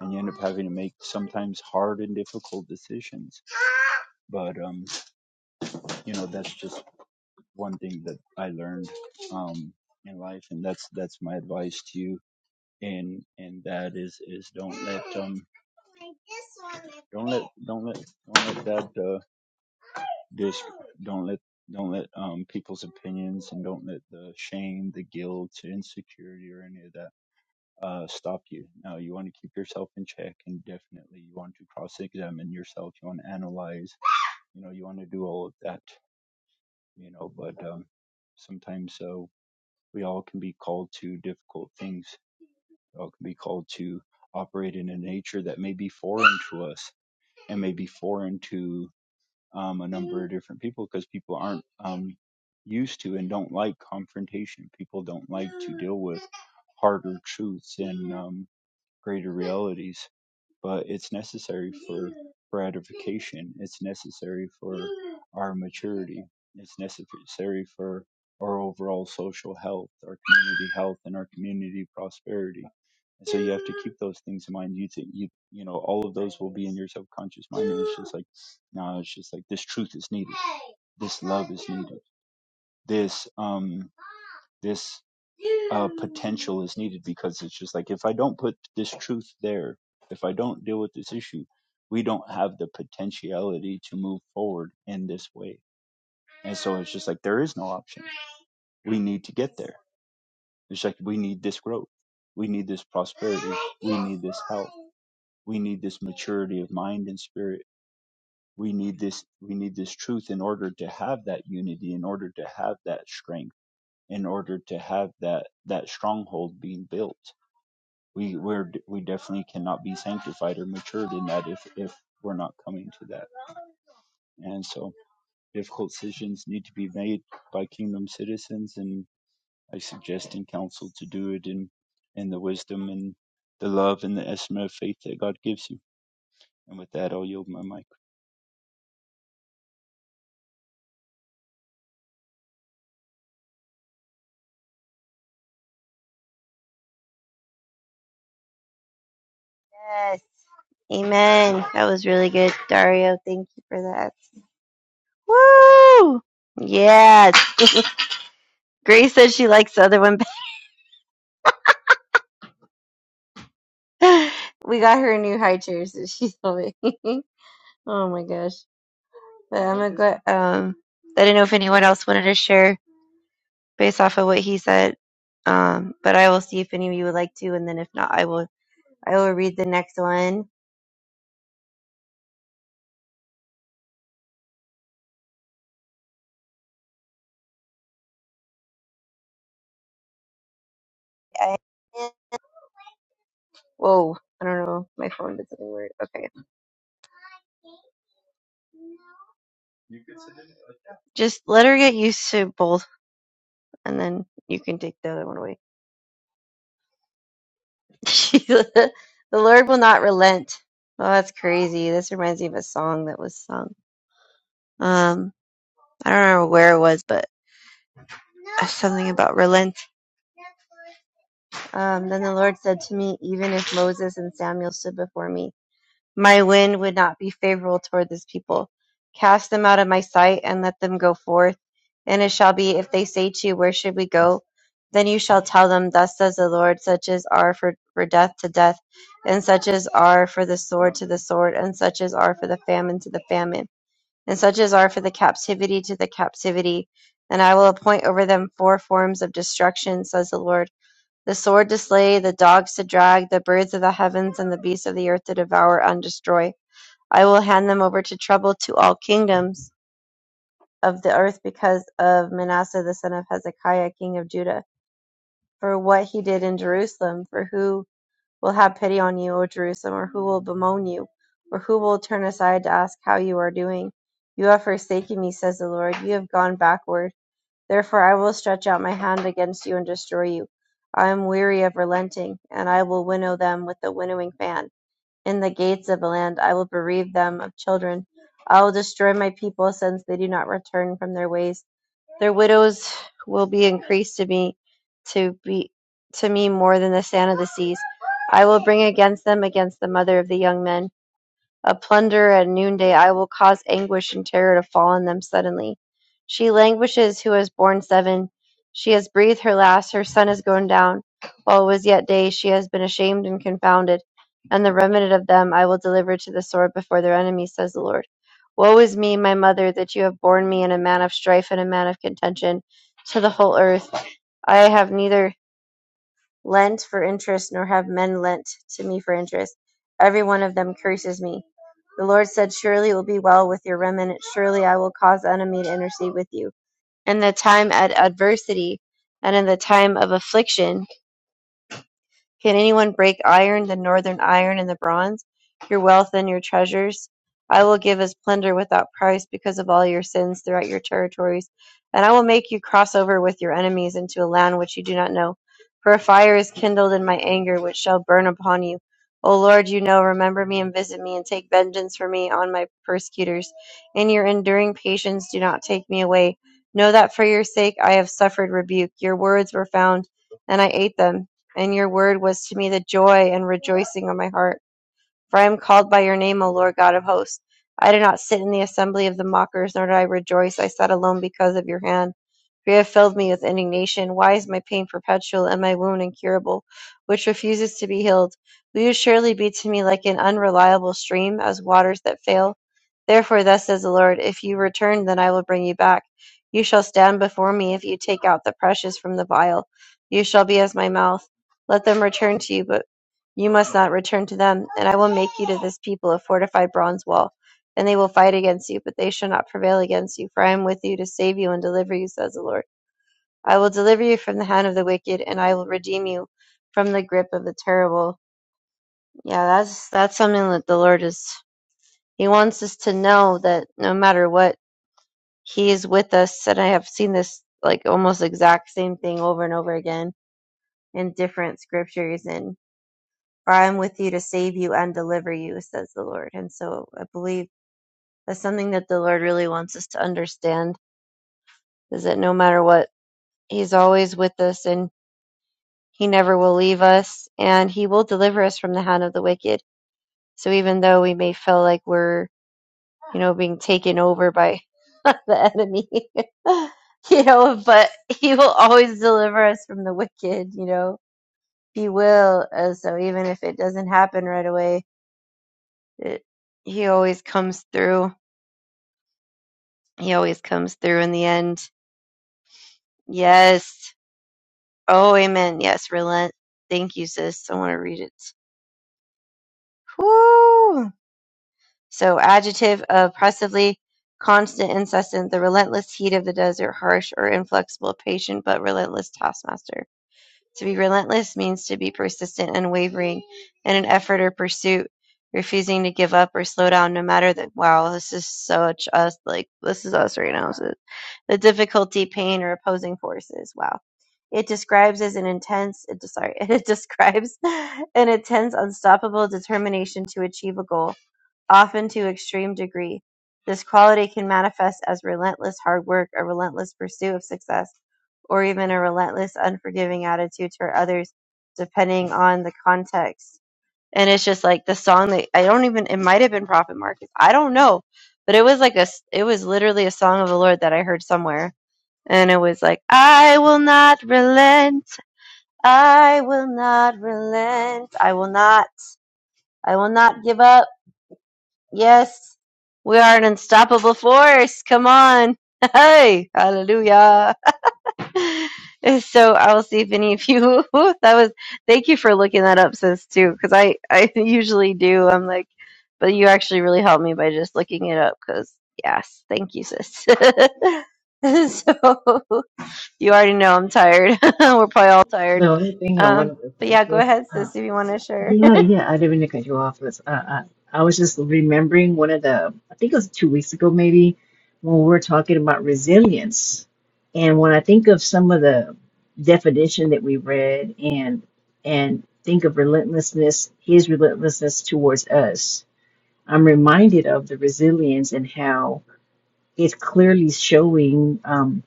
and you end up having to make sometimes hard and difficult decisions. But um, you know, that's just one thing that I learned um, in life, and that's that's my advice to you. And and that is is don't let um don't let don't let don't let that uh dis don't let don't let um people's opinions and don't let the shame, the guilt, insecurity, or any of that uh, stop you. No, you want to keep yourself in check, and definitely you want to cross-examine yourself. You want to analyze. You know, you want to do all of that. You know, but um, sometimes so we all can be called to difficult things. We all can be called to operate in a nature that may be foreign to us and may be foreign to um, a number of different people because people aren't um, used to and don't like confrontation. People don't like to deal with harder truths and um, greater realities. but it's necessary for edification. It's necessary for our maturity. It's necessary for our overall social health, our community health, and our community prosperity. And have to keep those things in mind. You think you you know all of your subconscious mind just like no, it's just like this truth is needed, this love is needed, this um this uh, potential is needed because it's just like if I don't put this truth there, if I don't deal with this issue, we don't have the potentiality to move forward in this way. And so it's just like there is no option. We need to get it's like we need this growth, we need this prosperity, we need this health, we need this maturity of mind and spirit. We need this we need this truth in order to have that unity, in order to have that strength, in order to have that that stronghold being built we we're we definitely cannot be sanctified or matured in that if if we're not coming to that and so difficult decisions need to be made by kingdom citizens and i suggest and counsel to do it in in the wisdom and the love and the estimate of faith that god gives you and with that i'll yield my mic
Yes. Amen. That was really good, Dario. Thank you for that. Woo! Yes. Grace says she likes the other one. better. we got her a new high chair, so she's loving. it. Oh my gosh. But I'm glad. Um, I didn't know if anyone else wanted to share based off of what he said. Um, but I will see if any of you would like to, and then if not, I will. I will read the next one. I, whoa! I don't know. My phone did something weird. Okay. Just let her get used to both, and then you can take the other one away. the Lord will not relent. Oh, that's crazy. This reminds me of a song that was sung. Um, I don't remember where it was, but. uh, something about relent. Um, then the Lord said to me, Even if Moses and Samuel stood before me, my wind would not be favorable toward this people. Cast them out of my sight and let them go forth. And it shall be, if they say to you, Where should we go? Then you shall tell them, Thus says the Lord, such as are for, for death to death, and such as are for the sword to the sword, and such as are for the famine to the famine and such as are for the captivity to the captivity. And I will appoint over them four forms of destruction, says the Lord the sword to slay, the dogs to drag, the birds of the heavens, and the beasts of the earth to devour and destroy. I will hand them over to trouble to all kingdoms of the earth because of Manasseh the son of Hezekiah, king of Judah, for what he did in Jerusalem, for who will have pity on you, O Jerusalem, or who will bemoan you, or who will turn aside to ask how you are doing? You have forsaken me, says the Lord. You have gone backward. Therefore I will stretch out my hand against you and destroy you. I am weary of relenting, and I will winnow them with the winnowing fan. In the gates of the land I will bereave them of children. I will destroy my people since they do not return from their ways. Their widows will be increased to me to be to me more than the sand of the seas. I will bring against them against the mother of the young men a plunderer at noonday, I will cause anguish and terror to fall on them suddenly. She languishes who has borne seven. She has breathed her last, her sun has gone down. While it was yet day, she has been ashamed and confounded. And the remnant of them I will deliver to the sword before their enemies, says the Lord. Woe is me, my mother, that you have borne me in a man of strife and a man of contention to the whole earth. I have neither lent for interest, nor have men lent to me for interest. Every one of them curses me. The Lord said, Surely it will be well with your remnant. Surely I will cause the enemy to intercede with you. In the time at adversity and in the time of affliction, can anyone break iron, the northern iron and the bronze, your wealth and your treasures? I will give as plunder without price because of all your sins throughout your territories, and I will make you cross over with your enemies into a land which you do not know. For a fire is kindled in my anger, which shall burn upon you. O Lord, you know, remember me and visit me, and take vengeance for me on my persecutors. In your enduring patience, do not take me away. Know that for your sake I have suffered rebuke. Your words were found, and I ate them. And your word was to me the joy and rejoicing of my heart. For I am called by your name, O Lord God of hosts. I do not sit in the assembly of the mockers, nor do I rejoice. I sat alone because of your hand. For you have filled me with indignation. Why is my pain perpetual and my wound incurable, which refuses to be healed? Will you surely be to me like an unreliable stream, as waters that fail? Therefore, thus says the Lord, if you return, then I will bring you back. You shall stand before me if you take out the precious from the vial. You shall be as my mouth. Let them return to you, but you must not return to them, and I will make you to this people a fortified bronze wall. Then they will fight against you, but they shall not prevail against you, for I am with you to save you and deliver you, says the Lord. I will deliver you from the hand of the wicked, and I will redeem you from the grip of the terrible. Yeah, that's that's something that the Lord is He wants us to know that no matter what, He is with us, and I have seen this like almost exact same thing over and over again in different scriptures and. For I am with you to save you and deliver you, says the Lord. And so I believe that's something that the Lord really wants us to understand is that no matter what, He's always with us and He never will leave us and He will deliver us from the hand of the wicked. So even though we may feel like we're, you know, being taken over by the enemy, you know, but He will always deliver us from the wicked, you know, He will. Uh, so even if it doesn't happen right away, it, He always comes through He always comes through in the end. Yes. Oh, amen. Yes, relent. Thank you, sis. I want to read it. Whoo! So, adjective, oppressively, constant, incessant, the relentless heat of the desert, harsh or inflexible, patient but relentless taskmaster. To be relentless means to be persistent, unwavering in an effort or pursuit, refusing to give up or slow down, no matter that. Wow, this is such us. Like this is us right now. So the difficulty, pain, or opposing forces. Wow. It describes as an intense. It, sorry, it describes an intense, unstoppable determination to achieve a goal often to extreme degree. This quality can manifest as relentless hard work, a relentless pursuit of success, or even a relentless, unforgiving attitude toward others, depending on the context. And it's just like the song that I don't even, it might have been Prophet Marcus. I don't know. But it was like a, s- it was literally a song of the Lord that I heard somewhere. And it was like, I will not relent. I will not relent. I will not, I will not give up. Yes, we are an unstoppable force. Come on. Hey, hallelujah. So I'll see if any of you that was thank you for looking that up sis too cuz I I usually do. I'm like but you actually really helped me by just looking it up cuz yes, thank you sis. so you already know I'm tired. We're probably all tired.
The only thing I
Um
wanted to say
but
is
yeah, go ahead sis if you want to share.
Yeah, yeah, I didn't mean to cut you off. It's, uh, uh, I was just remembering one of the, I think it was two weeks ago maybe, when we were talking about resilience. And when I think of some of the definition that we read and and think of relentlessness, his relentlessness towards us, I'm reminded of the resilience and how. It's clearly showing um,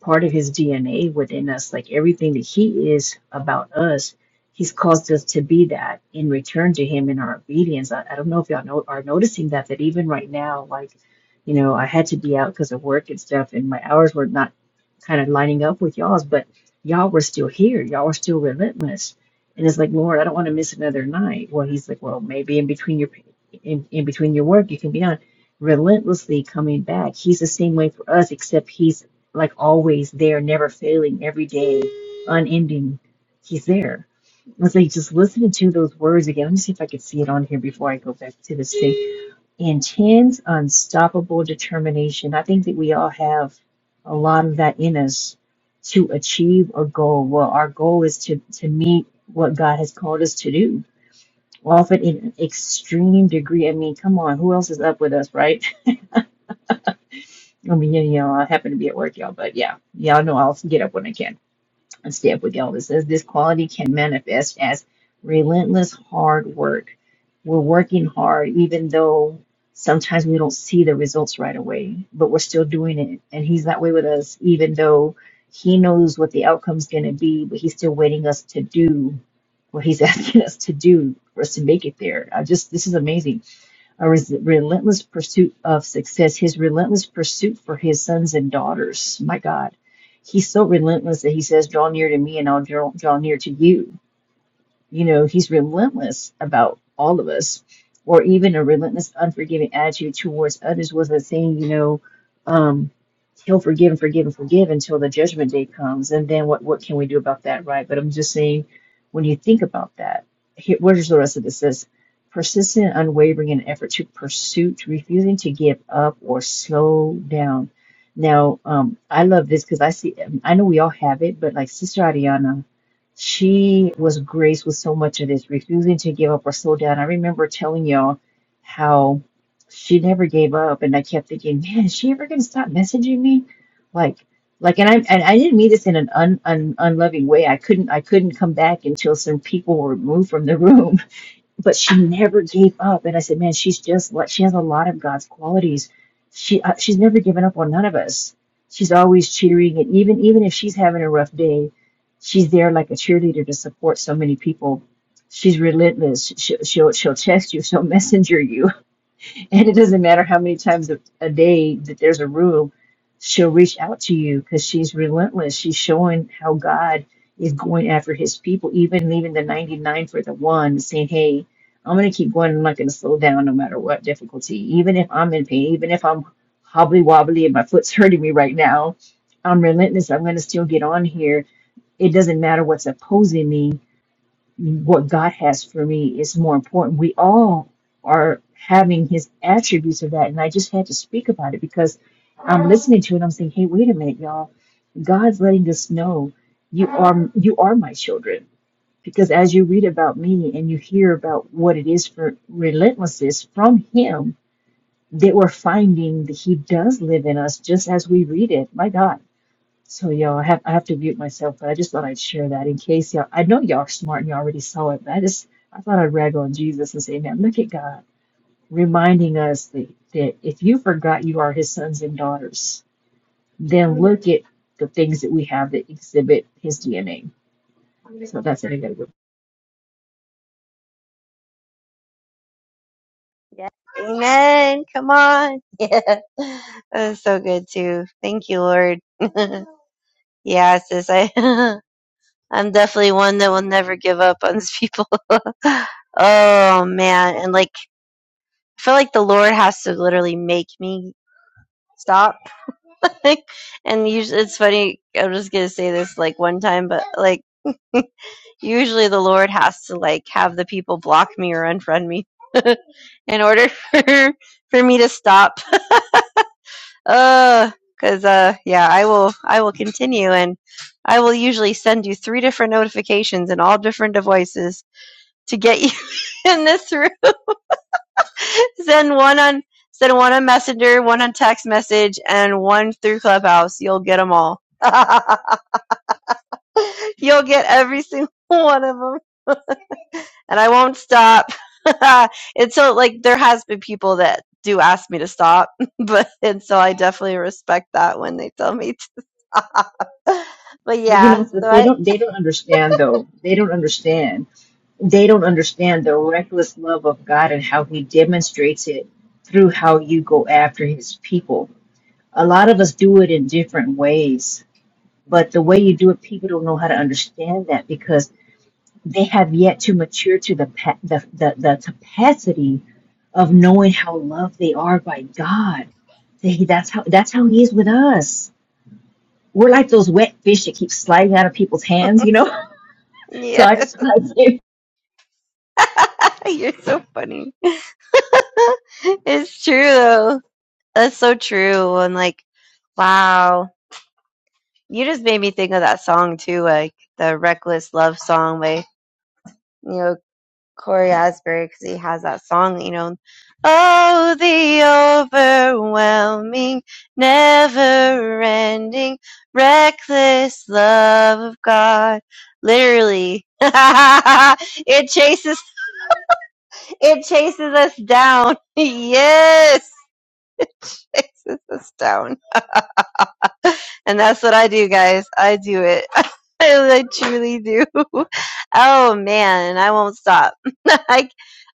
part of his DNA within us, like everything that he is about us. He's caused us to be that in return to him in our obedience. I, I don't know if y'all know, are noticing that, that even right now, like, you know, I had to be out because of work and stuff, and my hours were not kind of lining up with y'all's, but y'all were still here. Y'all were still relentless. And it's like, Lord, I don't want to miss another night. Well, he's like, well, maybe in between your in, in between your work, you can be on relentlessly coming back. He's the same way for us, except he's like always there, never failing, every day, unending. He's there. It's like just listening to those words again. Let me see if I can see it on here before I go back to this thing. Intense, unstoppable determination. I think that we all have a lot of that in us to achieve a goal. Well, our goal is to, to meet what God has called us to do, often in an extreme degree. I mean, come on, who else is up with us, right? I mean, you know, I happen to be at work, y'all, but yeah, y'all know I'll get up when I can and stay up with y'all. It says this quality can manifest as relentless hard work. We're working hard, even though sometimes we don't see the results right away, but we're still doing it. And He's that way with us, even though He knows what the outcome's going to be, but He's still waiting us to do what He's asking us to do for us to make it there. I just, this is amazing a res- relentless pursuit of success, his relentless pursuit for his sons and daughters. My God, he's so relentless that he says, Draw near to me and I'll draw, draw near to you you know, he's relentless about all of us, or even a relentless, unforgiving attitude towards others was a thing, you know, um, he'll forgive and forgive and forgive until the judgment day comes. And then what, what can we do about that, right? But I'm just saying, when you think about that, here, where's the rest of this? It says, persistent, unwavering in effort to pursuit, refusing to give up or slow down. Now, um, I love this because I see, I know we all have it, but like Sister Ariana she was graced with so much of this, refusing to give up or slow down. I remember telling y'all how she never gave up, and I kept thinking, man, is she ever gonna stop messaging me? Like, like, and I and I didn't mean this in an un, un unloving way. I couldn't I couldn't come back until some people were removed from the room but she never gave up. And I said, man, she's just like she has a lot of God's qualities. She uh, she's never given up on none of us. She's always cheering, and even even if she's having a rough day, she's there like a cheerleader to support so many people. She's relentless. She, she'll she'll text you. She'll messenger you. And it doesn't matter how many times a, a day that there's a room, she'll reach out to you because she's relentless. She's showing how God is going after his people, even leaving the 99 for the one, saying, Hey, I'm going to keep going. I'm not going to slow down no matter what difficulty. Even if I'm in pain, even if I'm hobbly wobbly and my foot's hurting me right now, I'm relentless. I'm going to still get on here. It doesn't matter what's opposing me what God has for me is more important. We all are having His attributes of that, and I just had to speak about it because I'm listening to it. I'm saying, "Hey, wait a minute, y'all! God's letting us know you are you are my children." Because as you read about me and you hear about what it is for relentlessness from Him, that we're finding that He does live in us, just as we read it. My God so y'all, I have I have to mute myself, but I just thought I'd share that in case y'all. I know y'all are smart and you already saw it, but I just I thought I'd rag on Jesus and say, man, look at God reminding us that, that if you forgot you are His sons and daughters, then look at the things that we have that exhibit His DNA. So that's it. I gotta go.
Yes. Amen. Come on. Yeah. That was so good too. Thank you, Lord. yeah, sis. I I'm definitely one that will never give up on these people. oh man. And like I feel like the Lord has to literally make me stop. like and usually it's funny, I'm just gonna say this like one time, but like usually the Lord has to like have the people block me or unfriend me in order for for me to stop. Uh, because uh, yeah, I will I will continue, and I will usually send you three different notifications in all different devices to get you in this room. Send one on send one on Messenger, one on text message, and one through Clubhouse. You'll get them all. You'll get every single one of them, and I won't stop. and so, like, there has been people that do ask me to stop, but and so I definitely respect that when they tell me to but
But you know,
yeah,
so
so
they
I
don't they don't understand though. They don't understand they don't understand the reckless love of God and how He demonstrates it through how you go after His people. a lot of us do it in different ways, but the way you do it, people don't know how to understand that because they have yet to mature to the pa- the, the, the capacity of knowing how loved they are by God. They, that's how that's how He is with us. We're like those wet fish that keep sliding out of people's hands, you know. So I
Yeah,
just want to
You're so funny. It's true though. That's so true. And like, wow. You just made me think of that song too, like the Reckless Love song by, you know, Corey Asbury, because he has that song, you know, Oh, the overwhelming, never ending, reckless love of God. Literally. it chases It chases us down. Yes. It chases us down. And that's what I do, guys. I do it. I truly do. Oh man, I won't stop. Like,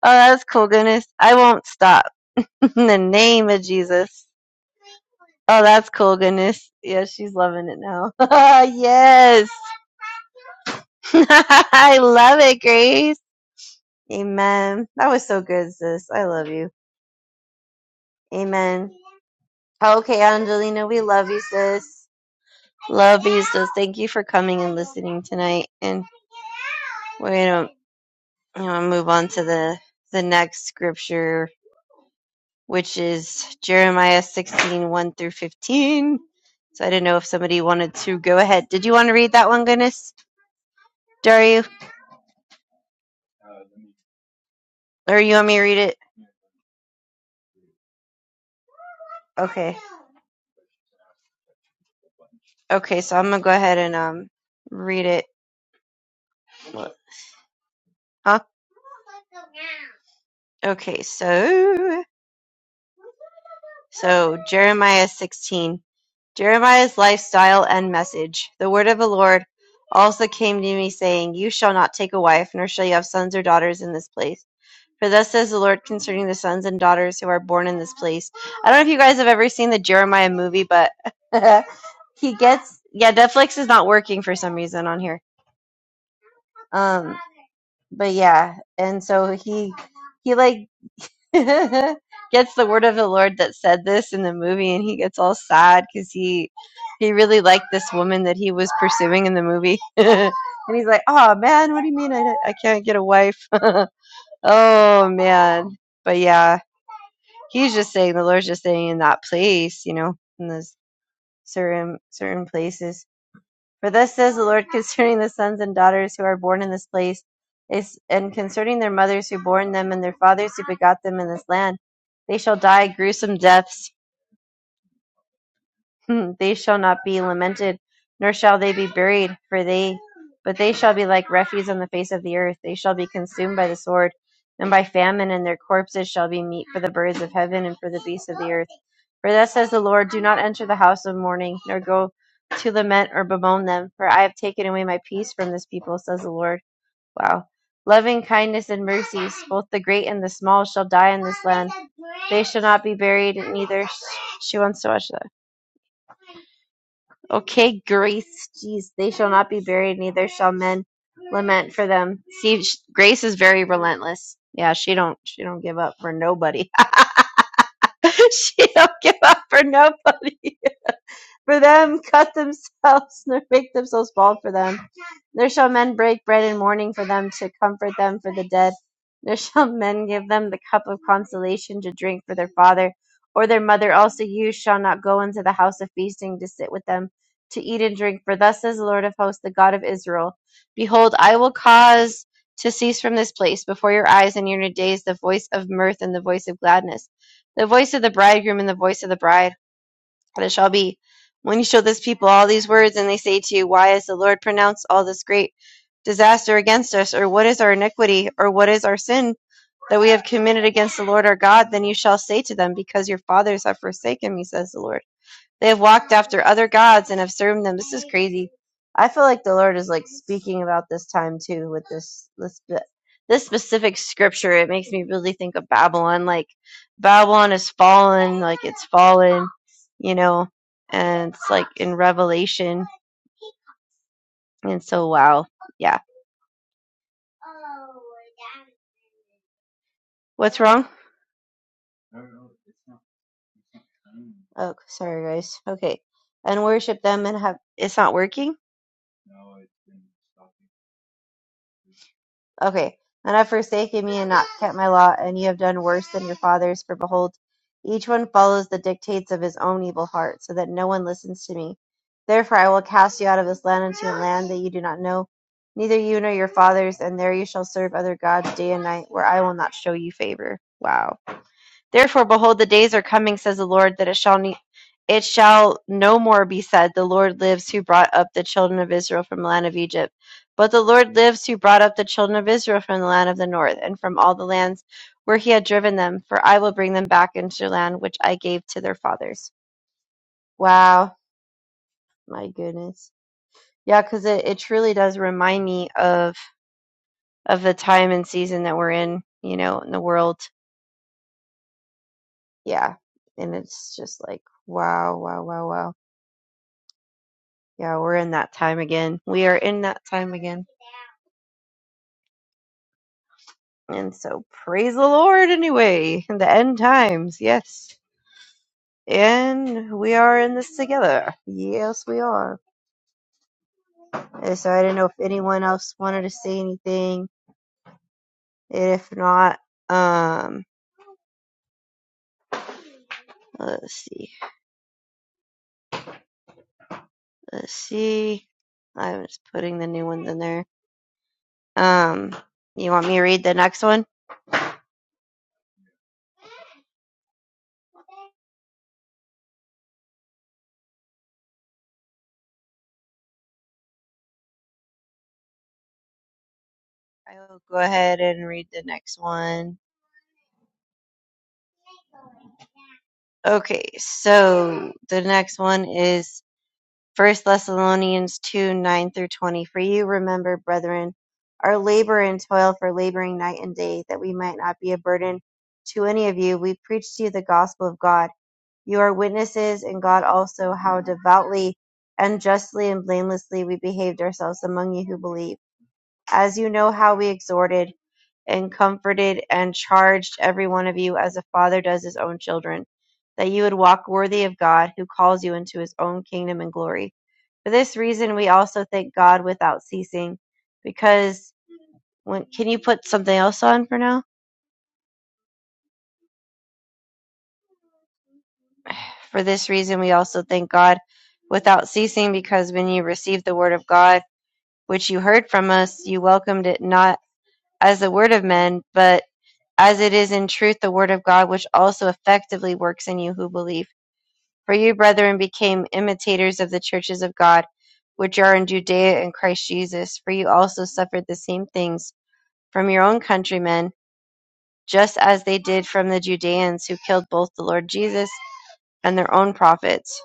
oh, that's cool, goodness. I won't stop. In the name of Jesus. Oh, that's cool, goodness. Yeah, she's loving it now. yes. I love it, Grace. Amen. That was so good, sis. I love you. Amen. Okay, Angelina, we love you, sis. Love you, sis. Thank you for coming and listening tonight. And we're gonna you know, move on to the the next scripture, which is Jeremiah sixteen one through 15. So I didn't know if somebody wanted to go ahead. Did you want to read that one, Goodness? Dario? Or you want me to read it? Okay. Okay, so I'm gonna go ahead and um read it. Huh? Okay, so so Jeremiah 16. Jeremiah's lifestyle and message. The word of the Lord also came to me, saying, You shall not take a wife, nor shall you have sons or daughters in this place. For thus says the Lord concerning the sons and daughters who are born in this place. I don't know if you guys have ever seen the Jeremiah movie, but he gets yeah, Netflix is not working for some reason on here. Um but yeah, and so he he like gets the word of the Lord that said this in the movie, and he gets all sad because he he really liked this woman that he was pursuing in the movie, and he's like, "Oh man, what do you mean I I can't get a wife? oh man!" But yeah, he's just saying the Lord's just saying in that place, you know, in those certain certain places. For thus says the Lord concerning the sons and daughters who are born in this place, and concerning their mothers who bore them, and their fathers who begot them in this land. They shall die gruesome deaths. they shall not be lamented, nor shall they be buried, for they, but they shall be like refuse on the face of the earth. They shall be consumed by the sword and by famine, and their corpses shall be meat for the birds of heaven and for the beasts of the earth. For thus says the Lord, Do not enter the house of mourning, nor go to lament or bemoan them, for I have taken away my peace from this people, says the Lord. Wow. Loving kindness and mercies, both the great and the small, shall die in this land. They shall not be buried, neither she wants to watch that. Okay, grace, jeez, they shall not be buried, neither shall men lament for them. See, sh- grace is very relentless. Yeah, she don't, she don't give up for nobody. she don't give up for nobody. for them, cut themselves, nor make themselves bald for them. There shall men break bread in mourning for them, to comfort them for the dead. There shall men give them the cup of consolation to drink for their father or their mother. Also, you shall not go into the house of feasting to sit with them, to eat and drink. For thus says the Lord of hosts, the God of Israel Behold, I will cause to cease from this place before your eyes and in your days the voice of mirth and the voice of gladness, the voice of the bridegroom and the voice of the bride and it shall be, when you show this people all these words, and they say to you, Why has the Lord pronounced all this great disaster against us? Or what is our iniquity? Or what is our sin that we have committed against the Lord our God? Then you shall say to them, Because your fathers have forsaken me, says the Lord they have walked after other gods and have served them. This is crazy. I feel like the Lord is like speaking about this time too with this this this specific scripture. It makes me really think of Babylon. Like Babylon is fallen, like it's fallen, you know, and it's like in Revelation. And so, wow, yeah. What's wrong? Oh, sorry, guys. Okay, and worship them and have it's not working. Okay. And have forsaken me and not kept my law, and you have done worse than your fathers. For behold, each one follows the dictates of his own evil heart, so that no one listens to me. Therefore, I will cast you out of this land into a land that you do not know, neither you nor your fathers, and there you shall serve other gods day and night, where I will not show you favor. Wow. Therefore, behold, the days are coming, says the Lord, that it shall ne- it shall no more be said, The Lord lives who brought up the children of Israel from the land of Egypt. But the Lord lives who brought up the children of Israel from the land of the north, and from all the lands where he had driven them, for I will bring them back into their land which I gave to their fathers. Wow. My goodness. Yeah, because it, it truly does remind me of of the time and season that we're in, you know, in the world. Yeah. And it's just like wow, wow, wow, wow Yeah, we're in that time again. We are in that time again. And so praise the Lord anyway. In the end times, yes. And we are in this together. Yes, we are. And so I didn't know if anyone else wanted to say anything. And If not, um let's see. Let's see. I'm just putting the new ones in there. Um you want me to read the next one? I will go ahead and read the next one. Okay, so the next one is First Thessalonians two, nine through twenty. For you remember, brethren, our labor and toil for laboring night and day, that we might not be a burden to any of you. We preach to you the gospel of God. You are witnesses, and God also, how devoutly and justly and blamelessly we behaved ourselves among you who believe as you know how we exhorted and comforted and charged every one of you as a father does his own children, that you would walk worthy of God who calls you into his own kingdom and glory. For this reason, we also thank God without ceasing, because when can you put something else on for now? For this reason, we also thank God without ceasing, because when you received the word of God, which you heard from us, you welcomed it not as the word of men, but as it is in truth the word of God, which also effectively works in you who believe. For you, brethren, became imitators of the churches of God, which are in Judea in Christ Jesus. For you also suffered the same things from your own countrymen, just as they did from the Judeans, who killed both the Lord Jesus and their own prophets,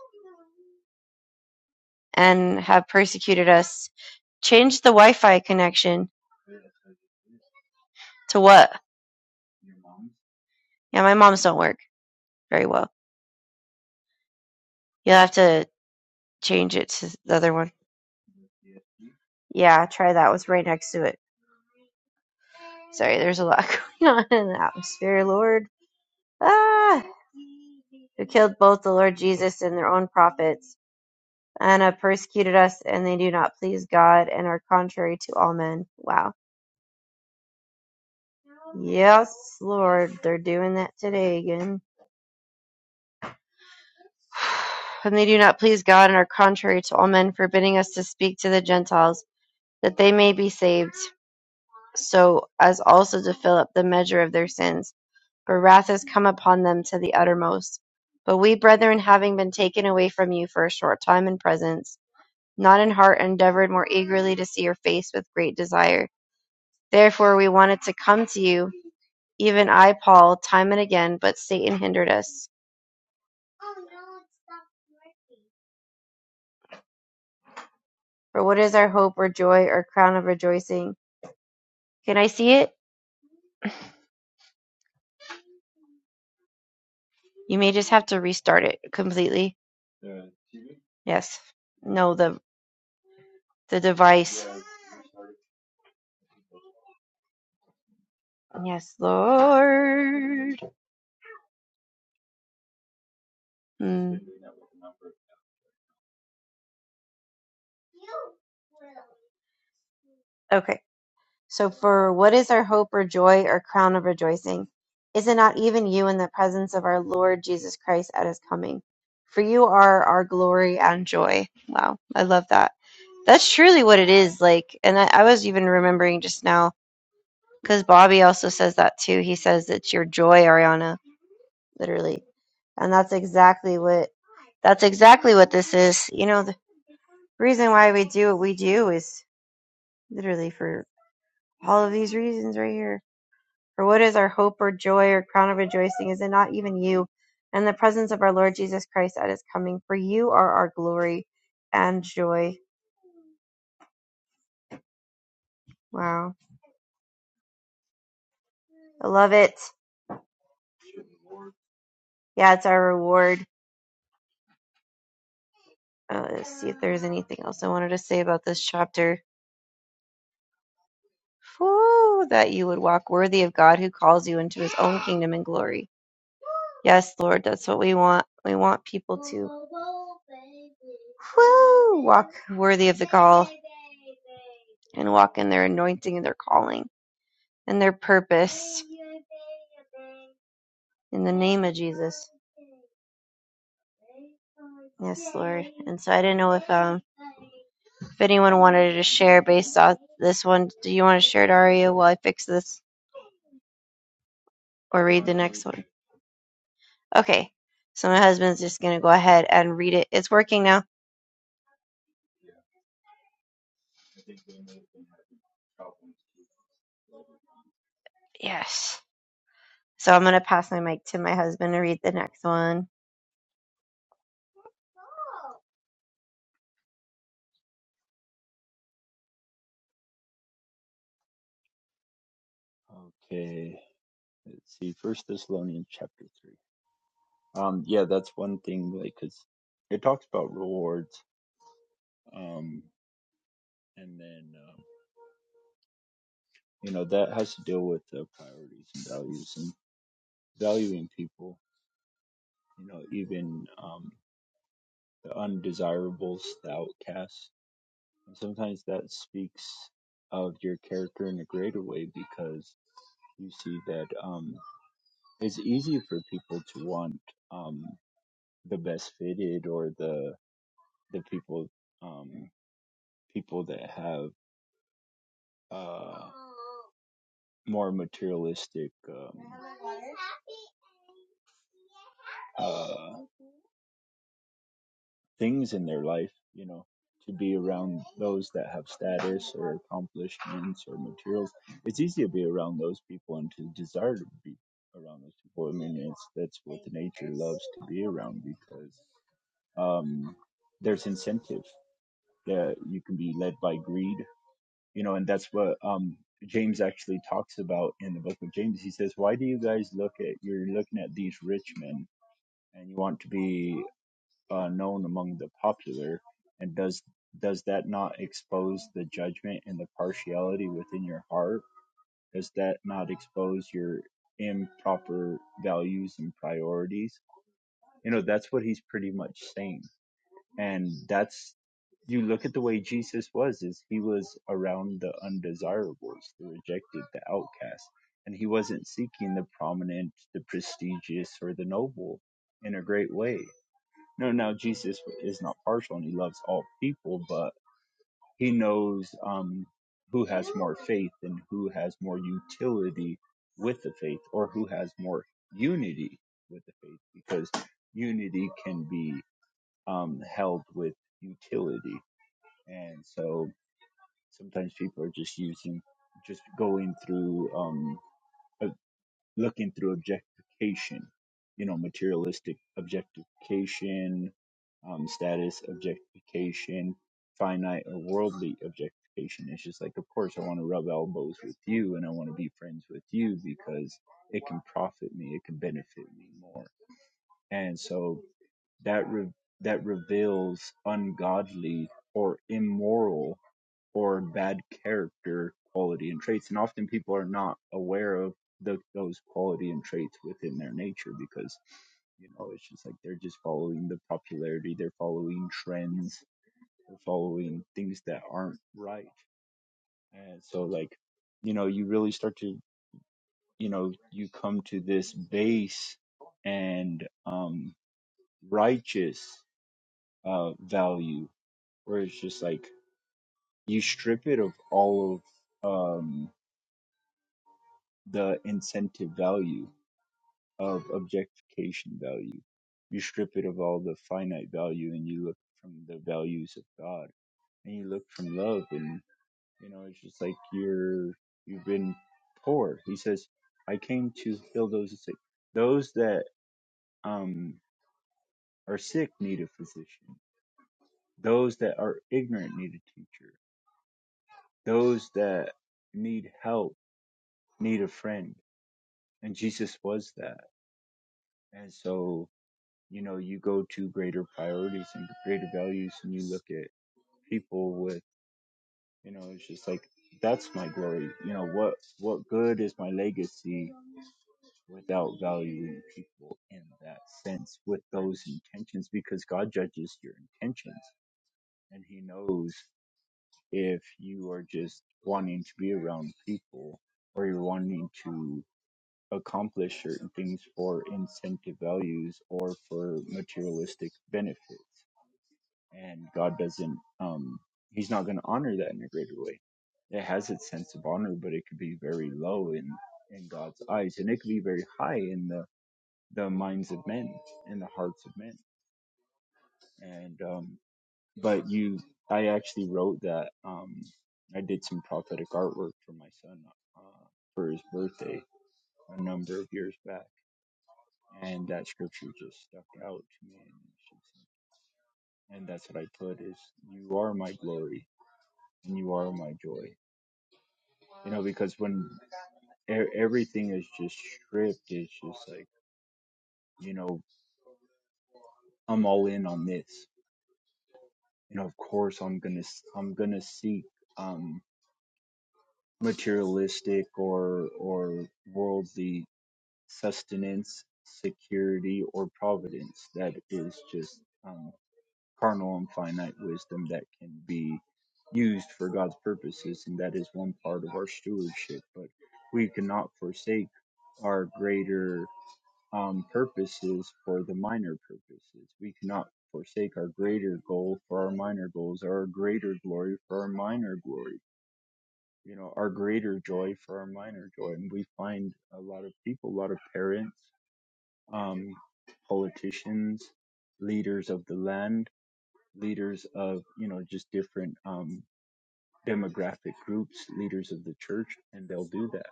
and have persecuted us. Change the Wi Fi connection to what? Yeah, my mom's don't work very well. You'll have to change it to the other one. Yeah, try that. It was right next to it. Sorry, there's a lot going on in the atmosphere, Lord. Ah! Who killed both the Lord Jesus and their own prophets, and have persecuted us, and they do not please God, and are contrary to all men. Wow. Yes, Lord, they're doing that today again. And they do not please God, and are contrary to all men, forbidding us to speak to the Gentiles, that they may be saved, so as also to fill up the measure of their sins. for wrath has come upon them to the uttermost. But we, brethren, having been taken away from you for a short time in presence, not in heart endeavored more eagerly to see your face with great desire. Therefore we wanted to come to you, even I, Paul, time and again, but Satan hindered us. For what is our hope or joy or crown of rejoicing? Can I see it? You may just have to restart it completely. Yes. No, the the device. Yes, Lord. Mm. Okay. So, for what is our hope or joy or crown of rejoicing? Is it not even you in the presence of our Lord Jesus Christ at his coming? For you are our glory and joy. Wow, I love that. That's truly what it is. Like, and I, I was even remembering just now because Bobby also says that too. He says it's your joy, Ariana, literally. And that's exactly what that's exactly what this is. You know, the reason why we do what we do is literally for all of these reasons right here For what is our hope or joy or crown of rejoicing? Is it not even you? And the presence of our Lord Jesus Christ at his coming. For you are our glory and joy. Wow. I love it. Yeah, it's our reward. Uh, let's see if there's anything else I wanted to say about this chapter. Whew, that you would walk worthy of God who calls you into his own kingdom and glory. Yes, Lord, that's what we want. We want people to woo walk worthy of the call and walk in their anointing and their calling and their purpose. In the name of Jesus. Yes, Lord. And so I didn't know if um if anyone wanted to share based off this one. Do you want to share it, Aria, while I fix this or read the next one? Okay. So my husband's just gonna go ahead and read it. It's working now. Yes. So I'm gonna pass my mic to my husband to read the next one.
okay let's see first thessalonians chapter 3 um yeah that's one thing like because it talks about rewards um and then um, you know that has to deal with uh, priorities and values and valuing people you know even um, the undesirables the outcasts and sometimes that speaks of your character in a greater way because you see that um, it's easy for people to want um, the best fitted or the the people um, people that have uh, more materialistic um, uh, things in their life, you know, to be around those that have status or accomplishments or materials. It's easy to be around those people and to desire to be around those people. I mean, it's that's what it's to be around because um, there's incentive that you can be led by greed, you know, and that's what um, James actually talks about in the book of James. He says, "Why do you guys look at you're looking at these rich men and you want to be?" uh, known among the popular, and does does that not expose the judgment and the partiality within your heart? Does that not expose your improper values and priorities? You know, that's what he's pretty much saying, and that's you look at the way Jesus was is he was around the undesirables, the rejected, the outcast, and he wasn't seeking the prominent, the prestigious, or the noble in a great way no, no, Jesus is not partial and he loves all people, but he knows um, who has more faith and who has more utility with the faith or who has more unity with the faith because unity can be um, held with utility. And so sometimes people are just using, just going through. Um, a looking through objectification, you know, materialistic objectification, um, status objectification, finite or worldly objectification. It's just like, of course, I want to rub elbows with you and I want to be friends with you because it can profit me, it can benefit me more. And so that re- that reveals ungodly or immoral or bad character quality and traits and often people are not aware of the, those quality and traits within their nature because you know it's just like they're just following the popularity they're following trends they're following things that aren't right and so like you know you really start to you know you come to this base and um righteous uh value where it's just like you strip it of all of um the incentive value of objectification value. You strip it of all the finite value and you look from the values of God and you look from love and you know it's just like you're you've been poor. He says, I came to heal those sick. Those that um are sick need a physician. Those that are ignorant need a teacher. Those that need help need a friend. And Jesus was that. And so you know you go to greater priorities and greater values and you look at people with you know it's just like that's my glory you know what what good is my legacy without valuing people in that sense with those intentions because god judges your intentions and he knows if you are just wanting to be around people or you're wanting to accomplish certain things for incentive values or for materialistic benefits and God doesn't um he's not going to honor that in a greater way. It has its sense of honor, but it could be very low in in God's eyes, and it could be very high in the the minds of men in the hearts of men. And um, but you, I actually wrote that. Um, I did some prophetic artwork for my son uh, for his birthday a number of years back, and that scripture just stuck out to me. And and that's what I put is, "You are my glory, and you are my joy." You know, because when e- everything is just stripped, it's just like, you know, I'm all in on this. You know, of course I'm gonna s- I'm gonna seek um materialistic or or worldly sustenance, security, or providence. That is just um, carnal and finite wisdom that can be used for God's purposes, and that is one part of our stewardship. But we cannot forsake our greater um, purposes for the minor purposes. We cannot forsake our greater goal for our minor goals, or our greater glory for our minor glory, you know, our greater joy for our minor joy. And we find a lot of people, a lot of parents, um, politicians, leaders of the land, leaders of, you know, just different um, demographic groups, leaders of the church, and they'll do that,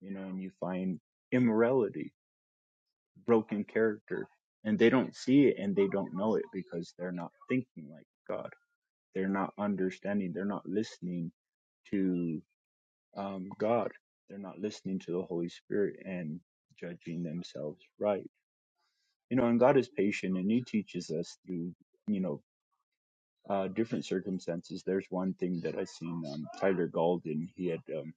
you know, and you find immorality broken character and they don't see it and they don't know it because they're not thinking like God. They're not understanding. They're not listening to um, God. They're not listening to the Holy Spirit and judging themselves right. You know, and God is patient and He teaches us through, you know, uh, different circumstances. There's one thing that I seen um, Tyler Golden. He had um,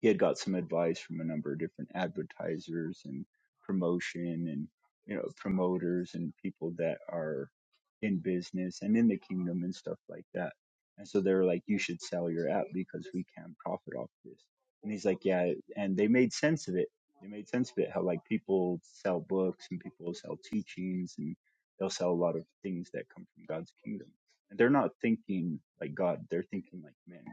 he had got some advice from a number of different advertisers and promotion and you know promoters and people that are in business and in the kingdom and stuff like that and so they were like you should sell your app because we can profit off this and he's like yeah and they made sense of it they made sense of it how like people sell books and people sell teachings and they'll sell a lot of things that come from god's kingdom and they're not thinking like god they're thinking like men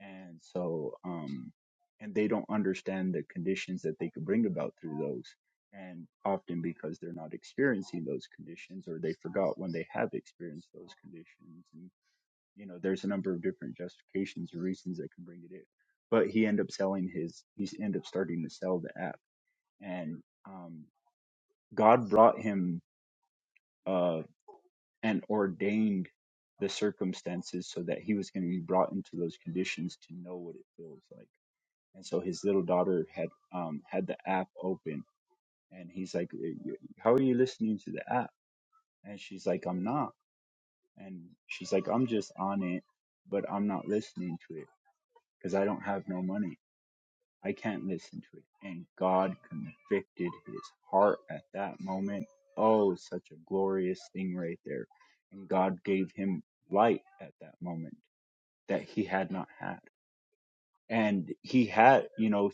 and so um and they don't understand the conditions that they could bring about through those and often because they're not experiencing those conditions or they forgot when they have experienced those conditions and you know there's a number of different justifications or reasons that can bring it in but he ended up selling his he ended up starting to sell the app and um god brought him uh and ordained the circumstances so that he was going to be brought into those conditions to know what it feels like and so his little daughter had um had the app open and he's like "Eh, how are you listening to the app and she's like i'm not and she's like i'm just on it but i'm not listening to it because i don't have no money i can't listen to it and god convicted his heart at that moment oh such a glorious thing right there and god gave him light at that moment that he had not had and he had you know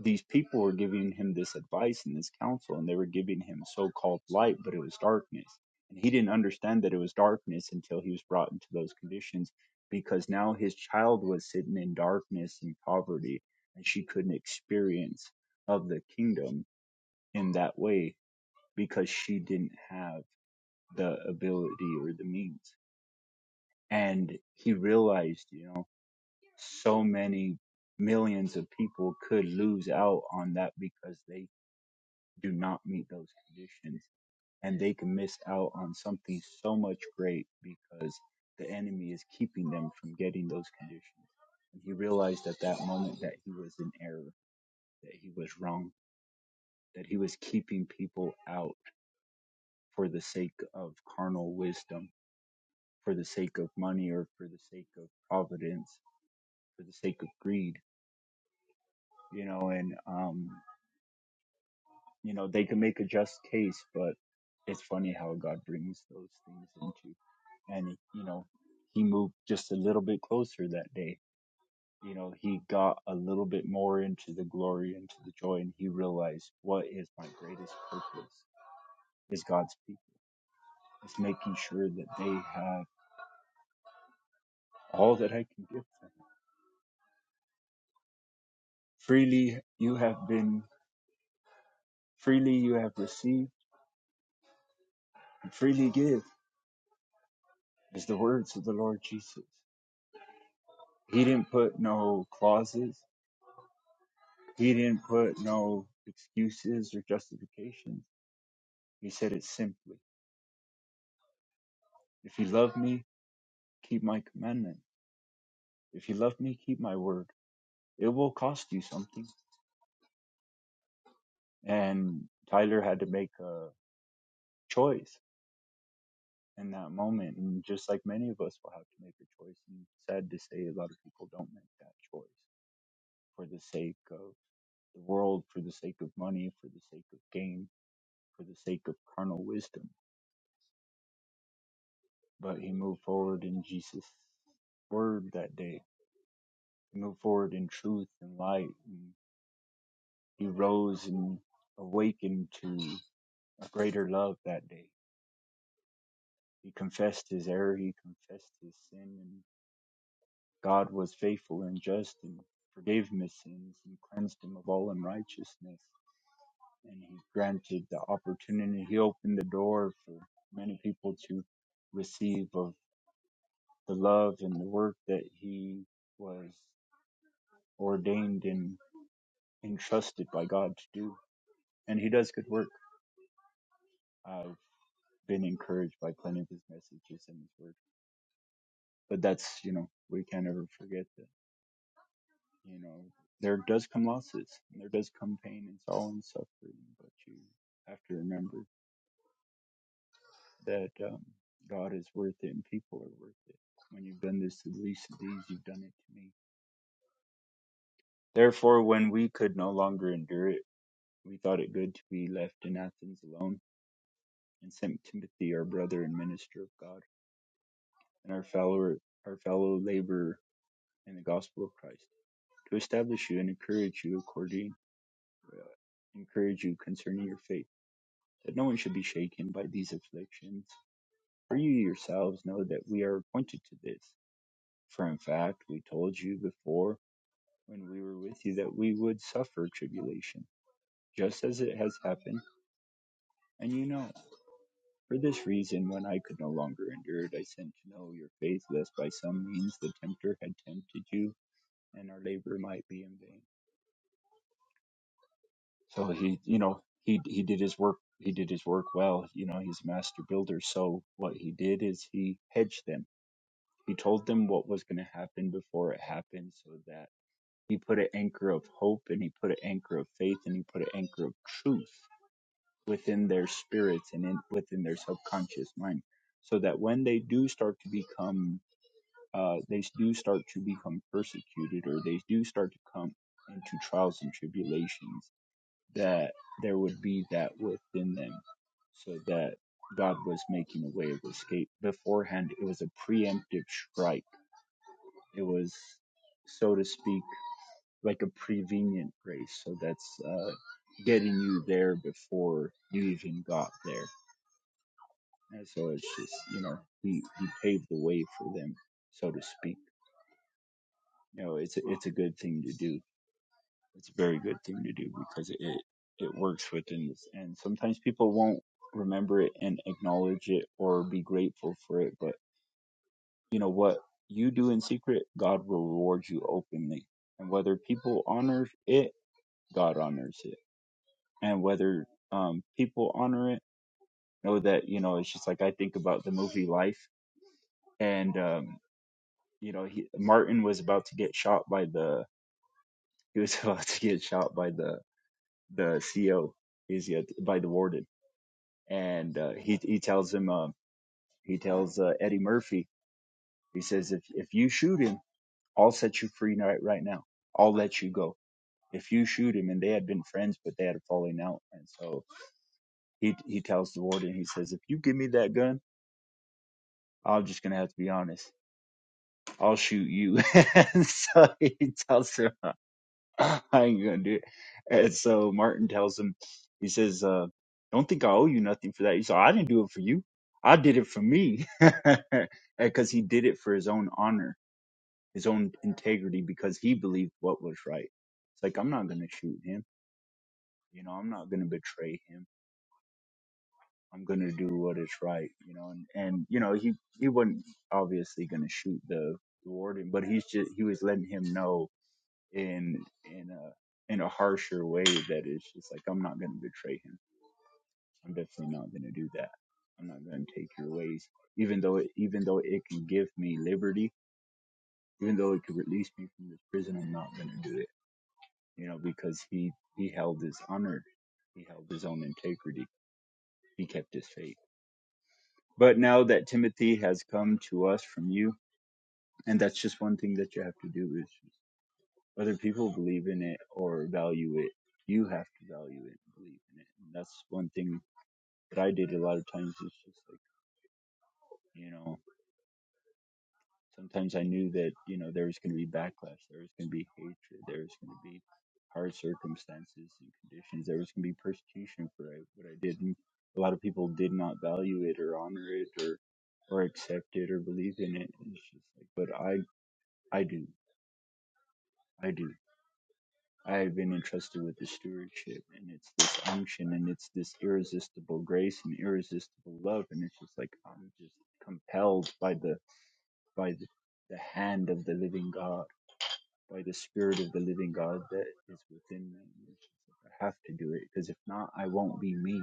these people were giving him this advice and this counsel and they were giving him so-called light but it was darkness and he didn't understand that it was darkness until he was brought into those conditions because now his child was sitting in darkness and poverty and she couldn't experience of the kingdom in that way because she didn't have the ability or the means and he realized you know so many millions of people could lose out on that because they do not meet those conditions and they can miss out on something so much great because the enemy is keeping them from getting those conditions and he realized at that moment that he was in error that he was wrong that he was keeping people out for the sake of carnal wisdom for the sake of money or for the sake of providence for the sake of greed you know and um you know they can make a just case but it's funny how god brings those things into and you know he moved just a little bit closer that day you know he got a little bit more into the glory into the joy and he realized what is my greatest purpose is god's people it's making sure that they have all that i can give them freely you have been freely you have received and freely give is the words of the lord jesus he didn't put no clauses He didn't put no excuses or justifications. He said it simply. If you love me, keep my commandment. If you love me, keep my word. It will cost you something. And Tyler had to make a choice in that moment. And just like many of us will have to make a choice. And sad to say, a lot of people don't make that choice for the sake of the world, for the sake of money, for the sake of gain, for the sake of carnal wisdom. But he moved forward in Jesus' word that day He moved forward in truth and light. And he rose and awakened to a greater love that day. He confessed his error. He confessed his sin. And God was faithful and just and forgave him his sins and cleansed him of all unrighteousness. And he granted the opportunity. He opened the door for many people to receive of the love and the work that he was ordained and entrusted by God to do. And he does good work. I've been encouraged by plenty of his messages and his word. But that's, you know, we can't ever forget that, you know, there does come losses and there does come pain and sorrow and suffering, but you have to remember that um, God is worth it and people are worth it. When you've done this to the least of these, you've done it to me. Therefore, when we could no longer endure it, we thought it good to be left in Athens alone and sent Timothy, our brother and minister of God, and our fellow, our fellow laborer in the gospel of Christ to establish you and encourage you according uh, encourage you concerning your faith, that no one should be shaken by these afflictions. For you yourselves know that we are appointed to this. For in fact, we told you before when we were with you that we would suffer tribulation, just as it has happened, and you know. For this reason, when I could no longer endure it, I sent to know your faith, lest by some means the tempter had tempted you, and our labor might be in vain. So he, you know, he he did his work. He did his work well. You know, he's a master builder. So what he did is he hedged them. He told them what was going to happen before it happened, so that he put an anchor of hope and he put an anchor of faith and he put an anchor of truth within their spirits and in, within their subconscious mind, so that when they do start to become, uh, they do start to become persecuted or they do start to come into trials and tribulations that there would be that within them so that God was making a way of escape beforehand. It was a preemptive strike. It was, so to speak, like a prevenient grace. So that's uh, getting you there before you even got there. And so it's just, you know, he, he paved the way for them, so to speak. You know, it's a, it's a good thing to do It's a very good thing to do because it it works within this. And sometimes people won't remember it and acknowledge it or be grateful for it. But you know what you do in secret, God will reward you openly. And whether people honor it, God honors it. And whether um, people honor it, know that you know it's just like I think about the movie Life, and um, you know he, Martin was about to get shot by the he was about to get shot by the the CO is yet by the warden and uh, he he tells him uh, he tells uh, Eddie Murphy he says if if you shoot him I'll set you free right right now I'll let you go if you shoot him and they had been friends but they had a falling out and so he he tells the warden he says if you give me that gun I'm just gonna have to be honest I'll shoot you and so he tells him I ain't gonna do it. And so Martin tells him, he says, uh, don't think I owe you nothing for that. He said, I didn't do it for you. I did it for me. Because he did it for his own honor, his own integrity, because he believed what was right. It's like, I'm not gonna shoot him. You know, I'm not gonna betray him. I'm gonna do what is right. You know, and, and you know, he, he wasn't obviously gonna shoot the, the warden, but he's just, he was letting him know in in a in a harsher way that it's just like I'm not going to betray him. I'm definitely not going to do that. I'm not going to take your ways, even though it, even though it can give me liberty, even though it could release me from this prison. I'm not going to do it, you know, because he he held his honor, he held his own integrity, he kept his faith. But now that Timothy has come to us from you, and that's just one thing that you have to do is. Whether people believe in it or value it, you have to value it and believe in it. And that's one thing that I did a lot of times It's just like, you know, sometimes I knew that, you know, there was going to be backlash, there was going to be hatred, there was going to be hard circumstances and conditions, there was going to be persecution for I- what I did. And a lot of people did not value it or honor it or or accept it or believe in it. And It's just like, but I, I do, I do. I've been entrusted with the stewardship, and it's this unction, and it's this irresistible grace and irresistible love, and it's just like I'm just compelled by the by the, the hand of the living God, by the spirit of the living God that is within me. It's just like I have to do it because if not, I won't be me,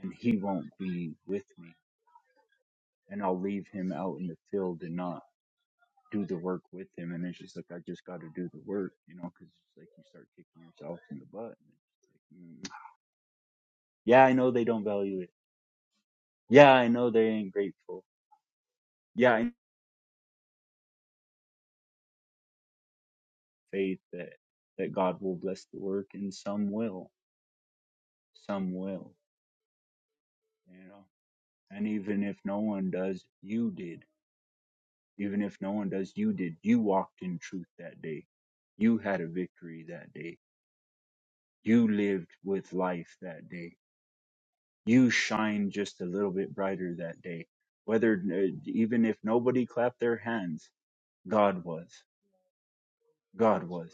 and He won't be with me, and I'll leave Him out in the field and not do the work with Him. And it's just like I just got to do the work, you know, because it's like you start kicking yourself in the butt. And it's like, mm-hmm. Yeah, I know they don't value it. Yeah, I know they ain't grateful. Yeah, I know faith that that God will bless the work, and some will, some will, you know. And even if no one does, you did. Even if no one does, you did. You walked in truth that day. You had a victory that day. You lived with life that day. You shined just a little bit brighter that day. Whether uh, even if nobody clapped their hands, God was. God was.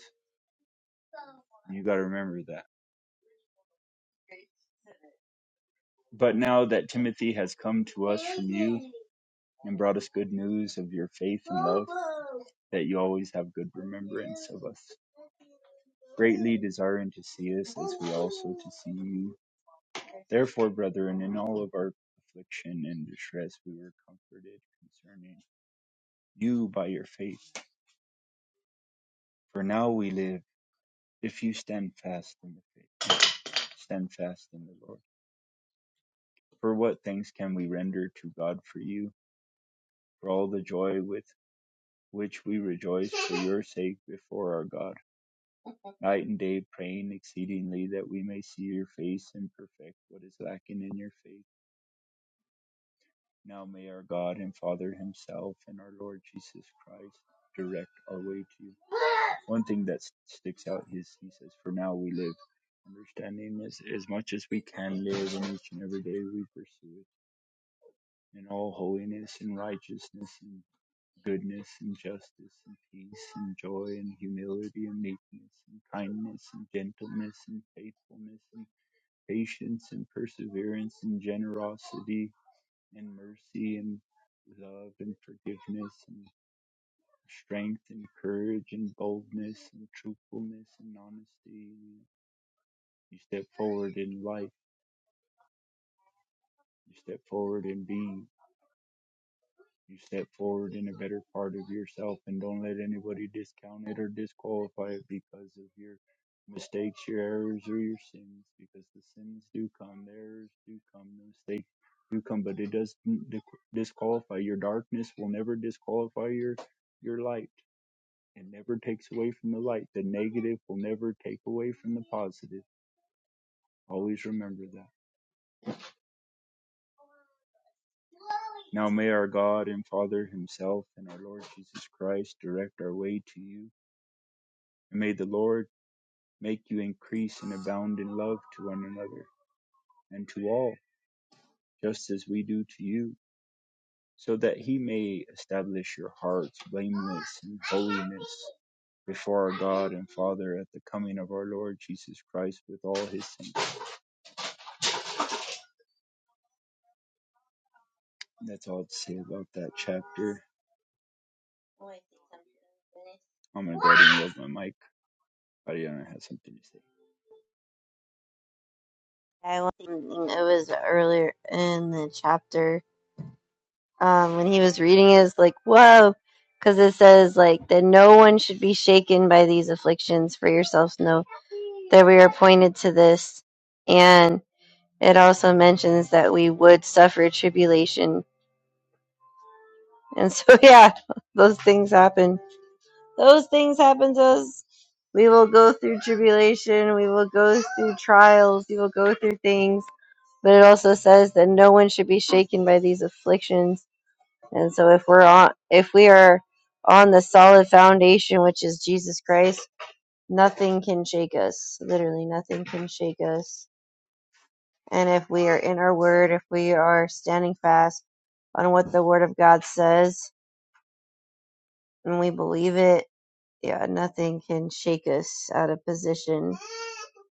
You got to remember that But now that Timothy has come to us from you and brought us good news of your faith and love, that you always have good remembrance of us, greatly desiring to see us as we also to see you. Therefore, brethren, in all of our affliction and distress, we were comforted concerning you by your faith. For now we live, if you stand fast in the faith, stand fast in the Lord. For what thanks can we render to God for you, for all the joy with which we rejoice for your sake before our God, night and day praying exceedingly that we may see your face and perfect what is lacking in your faith. Now may our God and Father himself and our Lord Jesus Christ direct our way to you. One thing that sticks out is he says, For now we live. Understanding this as much as we can live in each and every day we pursue it in all holiness and righteousness and." goodness and justice and peace and joy and humility and meekness and kindness and gentleness and faithfulness and patience and perseverance and generosity and mercy and love and forgiveness and strength and courage and boldness and truthfulness and honesty. You step forward in life. You step forward in being. You step forward in a better part of yourself and don't let anybody discount it or disqualify it because of your mistakes, your errors, or your sins. Because the sins do come, the errors do come, the mistakes do come, but it doesn't di- disqualify. Your darkness will never disqualify your your light. It never takes away from the light. The negative will never take away from the positive. Always remember that. Now may our God and Father Himself and our Lord Jesus Christ direct our way to you. And may the Lord make you increase and abound in love to one another and to all, just as we do to you, so that he may establish your hearts blameless in holiness before our God and Father at the coming of our Lord Jesus Christ with all his saints. And That's all to say about that chapter. I'm going to go ahead and yield my mic. Ariana has something to say.
I was thinking it was earlier in the chapter um, when he was reading it, it's like whoa, because it says like that no one should be shaken by these afflictions. For yourselves know that we are appointed to this, and it also mentions that we would suffer tribulation. And so yeah, those things happen those things happen to us. We will go through tribulation, we will go through trials, we will go through things. But it also says that no one should be shaken by these afflictions. And so if we're on if we are on the solid foundation which is Jesus Christ, nothing can shake us. Literally nothing can shake us. And if we are in our word, if we are standing fast on what the word of God says and we believe it, yeah, nothing can shake us out of position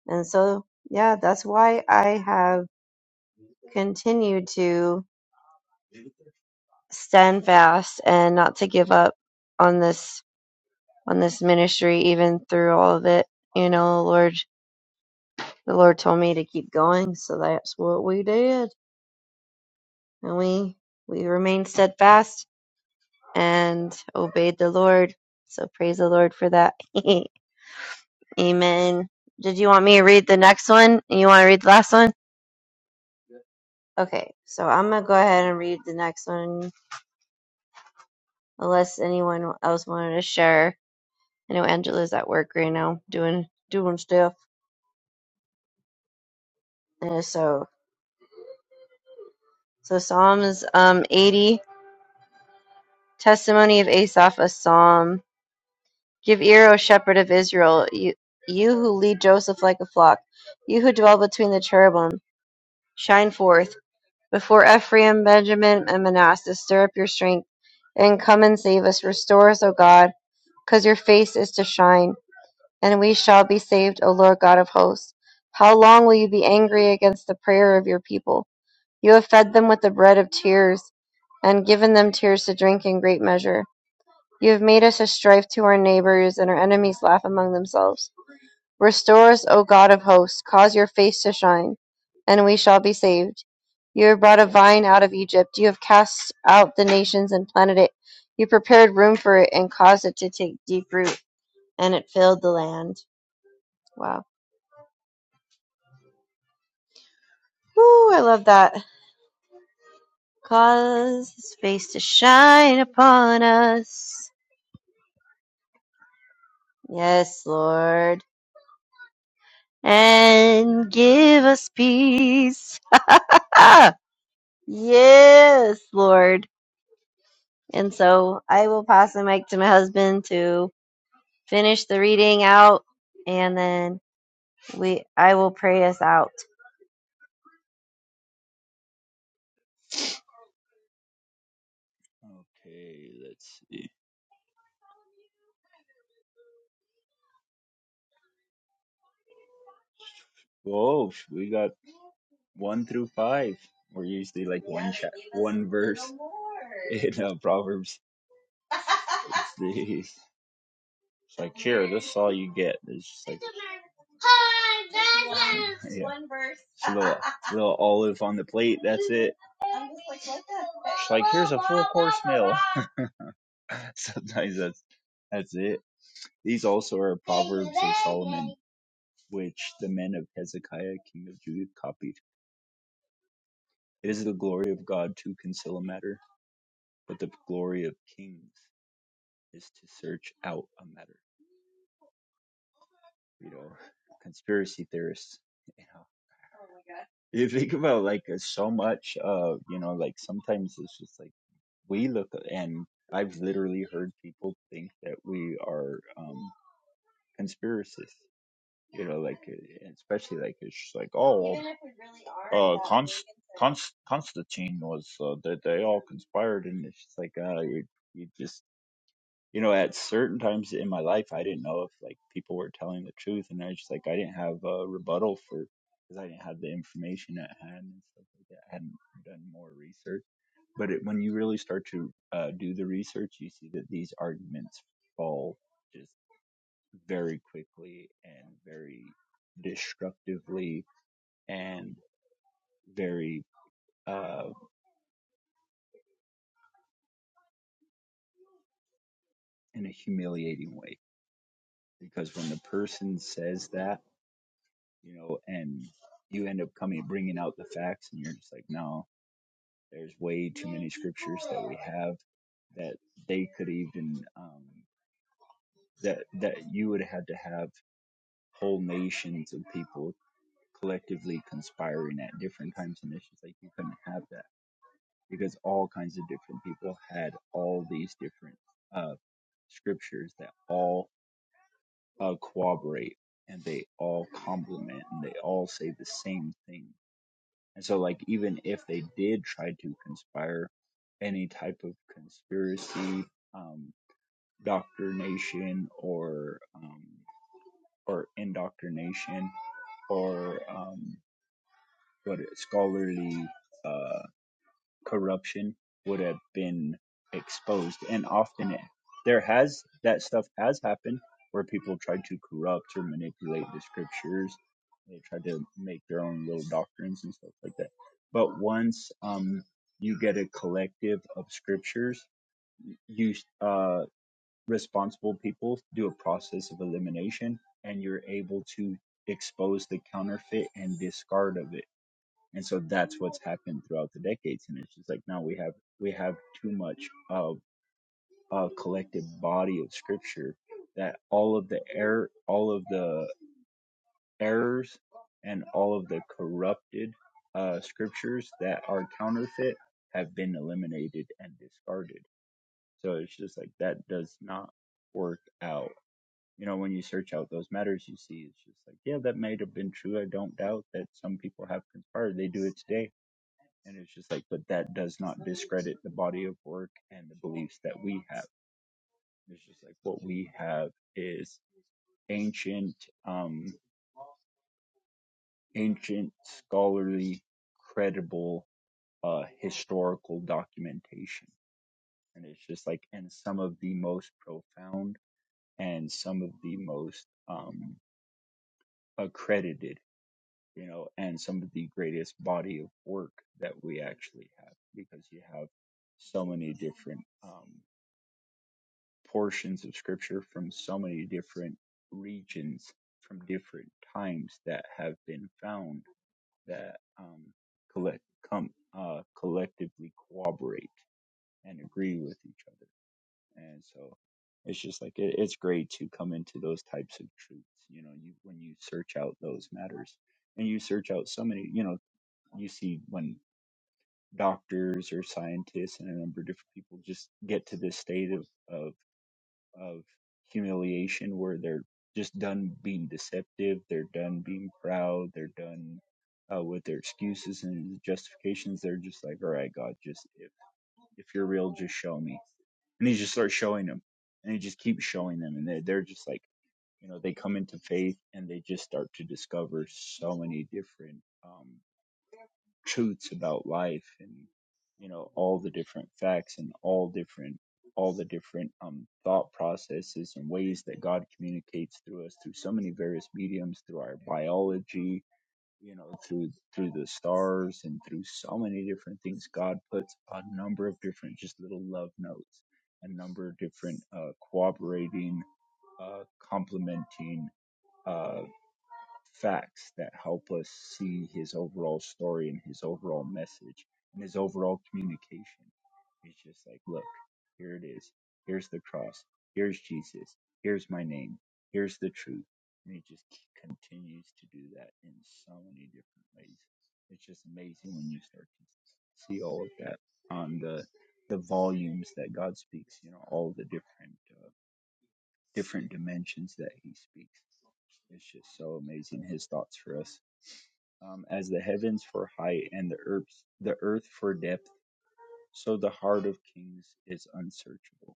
And so, yeah, that's why I have continued to stand fast and not to give up on this on this ministry even through all of it. You know, Lord, the Lord told me to keep going, so that's what we did. And we we remained steadfast and obeyed the Lord. So praise the Lord for that. Amen. Did you want me to read the next one? You want to read the last one? Okay, so I'm gonna go ahead and read the next one unless anyone else wanted to share. I know Angela's at work right now doing doing stuff. And so so Psalms um eighty, testimony of Asaph, a psalm. Give ear, O shepherd of Israel, you you who lead Joseph like a flock, you who dwell between the cherubim, shine forth before Ephraim, Benjamin, and Manasseh. Stir up your strength and come and save us. Restore us, O God, because your face is to shine. and we shall be saved, O Lord God of hosts. How long will you be angry against the prayer of your people? You have fed them with the bread of tears, and given them tears to drink in great measure. You have made us a strife to our neighbors, and our enemies laugh among themselves. Restore us, O God of hosts, cause your face to shine, and we shall be saved. You have brought a vine out of Egypt, you have cast out the nations and planted it. You prepared room for it and caused it to take deep root, and it filled the land. Wow. Ooh, I love that. Cause his face to shine upon us. Yes, Lord. And give us peace. Ah, yes, Lord. And so I will pass the mic to my husband to finish the reading out and then we I will pray us out.
Okay, let's see. Whoa, we got one through five. We're usually like in uh, Proverbs. Let's see. It's like here, this is all you get. It's just like it's a little a little olive on the plate. That's it. It's like here's a full course meal. Sometimes that's that's it. These also are proverbs of Solomon, which the men of Hezekiah, king of Judah, copied. It is the glory of God to conceal a matter, but the glory of kings is to search out a matter. You know, conspiracy theorists. you know. You think about like uh, so much of, you know, like sometimes it's just like we look and I've literally heard people think that we are um conspiracists. So, uh, especially like it's just like oh Const- Constantine was uh, that they all conspired and it's just like uh you, you just you know at certain times in my life I didn't know if like people were telling the truth and I just like I didn't have a rebuttal for because I didn't have the information at hand and stuff like that I hadn't done more research but it, when you really start to uh, do the research, you see that these arguments fall just very quickly and very destructively and very uh, in a humiliating way. Because when the person says that, you know, and you end up coming bringing out the facts, and you're just like, no, there's way too much scripture I have that they could even um, that that you would have had to have whole nations of people collectively conspiring at different times and issues, like you couldn't have that because all kinds of different people had all these different uh scriptures that all uh corroborate and they all complement and they all say the same thing and so like even if they did try to conspire any type of conspiracy um doctrination or um or indoctrination or um what it, scholarly uh, corruption would have been exposed. And often it, there has that stuff has happened where people tried to corrupt or manipulate the scriptures. They tried to make their own little doctrines and stuff like that. But once um, you get a collective of scriptures, you uh, responsible people do a process of elimination, and you're able to expose the counterfeit and discard of it and so that's what's happened throughout the decades and it's just like now we have we have too much of a collective body of scripture that all of the error all of the errors and all of the corrupted uh scriptures that are counterfeit have been eliminated and discarded so it's just like that does not work out you know when you search out those matters you see it's just like yeah that might have been true i don't doubt that some people have conspired they do it today and it's just like, but that does not discredit the body of work and the beliefs that we have. It's just like what we have is ancient, um, ancient scholarly, credible, uh, historical documentation. And it's just like, and some of the most profound and some of the most, um, accredited, you know, and some of the greatest body of work that we actually have because you have so many different um. portions of scripture from so many different regions from different times that have been found that um, collect come uh, collectively cooperate and agree with each other and so it's just like it, it's great to come into those types of truths you know you when you search out those matters and you search out so many you know you see when doctors or scientists and a number of different people just get to this state of of of humiliation where they're just done being deceptive, they're done being proud, they're done uh, with their excuses and justifications. They're just like, all right, God, just if, if show me. And he just starts showing them and he just keeps showing them. And they're, they're just like, you know, they come into faith and they just start to discover so many different. um, truths about life and you know all the different facts and all different all the different um, thought processes and ways that God communicates through us through so many various mediums through our biology you know through through the stars and through so many different things God puts a number of different just little love notes a number of different uh, cooperating uh, complementing uh facts that help us see his overall story and his overall message and his overall communication. It's just like, look, here it is. Here's the cross. Here's Jesus. Here's my name. Here's the truth. And he just c- continues to do that in so many different ways. It's just amazing when you start to see all of that on the the volumes that God speaks. You know, all the different uh, different dimensions that he speaks. It's just so amazing his thoughts for us. Um, as the heavens for height and the earth, the earth for depth, so the heart of kings is unsearchable.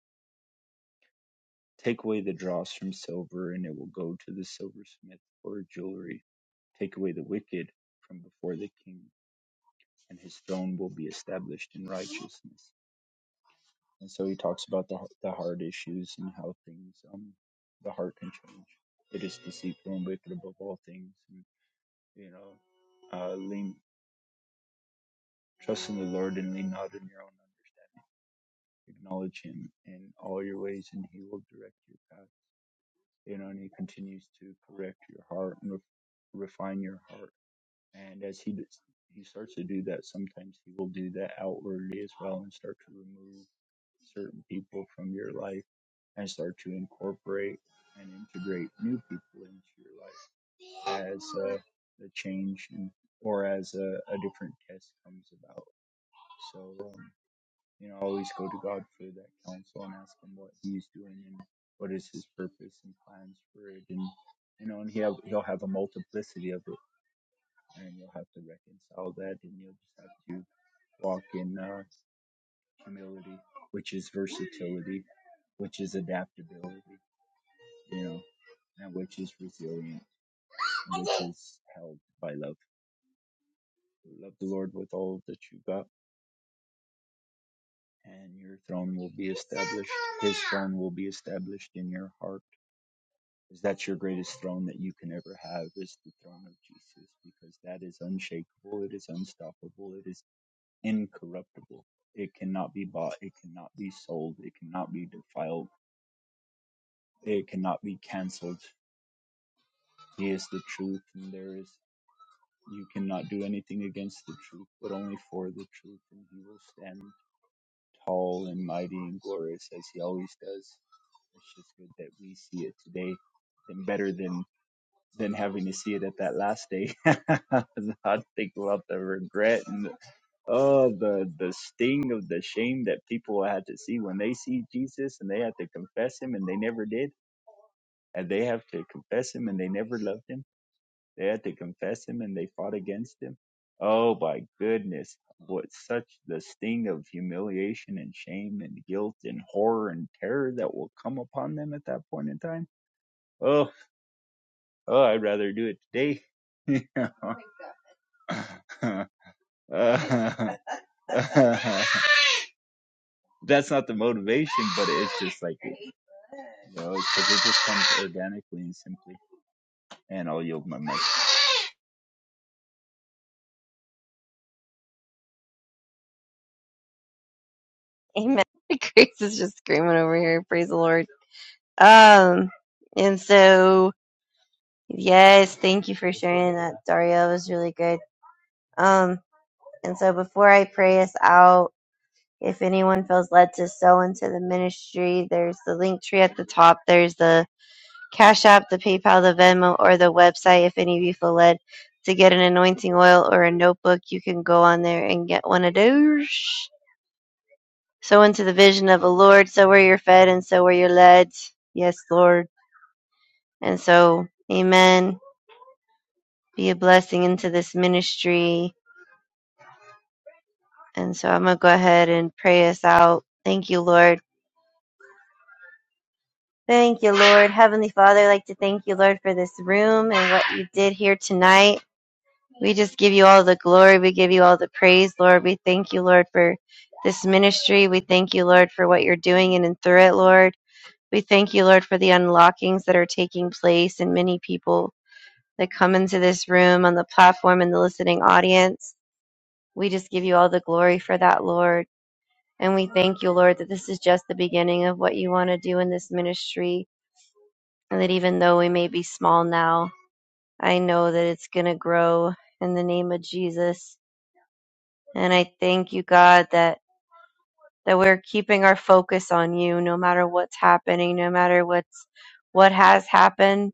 Take away the dross from silver, and it will go to the silversmith for jewelry. Take away the wicked from before the king, and his throne will be established in righteousness. And so he talks about the the heart issues and how things, um, the heart can change. It is deceitful and wicked above all things and You know, uh, lean, trust in the Lord and lean not in your own understanding. Acknowledge Him in all your ways, and He will direct your path. You know, and He continues to correct your heart and ref- refine your heart. And as He does, He starts to do that, sometimes He will do that outwardly as well, and start to remove certain people from your life, and start to incorporate and integrate new people into your life. as a, a change and, or as a, a different test comes about. So, um, you know, always go to God for that counsel and ask Him what He's doing and what is His purpose and plans for it. And, you know, and he'll, he'll have a multiplicity of it and you'll have to reconcile that and you'll just have to walk in uh, humility, which is versatility, which is adaptability, you know, and which is resilient, which is held by love. Love the Lord with all that you've got, and your throne will be established. His throne will be established in your heart. Because that's your greatest throne that you can ever have is the throne of Jesus, because that is unshakable, it is unstoppable, it is incorruptible. It cannot be bought, it cannot be sold, it cannot be defiled, it cannot be cancelled. He is the truth, and there is you cannot do anything against the truth, but only for the truth, and he will stand. tall and mighty and glorious as he always does. It's just good that we see it today and better than than having to see it at that last day. I think about the regret and oh the the sting of the shame that people had to see when they see Jesus and they had to confess him and they never did. And they have to confess him and they never loved him they had to confess him and they fought against him. Oh my goodness, what such the sting of humiliation and shame and guilt and horror and terror that will come upon them at that point in time. Oh, oh, I'd rather do it today. uh, That's not the motivation, but it's just like, you know, because it just comes organically and simply. And I'll yield my mic.
Amen. Grace is just screaming over here. Praise the Lord. Um and so Yes, thank you for sharing that, Daria. It was really good. Um, and so before I pray us out, if anyone feels led to sow into the ministry, there's the link tree at the top. There's the Cash App, the PayPal, the Venmo, or the website. If any of you feel led to get an anointing oil or a notebook, you can go on there and get one of those. Sow into the vision of the Lord. So where you're fed and so where you're led. Yes, Lord. And so, amen. Be a blessing into this ministry. And so I'm going to go ahead and pray us out. Thank you, Lord. Thank you, Lord. Heavenly Father, I'd like to thank you, Lord, for this room and what you did here tonight. We just give you all the glory. We give you all the praise, Lord. We thank you, Lord, for this ministry. We thank you, Lord, for what you're doing in and through it, Lord. We thank you, Lord, for the unlockings that are taking place and many people that come into this room on the platform and the listening audience. We just give you all the glory for that, Lord. And we thank you, Lord, that this is just the beginning of what you want to do in this ministry. and that even though we may be small now, I know that it's going to grow in the name of Jesus. And I thank you, God, that that we're keeping our focus on you no matter what's happening, no matter what's what has happened.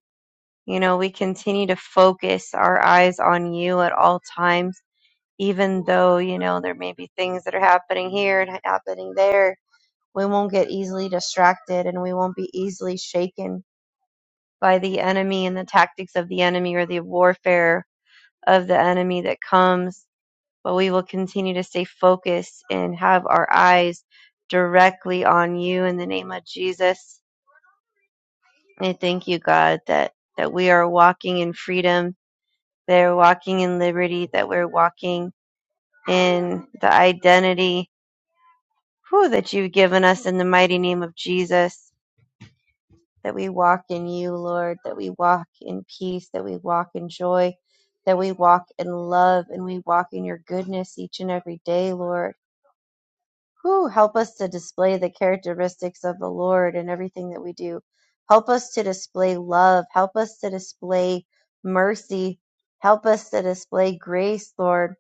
You know, we continue to focus our eyes on you at all times, even though, you know, there may be things that are happening here and happening there. We won't get easily distracted and we won't be easily shaken by the enemy and the tactics of the enemy or the warfare of the enemy that comes, but we will continue to stay focused and have our eyes directly on you in the name of Jesus. I thank you, God, that, that we are walking in freedom, that we're walking in liberty, that we're walking in the identity whew, that you've given us in the mighty name of Jesus, that we walk in you, Lord, that we walk in peace, that we walk in joy, that we walk in love, and we walk in your goodness each and every day, Lord. Whew, help us to display the characteristics of the Lord in everything that we do. Help us to display love. Help us to display mercy. Help us to display grace, Lord.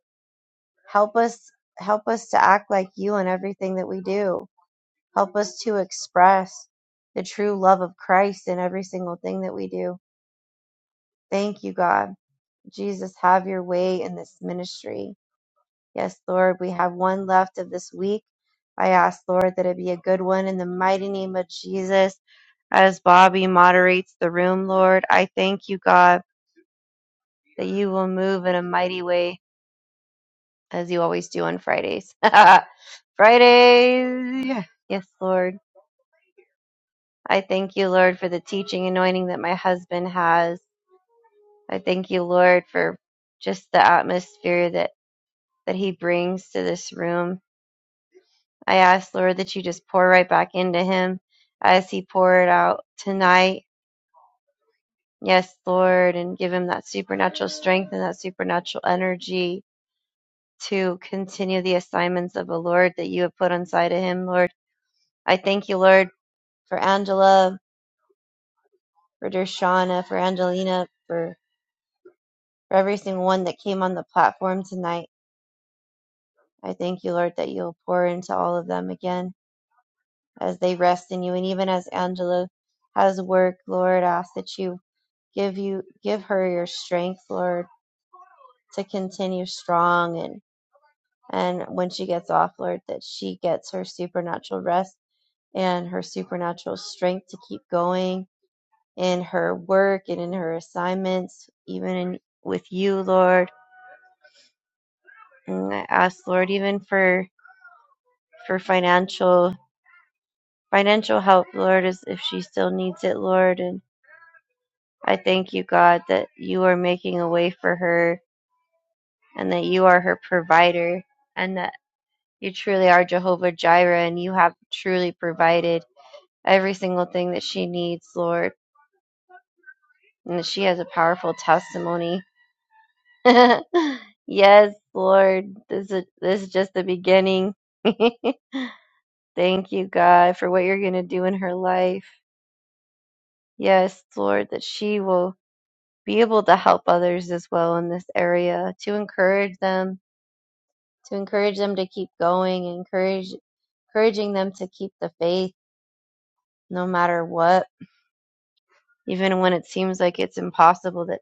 Help us help us to act like you in everything that we do. Help us to express the true love of Christ in every single thing that we do. Thank you, God. Jesus, have your way in this ministry. Yes, Lord, we have one left of this week. I ask, Lord, that it be a good one in the mighty name of Jesus. As Bobby moderates the room, Lord, I thank you, God, that you will move in a mighty way as you always do on Fridays. Fridays! Yes, Lord. I thank you, Lord, for the teaching anointing that my husband has. I thank you, Lord, for just the atmosphere that, that he brings to this room. I ask, Lord, that you just pour right back into him as he poured out tonight. Yes, Lord, and give him that supernatural strength and that supernatural energy to continue the assignments of the Lord that you have put inside of him, Lord. I thank you, Lord, for Angela, for Dershana, for Angelina, for, for every single one that came on the platform tonight. I thank you, Lord, that you'll pour into all of them again as they rest in you. And even as Angela has work, Lord, I ask that you give you give her your strength lord to continue strong and and when she gets off lord that she gets her supernatural rest and her supernatural strength to keep going in her work and in her assignments even in, with you lord and i ask lord even for for financial financial help lord as if she still needs it lord and i thank you god that you are making a way for her and that you are her provider and that. You truly are Jehovah Jireh, and you have truly provided every single thing that she needs, Lord. And that she has a powerful testimony. yes, Lord, this is this is just the beginning. Thank you, God, for what you're going to do in her life. Yes, Lord, that she will be able to help others as well in this area, to encourage them, to encourage them to keep going, encourage encouraging them to keep the faith no matter what. even when it seems like it's impossible that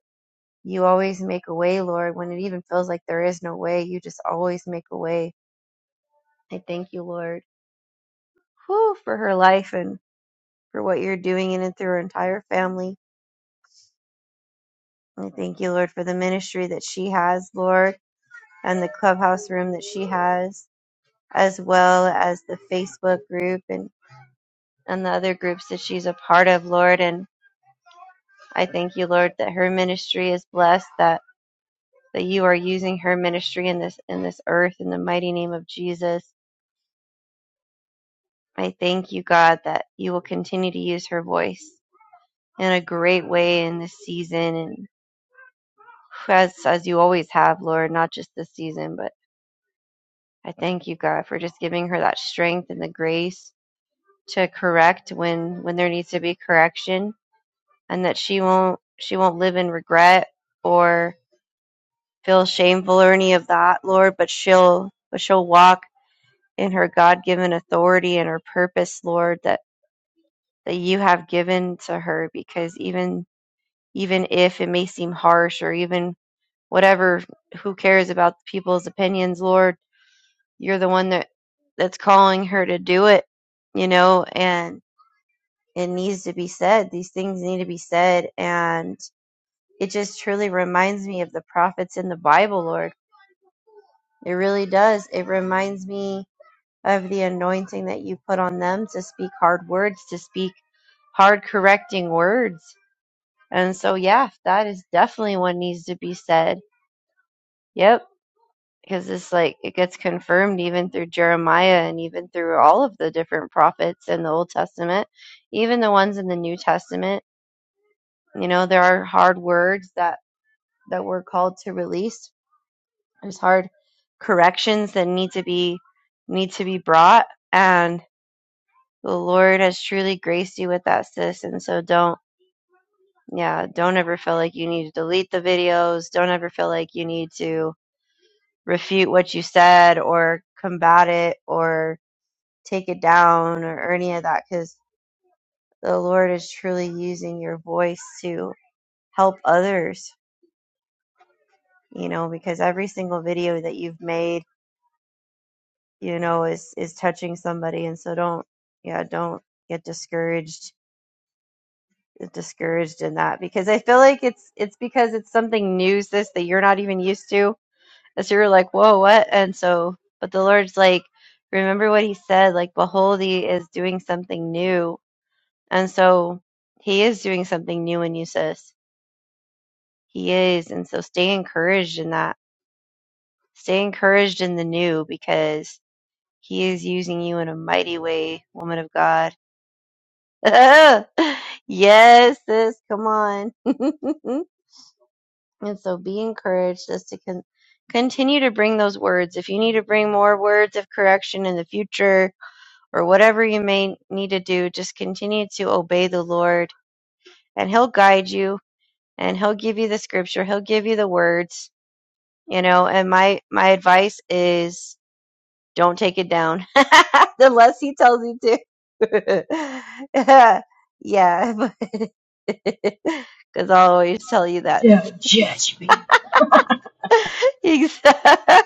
you always make a way, Lord, when it even feels like there is no way, you just always make a way. I thank you, Lord, whew, for her life and for what you're doing in and through her entire family. I thank you, Lord, for the ministry that she has, Lord, and the clubhouse room that she has, as well as the Facebook group and, and the other groups that she's a part of, Lord. And I thank you, Lord, that her ministry is blessed, that that you are using her ministry in this in this earth in the mighty name of Jesus. I thank you, God, that you will continue to use her voice in a great way in this season and as as you always have, Lord, not just this season, but I thank you, God, for just giving her that strength and the grace to correct when when there needs to be correction and that she won't she won't live in regret or feel shameful or any of that, Lord, but she'll but she'll walk in her God given authority and her purpose, Lord, that, that you have given to her because even even if it may seem harsh or even whatever, who cares about people's opinions, Lord, you're the one that, that's calling her to do it, you know, and it needs to be said. These things need to be said and it just truly reminds me of the prophets in the Bible, Lord. It really does. It reminds me of the anointing that you put on them to speak hard words, to speak hard correcting words. And so, yeah, that is definitely what needs to be said. Yep. Because it's like it gets confirmed even through Jeremiah and even through all of the different prophets in the Old Testament, even the ones in the New Testament. You know, there are hard words that that we're called to release. There's hard corrections that need to be need to be brought, and. the Lord has truly graced you with that, sis. And so don't, yeah, don't ever feel like you need to delete the videos. Don't ever feel like you need to refute what you said or combat it or take it down or, any of that because the Lord is truly using your voice to help others, you know, because every single video that you've made, you know, is, is touching somebody. And so don't, yeah, don't get discouraged discouraged in that because I feel like it's it's because it's something new, sis, that you're not even used to. And so you're like, whoa, what? And so, but the Lord's like, remember what He said, like, behold, He is doing something new. And so He is doing something new in you, sis. He is. And so stay encouraged in that. Stay encouraged in the new because He is using you in a mighty way, woman of God. yes, sis, come on. And so be encouraged as to con- continue to bring those words. If you need to bring more words of correction in the future or whatever you may need to do, just continue to obey the Lord and he'll guide you and he'll give you the scripture. He'll give you the words, you know, and my, my advice is don't take it down unless he tells you to. yeah. Because I'll always tell you that.
don't judge me.
Exactly.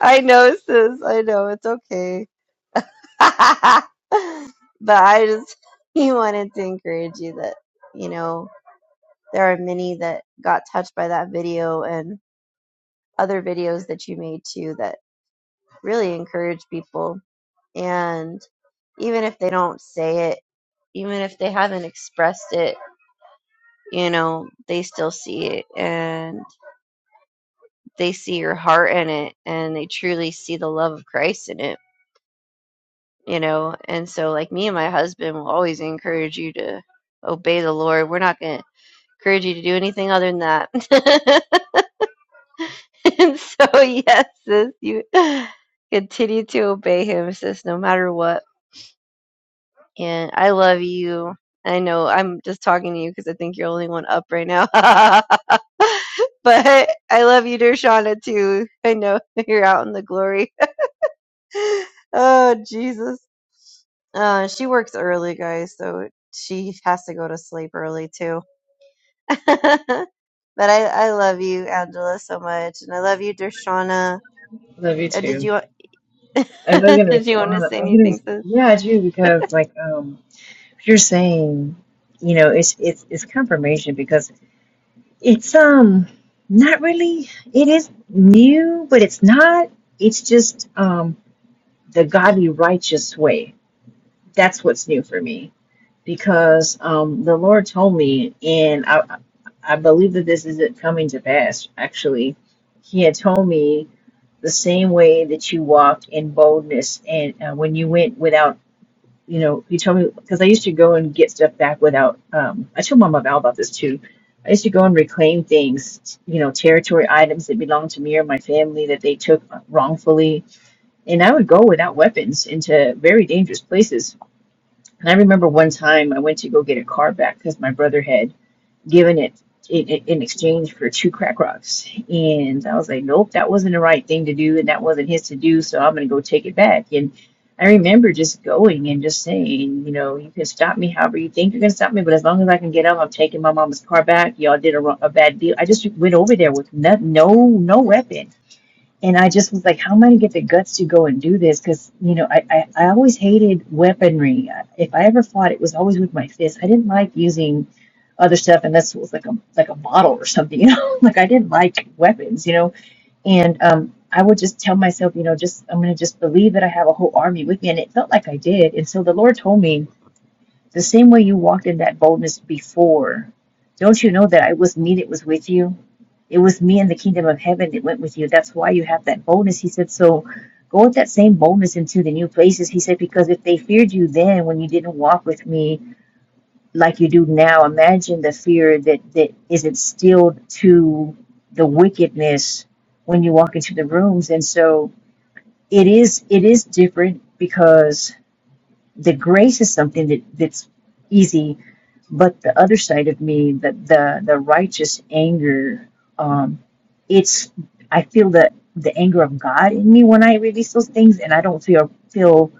I know, sis. I know. It's okay. but I just he wanted to encourage you that, you know, there are many that got touched by that video and other videos that you made too that really encourage people. And even if they don't say it, even if they haven't expressed it, you know, they still see it and they see your heart in it and they truly see the love of Christ in it you know and so like me and my husband will always encourage you to obey the lord we're not going to encourage you to do anything other than that and so yes sis you continue to obey him sis no matter what and i love you i know i'm just talking to you because i think you're the only one up right now but i love you dear too i know you're out in the glory oh jesus Uh, she works early, guys, so she has to go to sleep early too. but I, I love you, Angela, so much, and I love you, Dershana.
Love you
Uh, did
too.
you wa-
I was gonna
did you want to
respond.
say
I was gonna
anything,
respond.
sis?
Yeah, I do because like um you're saying, you know, it's it's it's confirmation because it's um not really it is new, but it's not. It's just um the godly righteous way. That's what's new for me because um the Lord told me and I I I believe that this is it coming to pass actually. He had told me the same way that you walked in boldness and uh, when you went without you know, you told me because I used to go and get stuff back without. Um, I told Mama Val about this too. I used to go and reclaim things, you know, territory items that belonged to me or my family that they took wrongfully, and I would go without weapons into very dangerous places. And I remember one time I went to go get a car back because my brother had giving it in, in in exchange for two crack rocks. And I was like, nope, that wasn't the right thing to do, and that wasn't his to do, so I'm going to go take it back. And I remember just going and just saying, you know, you can stop me however you think you're going to stop me, but as long as I can get up, I'm taking my mama's car back. Y'all did a, wrong- a bad deal. I just went over there with no, no, no weapon and I just was like, how am I going to get the guts to go and do this? Because, you know, I, I, I always hated weaponry. If I ever fought, it was always with my fists. I didn't like using other stuff unless it was like a, like a bottle or something, you know? Like I didn't like weapons, you know? And um, I would just tell myself, you know, just I'm going to just believe that I have a whole army with me. And it felt like I did. And so the Lord told me, the same way you walked in that boldness before, don't you know that I was me that was with you? It was me in the kingdom of heaven that went with you. That's why you have that boldness. He said, So go with that same boldness into the new places. He said, Because if they feared you then when you didn't walk with me like you do now, imagine the fear that, that is instilled to the wickedness when you walk into the rooms. And so it is it is different because the grace is something that, that's easy, but the other side of me, the the, the righteous anger, um, it's I feel the the anger of God in me when I release those things, and I don't feel feel.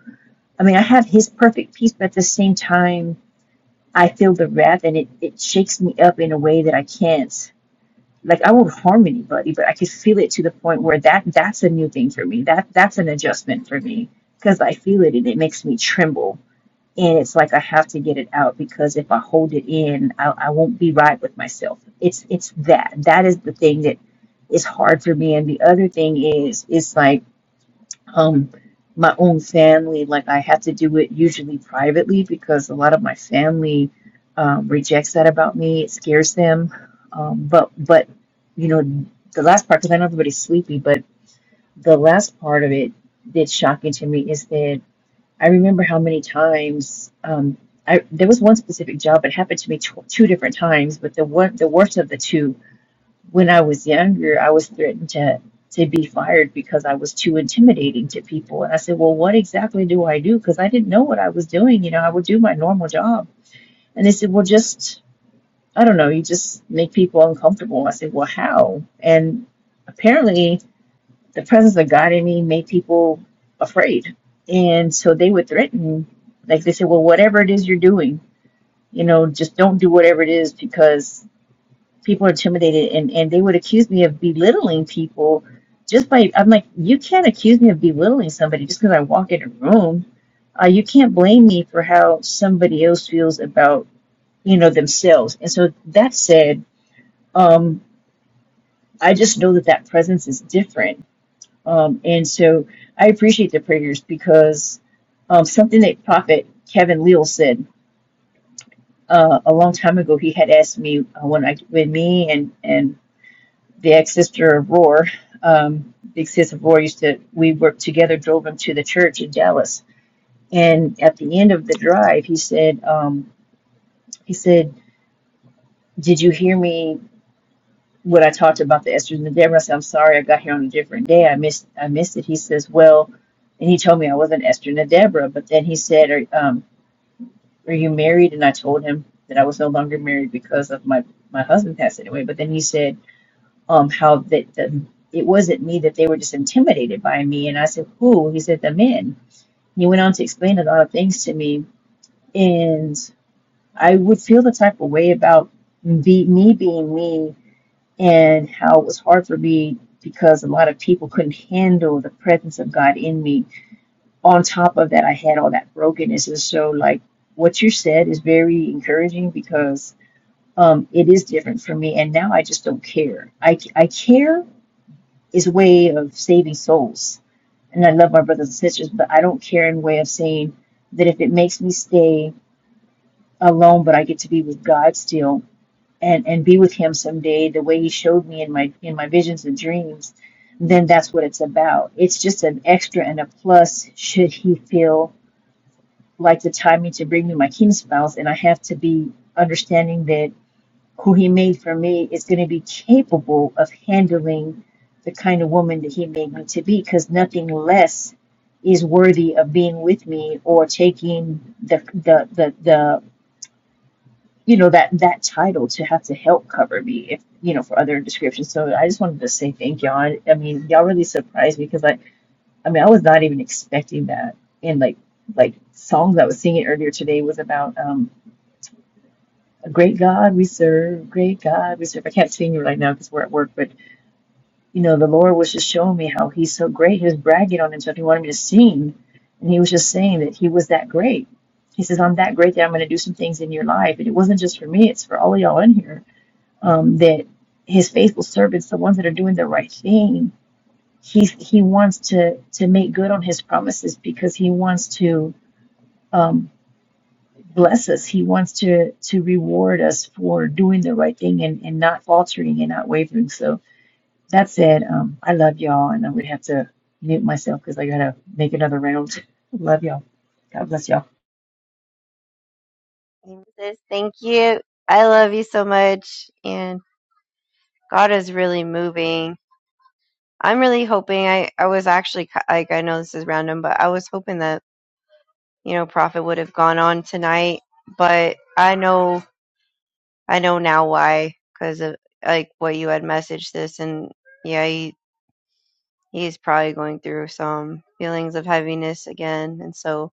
I mean, I have His perfect peace, but at the same time, I feel the wrath, and it it shakes me up in a way that I can't. Like I won't harm anybody, but I could feel it to the point where that that's a new thing for me. That that's an adjustment for me because I feel it and it makes me tremble and it's like I have to get it out because if I hold it in, I, I won't be right with myself. It's it's that that is the thing that is hard for me. And the other thing is it's like um my own family. Like I have to do it usually privately because a lot of my family um, rejects that about me. It scares them. Um, but but you know the last part because I know everybody's sleepy, but the last part of it that's shocking to me is that. I remember how many times um, I there was one specific job. It happened to me tw two different times, but the one the worst of the two, when I was younger, I was threatened to to be fired because I was too intimidating to people. And I said, "Well, what exactly do I do?" Because I didn't know what I was doing. You know, I would do my normal job. And they said, "Well, just I don't know. You just make people uncomfortable." I said, "Well, how?" And apparently the presence of God in me made people afraid. And so they would threaten, like they said, well, whatever it is you're doing, you know, just don't do whatever it is because people are intimidated. And, and they would accuse me of belittling people just by, I'm like, you can't accuse me of belittling somebody just because I walk in a room. Uh, you can't blame me for how somebody else feels about, you know, themselves. And so that said, um, I just know that that presence is different Um, and so I appreciate the prayers because um, something that Prophet Kevin Leal said uh, a long time ago, he had asked me uh, when I, when me and and the ex sister of Roar, um, big sis of Roar, used to we worked together, drove him to the church in Dallas, and at the end of the drive, he said um, he said, "Did you hear me?" When I talked about the estrogen and Deborah. I said, I'm sorry, I got here on a different day. I missed, I missed it. He says, well, and he told me I wasn't Esther and Deborah. But then he said, are, um, are you married? And I told him that I was no longer married because of my, my husband passing away. But then he said, um, how that the, it wasn't me that they were just intimidated by me. And I said, who? He said, the men. He went on to explain a lot of things to me. And I would feel the type of way about be, me being me and how it was hard for me because a lot of people couldn't handle the presence of God in me. On top of that, I had all that brokenness. And so, like, what you said is very encouraging because um, it is different for me. And now I just don't care. I, I care is a way of saving souls. And I love my brothers and sisters, but I don't care in a way of saying that if it makes me stay alone, but I get to be with God still, and and be with him someday the way he showed me in my in my visions and dreams then that's what it's about it's just an extra and a plus should he feel like the timing to bring me my king spouse and i have to be understanding that who he made for me is going to be capable of handling the kind of woman that he made me to be because nothing less is worthy of being with me or taking the the the, the you know that that title to have to help cover me if you know for other descriptions so i just wanted to say thank y'all i, I mean y'all really surprised me because i i mean i was not even expecting that and like like songs i was singing earlier today was about um a great god we serve great god we serve i can't sing it right now because we're at work but you know the lord was just showing me how he's so great he was bragging on himself he wanted me to sing and he was just saying that he was that great he says i'm that great that i'm going to do some things in your life and it wasn't just for me it's for all of y'all in here um, that his faithful servants, the ones that are doing the right thing, he's he wants to to make good on his promises because he wants to um, bless us. He wants to to reward us for doing the right thing and, and not faltering and not wavering. So that said, um, I love y'all, and I would have to mute myself because I gotta make another round. love y'all. God bless y'all.
Sis, Thank you. I love you so much, and God is really moving. I'm really hoping. I I was actually ki- like I know this is random, but I was hoping that you know Prophet would have gone on tonight, but I know. I know now why, because of like what you had messaged this, and yeah, he he's probably going through some feelings of heaviness again, and so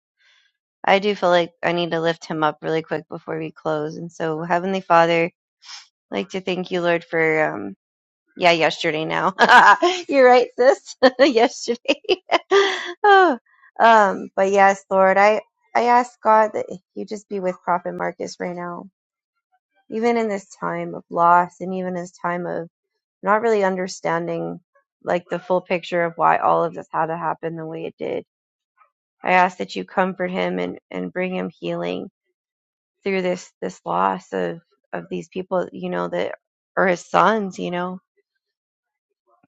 I do feel like I need to lift him up really quick before we close. And so, Heavenly Father, I'd like to thank you, Lord, for um, yeah, yesterday now. You're right, sis. yesterday. oh, um, but yes, Lord, I I ask God that you just be with Prophet Marcus right now, even in this time of loss, and even this time of not really understanding like the full picture of why all of this had to happen the way it did. I ask that you comfort him and, and bring him healing through this this loss of of these people, you know, that are his sons, you know,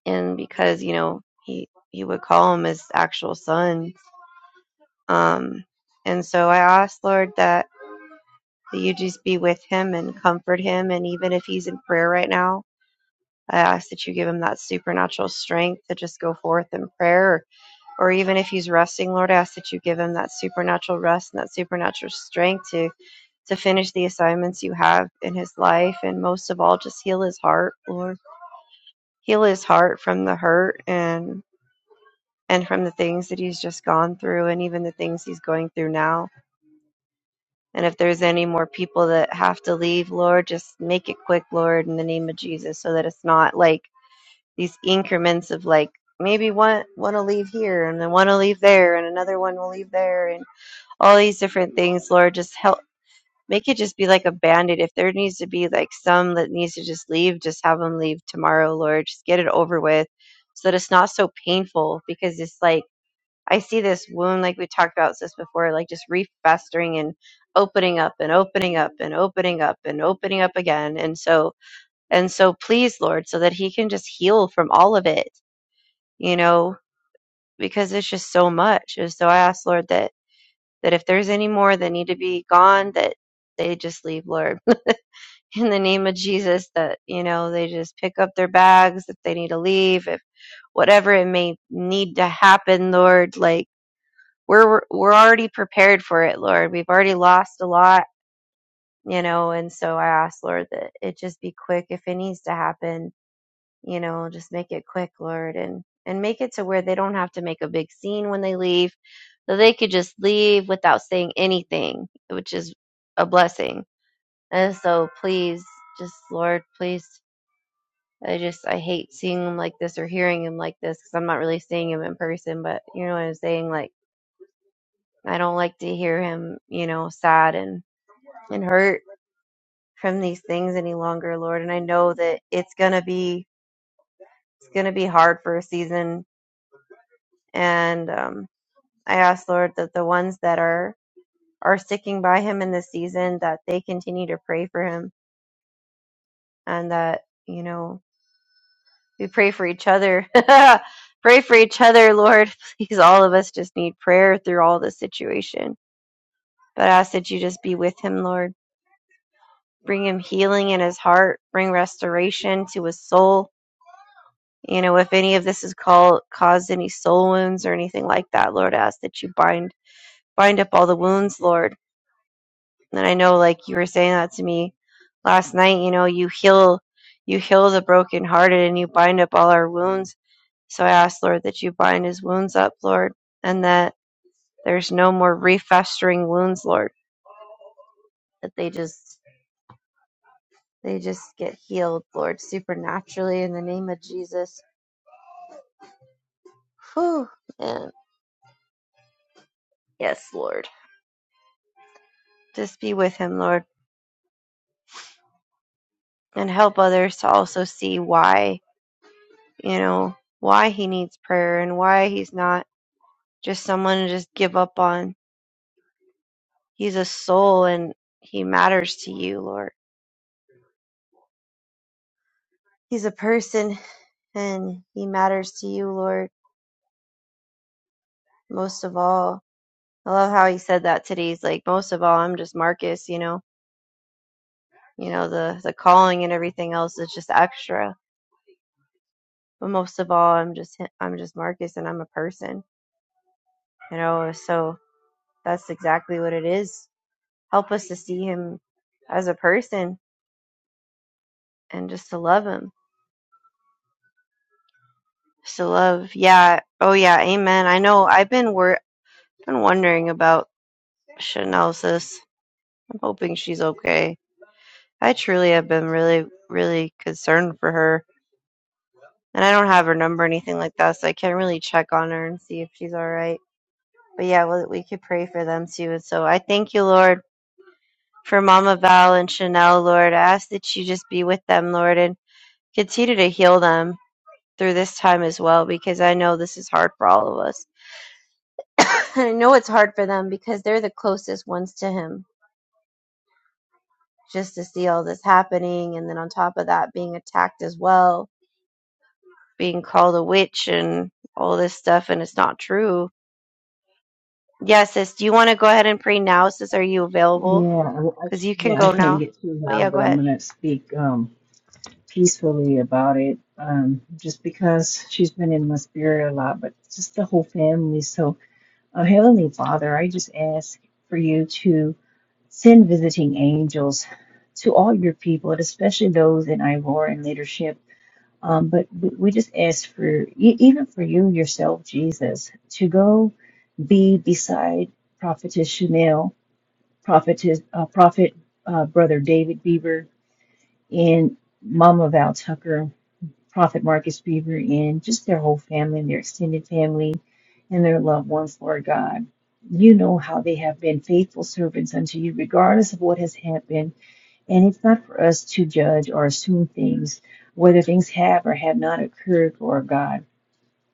and because you know he he would call them his actual sons Um, and so I ask Lord that that you just be with him and comfort him, and even if he's in prayer right now, I ask that you give him that supernatural strength to just go forth in prayer or even if he's resting, Lord, I ask that you give him that supernatural rest and that supernatural strength to to finish the assignments you have in his life, and most of all, just heal his heart, Lord. Heal his heart from the hurt and and from the things that he's just gone through, and even the things he's going through now. And if there's any more people that have to leave, Lord, just make it quick, Lord, in the name of Jesus, so that it's not like these increments of like maybe one want to leave here and then one will leave there and another one will leave there and all these different things, Lord, just help make it just be like a bandit. If there needs to be like some that needs to just leave, just have them leave tomorrow, Lord. Just get it over with so that it's not so painful because it's like I see this wound, like we talked about this before, like just refestering and opening up and opening up and opening up and opening up again. And so, and so please, Lord, so that he can just heal from all of it, you know, because it's just so much. And so I ask, Lord, that that if there's any more that need to be gone, that they just leave, Lord. In the name of Jesus, that, you know, they just pick up their bags if they need to leave, if whatever it may need to happen, Lord, like we're we're already prepared for it, Lord. We've already lost a lot, you know, and so I ask, Lord, that it just be quick if it needs to happen you know just make it quick lord and and make it to where they don't have to make a big scene when they leave so they could just leave without saying anything which is a blessing and so please just lord please i just i hate seeing him like this or hearing him like this because i'm not really seeing him in person but you know what i'm saying like i don't like to hear him you know sad and and hurt from these things any longer lord and i know that it's gonna be it's gonna be hard for a season and um I ask, Lord, that the ones that are are sticking by him in this season, that they continue to pray for him, and that you know we pray for each other. pray for each other, Lord. Please, all of us just need prayer through all this situation. But I ask that you just be with him, Lord. Bring him healing in his heart. Bring restoration to his soul. You know, if any of this has called, caused any soul wounds or anything like that, Lord, I ask that you bind bind up all the wounds, Lord And I know like you were saying that to me last night, you know, you heal you heal the brokenhearted and you bind up all our wounds. So I ask, Lord, that you bind his wounds up, Lord, and that there's no more refestering wounds, Lord. That they just they just get healed, Lord, supernaturally in the name of Jesus. Whew. Man. Yes, Lord. Just be with him, Lord, and help others to also see why, you know, why he needs prayer and why he's not just someone to just give up on. He's a soul and he matters to you, Lord. He's a person and he matters to you, Lord, most of all. I love how he said that today. He's like, most of all, I'm just Marcus, you know, you know, the, the calling and everything else is just extra. But most of all, I'm just, I'm just Marcus and I'm a person, you know, so that's exactly what it is. Help us to see him as a person and just to love him Still love. Yeah. Oh yeah. Amen. I know. I've been wor- been wondering about Chanel sis. I'm hoping she's okay. I truly have been really, really concerned for her, and I don't have her number or anything like that, so I can't really check on her and see if she's all right. But yeah, well, we could pray for them too. And so I thank you, Lord, for Mama Val and Chanel, Lord. I ask that you just be with them, Lord, and continue to heal them through this time as well, because I know this is hard for all of us I know it's hard for them because they're the closest ones to him just to see all this happening. And then on top of that, being attacked as well, being called a witch and all this stuff. And it's not true. Yeah, sis, do you want to go ahead and pray now, sis? Are you available?
Yeah, I, I-
Because you can
yeah, I
go
can't
now.
get through
Oh,
now,
yeah,
but
go
I'm
ahead.
gonna speak. Um, peacefully about it um, just because she's been in my spirit a lot, but just the whole family. So, uh, Heavenly Father, I just ask for you to send visiting angels to all your people, and especially those in Ivor and leadership. Um, but we we just ask for, e- even for you yourself, Jesus, to go be beside Prophetess Chanel, Prophetess, uh, Prophet uh, Brother David Bieber, and Mama Val Tucker Prophet Marcus Beaver and just their whole family and their extended family and their loved ones, Lord God. You know how they have been faithful servants unto you, regardless of what has happened. And it's not for us to judge or assume things, whether things have or have not occurred, Lord God.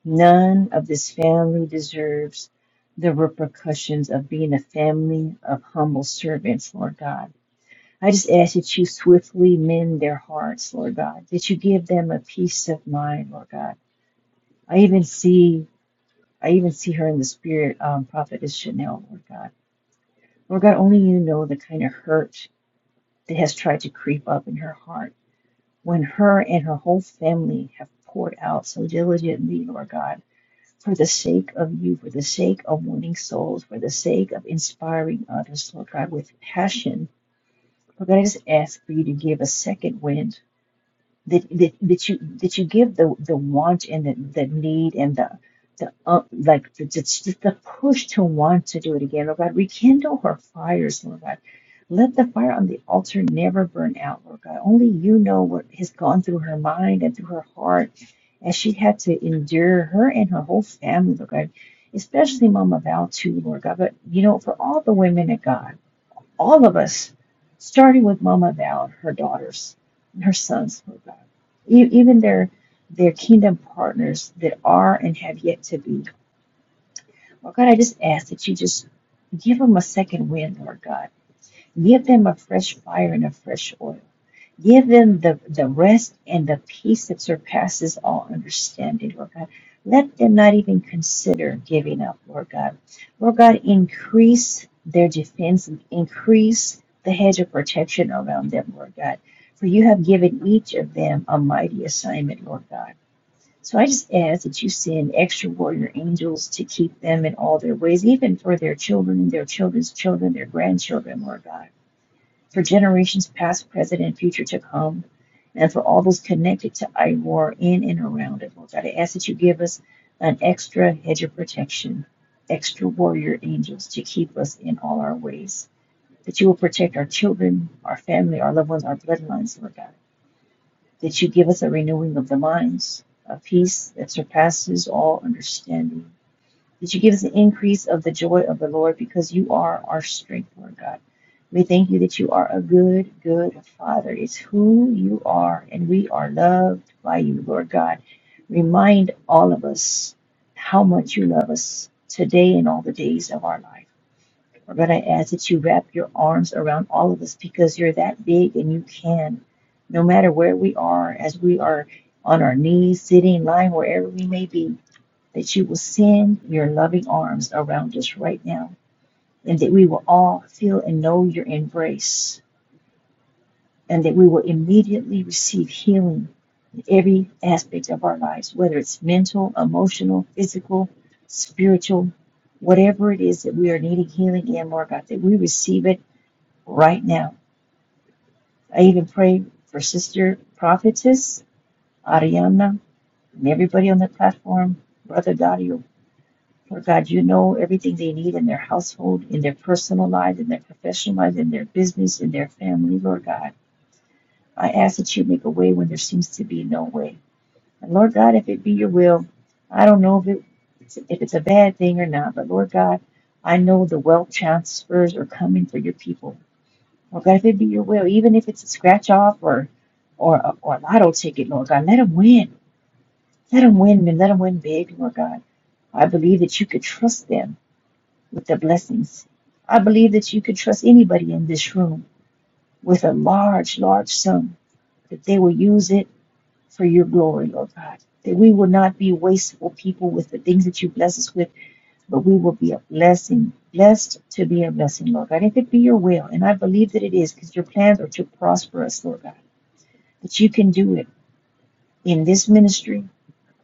None of this family deserves the repercussions of being a family of humble servants, Lord God. I just ask that you swiftly mend their hearts, Lord God, that you give them a peace of mind, Lord God. I even see, I even see her in the spirit, um, prophetess Chanel, Lord God. Lord God, only you know the kind of hurt that has tried to creep up in her heart when her and her whole family have poured out so diligently, Lord God, for the sake of you, for the sake of winning souls, for the sake of inspiring others, Lord God, with passion. Lord God, I just ask for you to give a second wind that that, that you that you give the the want and the, the need and the the uh, like the, just just the push to want to do it again, Lord God. Rekindle her fires, Lord God. Let the fire on the altar never burn out, Lord God. Only you know what has gone through her mind and through her heart as she had to endure her and her whole family, Lord God. Especially Mama Val too, Lord God. But you know, for all the women of God all of us, starting with Mama Val, her daughters, and her sons, Lord God, e- even their their kingdom partners that are and have yet to be. Lord God, I just ask that you just give them a second wind, Lord God. Give them a fresh fire and a fresh oil. Give them the, the rest and the peace that surpasses all understanding, Lord God. Let them not even consider giving up, Lord God. Lord God, increase their defense, and increase the hedge of protection around them, Lord God. For you have given each of them a mighty assignment, Lord God. So I just ask that you send extra warrior angels to keep them in all their ways, even for their children, their children's children, their grandchildren, Lord God for generations past, present, and future to come, and for all those connected to IWAR in and around it. Lord God, I ask that you give us an extra hedge of protection, extra warrior angels to keep us in all our ways. That you will protect our children, our family, our loved ones, our bloodlines, Lord God. That you give us a renewing of the minds, a peace that surpasses all understanding that you give us an increase of the joy of the Lord because you are our strength, Lord God. We thank you that you are a good, good Father. It's who you are, and we are loved by you, Lord God. Remind all of us how much you love us today and all the days of our life. We're going to ask that you wrap your arms around all of us because you're that big and you can. No matter where we are, as we are on our knees, sitting, lying, wherever we may be, that you will send your loving arms around us right now, and that we will all feel and know your embrace, and that we will immediately receive healing in every aspect of our lives, whether it's mental, emotional, physical, spiritual, whatever it is that we are needing healing in, Lord God, that we receive it right now. I even pray for Sister Prophetess, Ariana, and everybody on the platform, Brother Dario. Lord God, you know everything they need in their household, in their personal lives, in their professional lives, in their business, in their family, Lord God. I ask that you make a way when there seems to be no way. And Lord God, if it be your will, I don't know if, it, if it's a bad thing or not, but Lord God, I know the wealth transfers are coming for your people. Lord God, if it be your will, even if it's a scratch off or or, or a lotto ticket, Lord God, let them win. Let them win, man. Let them win big, Lord God. I believe that you could trust them with their blessings. I believe that you could trust anybody in this room with a large, large sum, that they will use it for your glory, Lord God. That we will not be wasteful people with the things that you bless us with, but we will be a blessing, blessed to be a blessing, Lord God. If it be your will, and I believe that it is, because your plans are to prosper us, Lord God, that you can do it in this ministry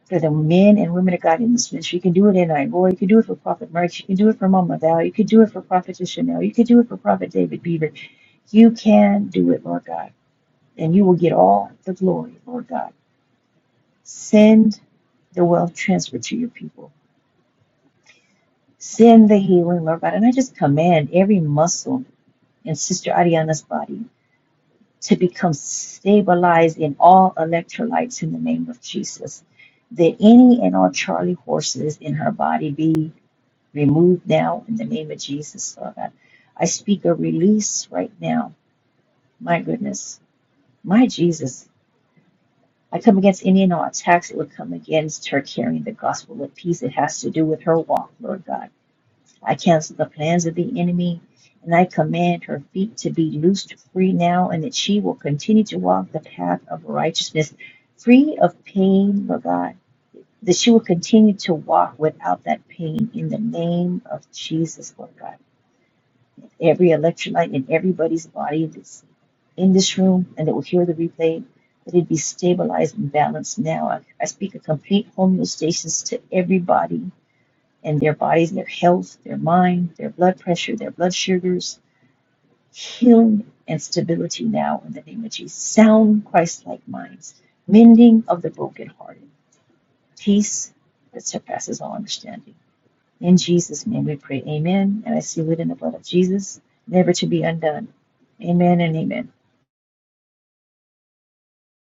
for the men and women of God in this ministry. You can do it in Angola. You can do it for Prophet March. You can do it for Mama Val. You can do it for Prophet Chanel. You can do it for Prophet David Beaver. You can do it, Lord God. And you will get all the glory, Lord God. Send the wealth transfer to your people. Send the healing, Lord God. And I just command every muscle in Sister Ariana's body to become stabilized in all electrolytes in the name of Jesus. That any and all Charlie horses in her body be removed now in the name of Jesus, Lord God. I speak a release right now. My goodness. My Jesus. I come against any and all attacks that would come against her carrying the gospel of peace. It has to do with her walk, Lord God. I cancel the plans of the enemy and I command her feet to be loosed free now and that she will continue to walk the path of righteousness, free of pain, Lord God. That she will continue to walk without that pain in the name of Jesus, Lord God. every electrolyte in everybody's body that's in this room and that will hear the replay, that it be stabilized and balanced now. I, I speak a complete homeostasis to everybody and their bodies, their health, their mind, their blood pressure, their blood sugars, healing and stability now in the name of Jesus. Sound Christ like minds, mending of the brokenhearted, peace that surpasses all understanding. In Jesus' name we pray. Amen. And I seal it in the blood of Jesus, never to be undone. Amen and amen.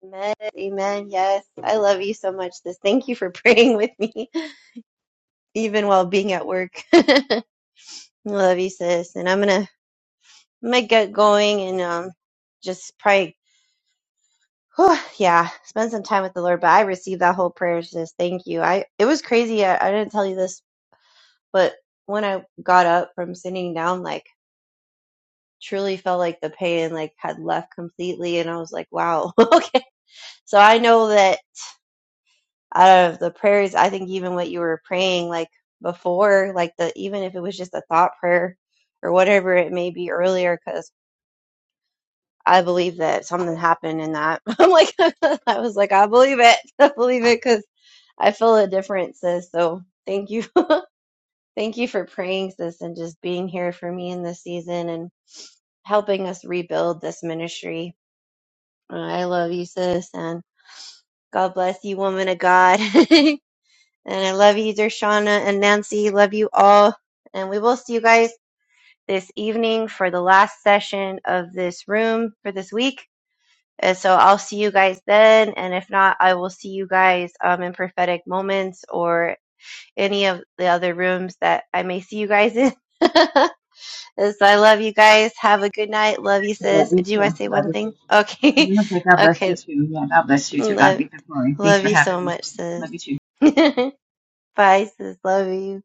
Amen. Amen. Yes. I love you so much, sis. Thank you for praying with me, even while being at work. love you, sis. And I'm going to. I'm gonna get going and um, just pray Whew, yeah, spend some time with the Lord. But I received that whole prayer, sis. Thank you. I it was crazy. I, I didn't tell you this, but when I got up from sitting down, like truly felt like the pain like had left completely, and I was like, wow, okay. So I know that out of the prayers, I think even what you were praying like before, like the even if it was just a thought prayer or whatever it may be earlier, because. I believe that something happened in that. I'm like, I was like, I believe it. I believe it because I feel a difference, sis. So thank you. thank you for praying, sis, and just being here for me in this season and helping us rebuild this ministry. Uh, I love you, sis, and God bless you, woman of God. and I love you, Dershana and Nancy. Love you all. And we will see you guys this evening for the last session of this room for this week. And so I'll see you guys then. And if not, I will see you guys um, in prophetic moments or any of the other rooms that I may see you guys in. And so I love you guys. Have a good night. Love you,
I Love
sis.
you
Do you want
too.
to say
Love
one
you
thing?
too.
Okay. okay. Love, love you so much, sis. Bye, sis. Love you.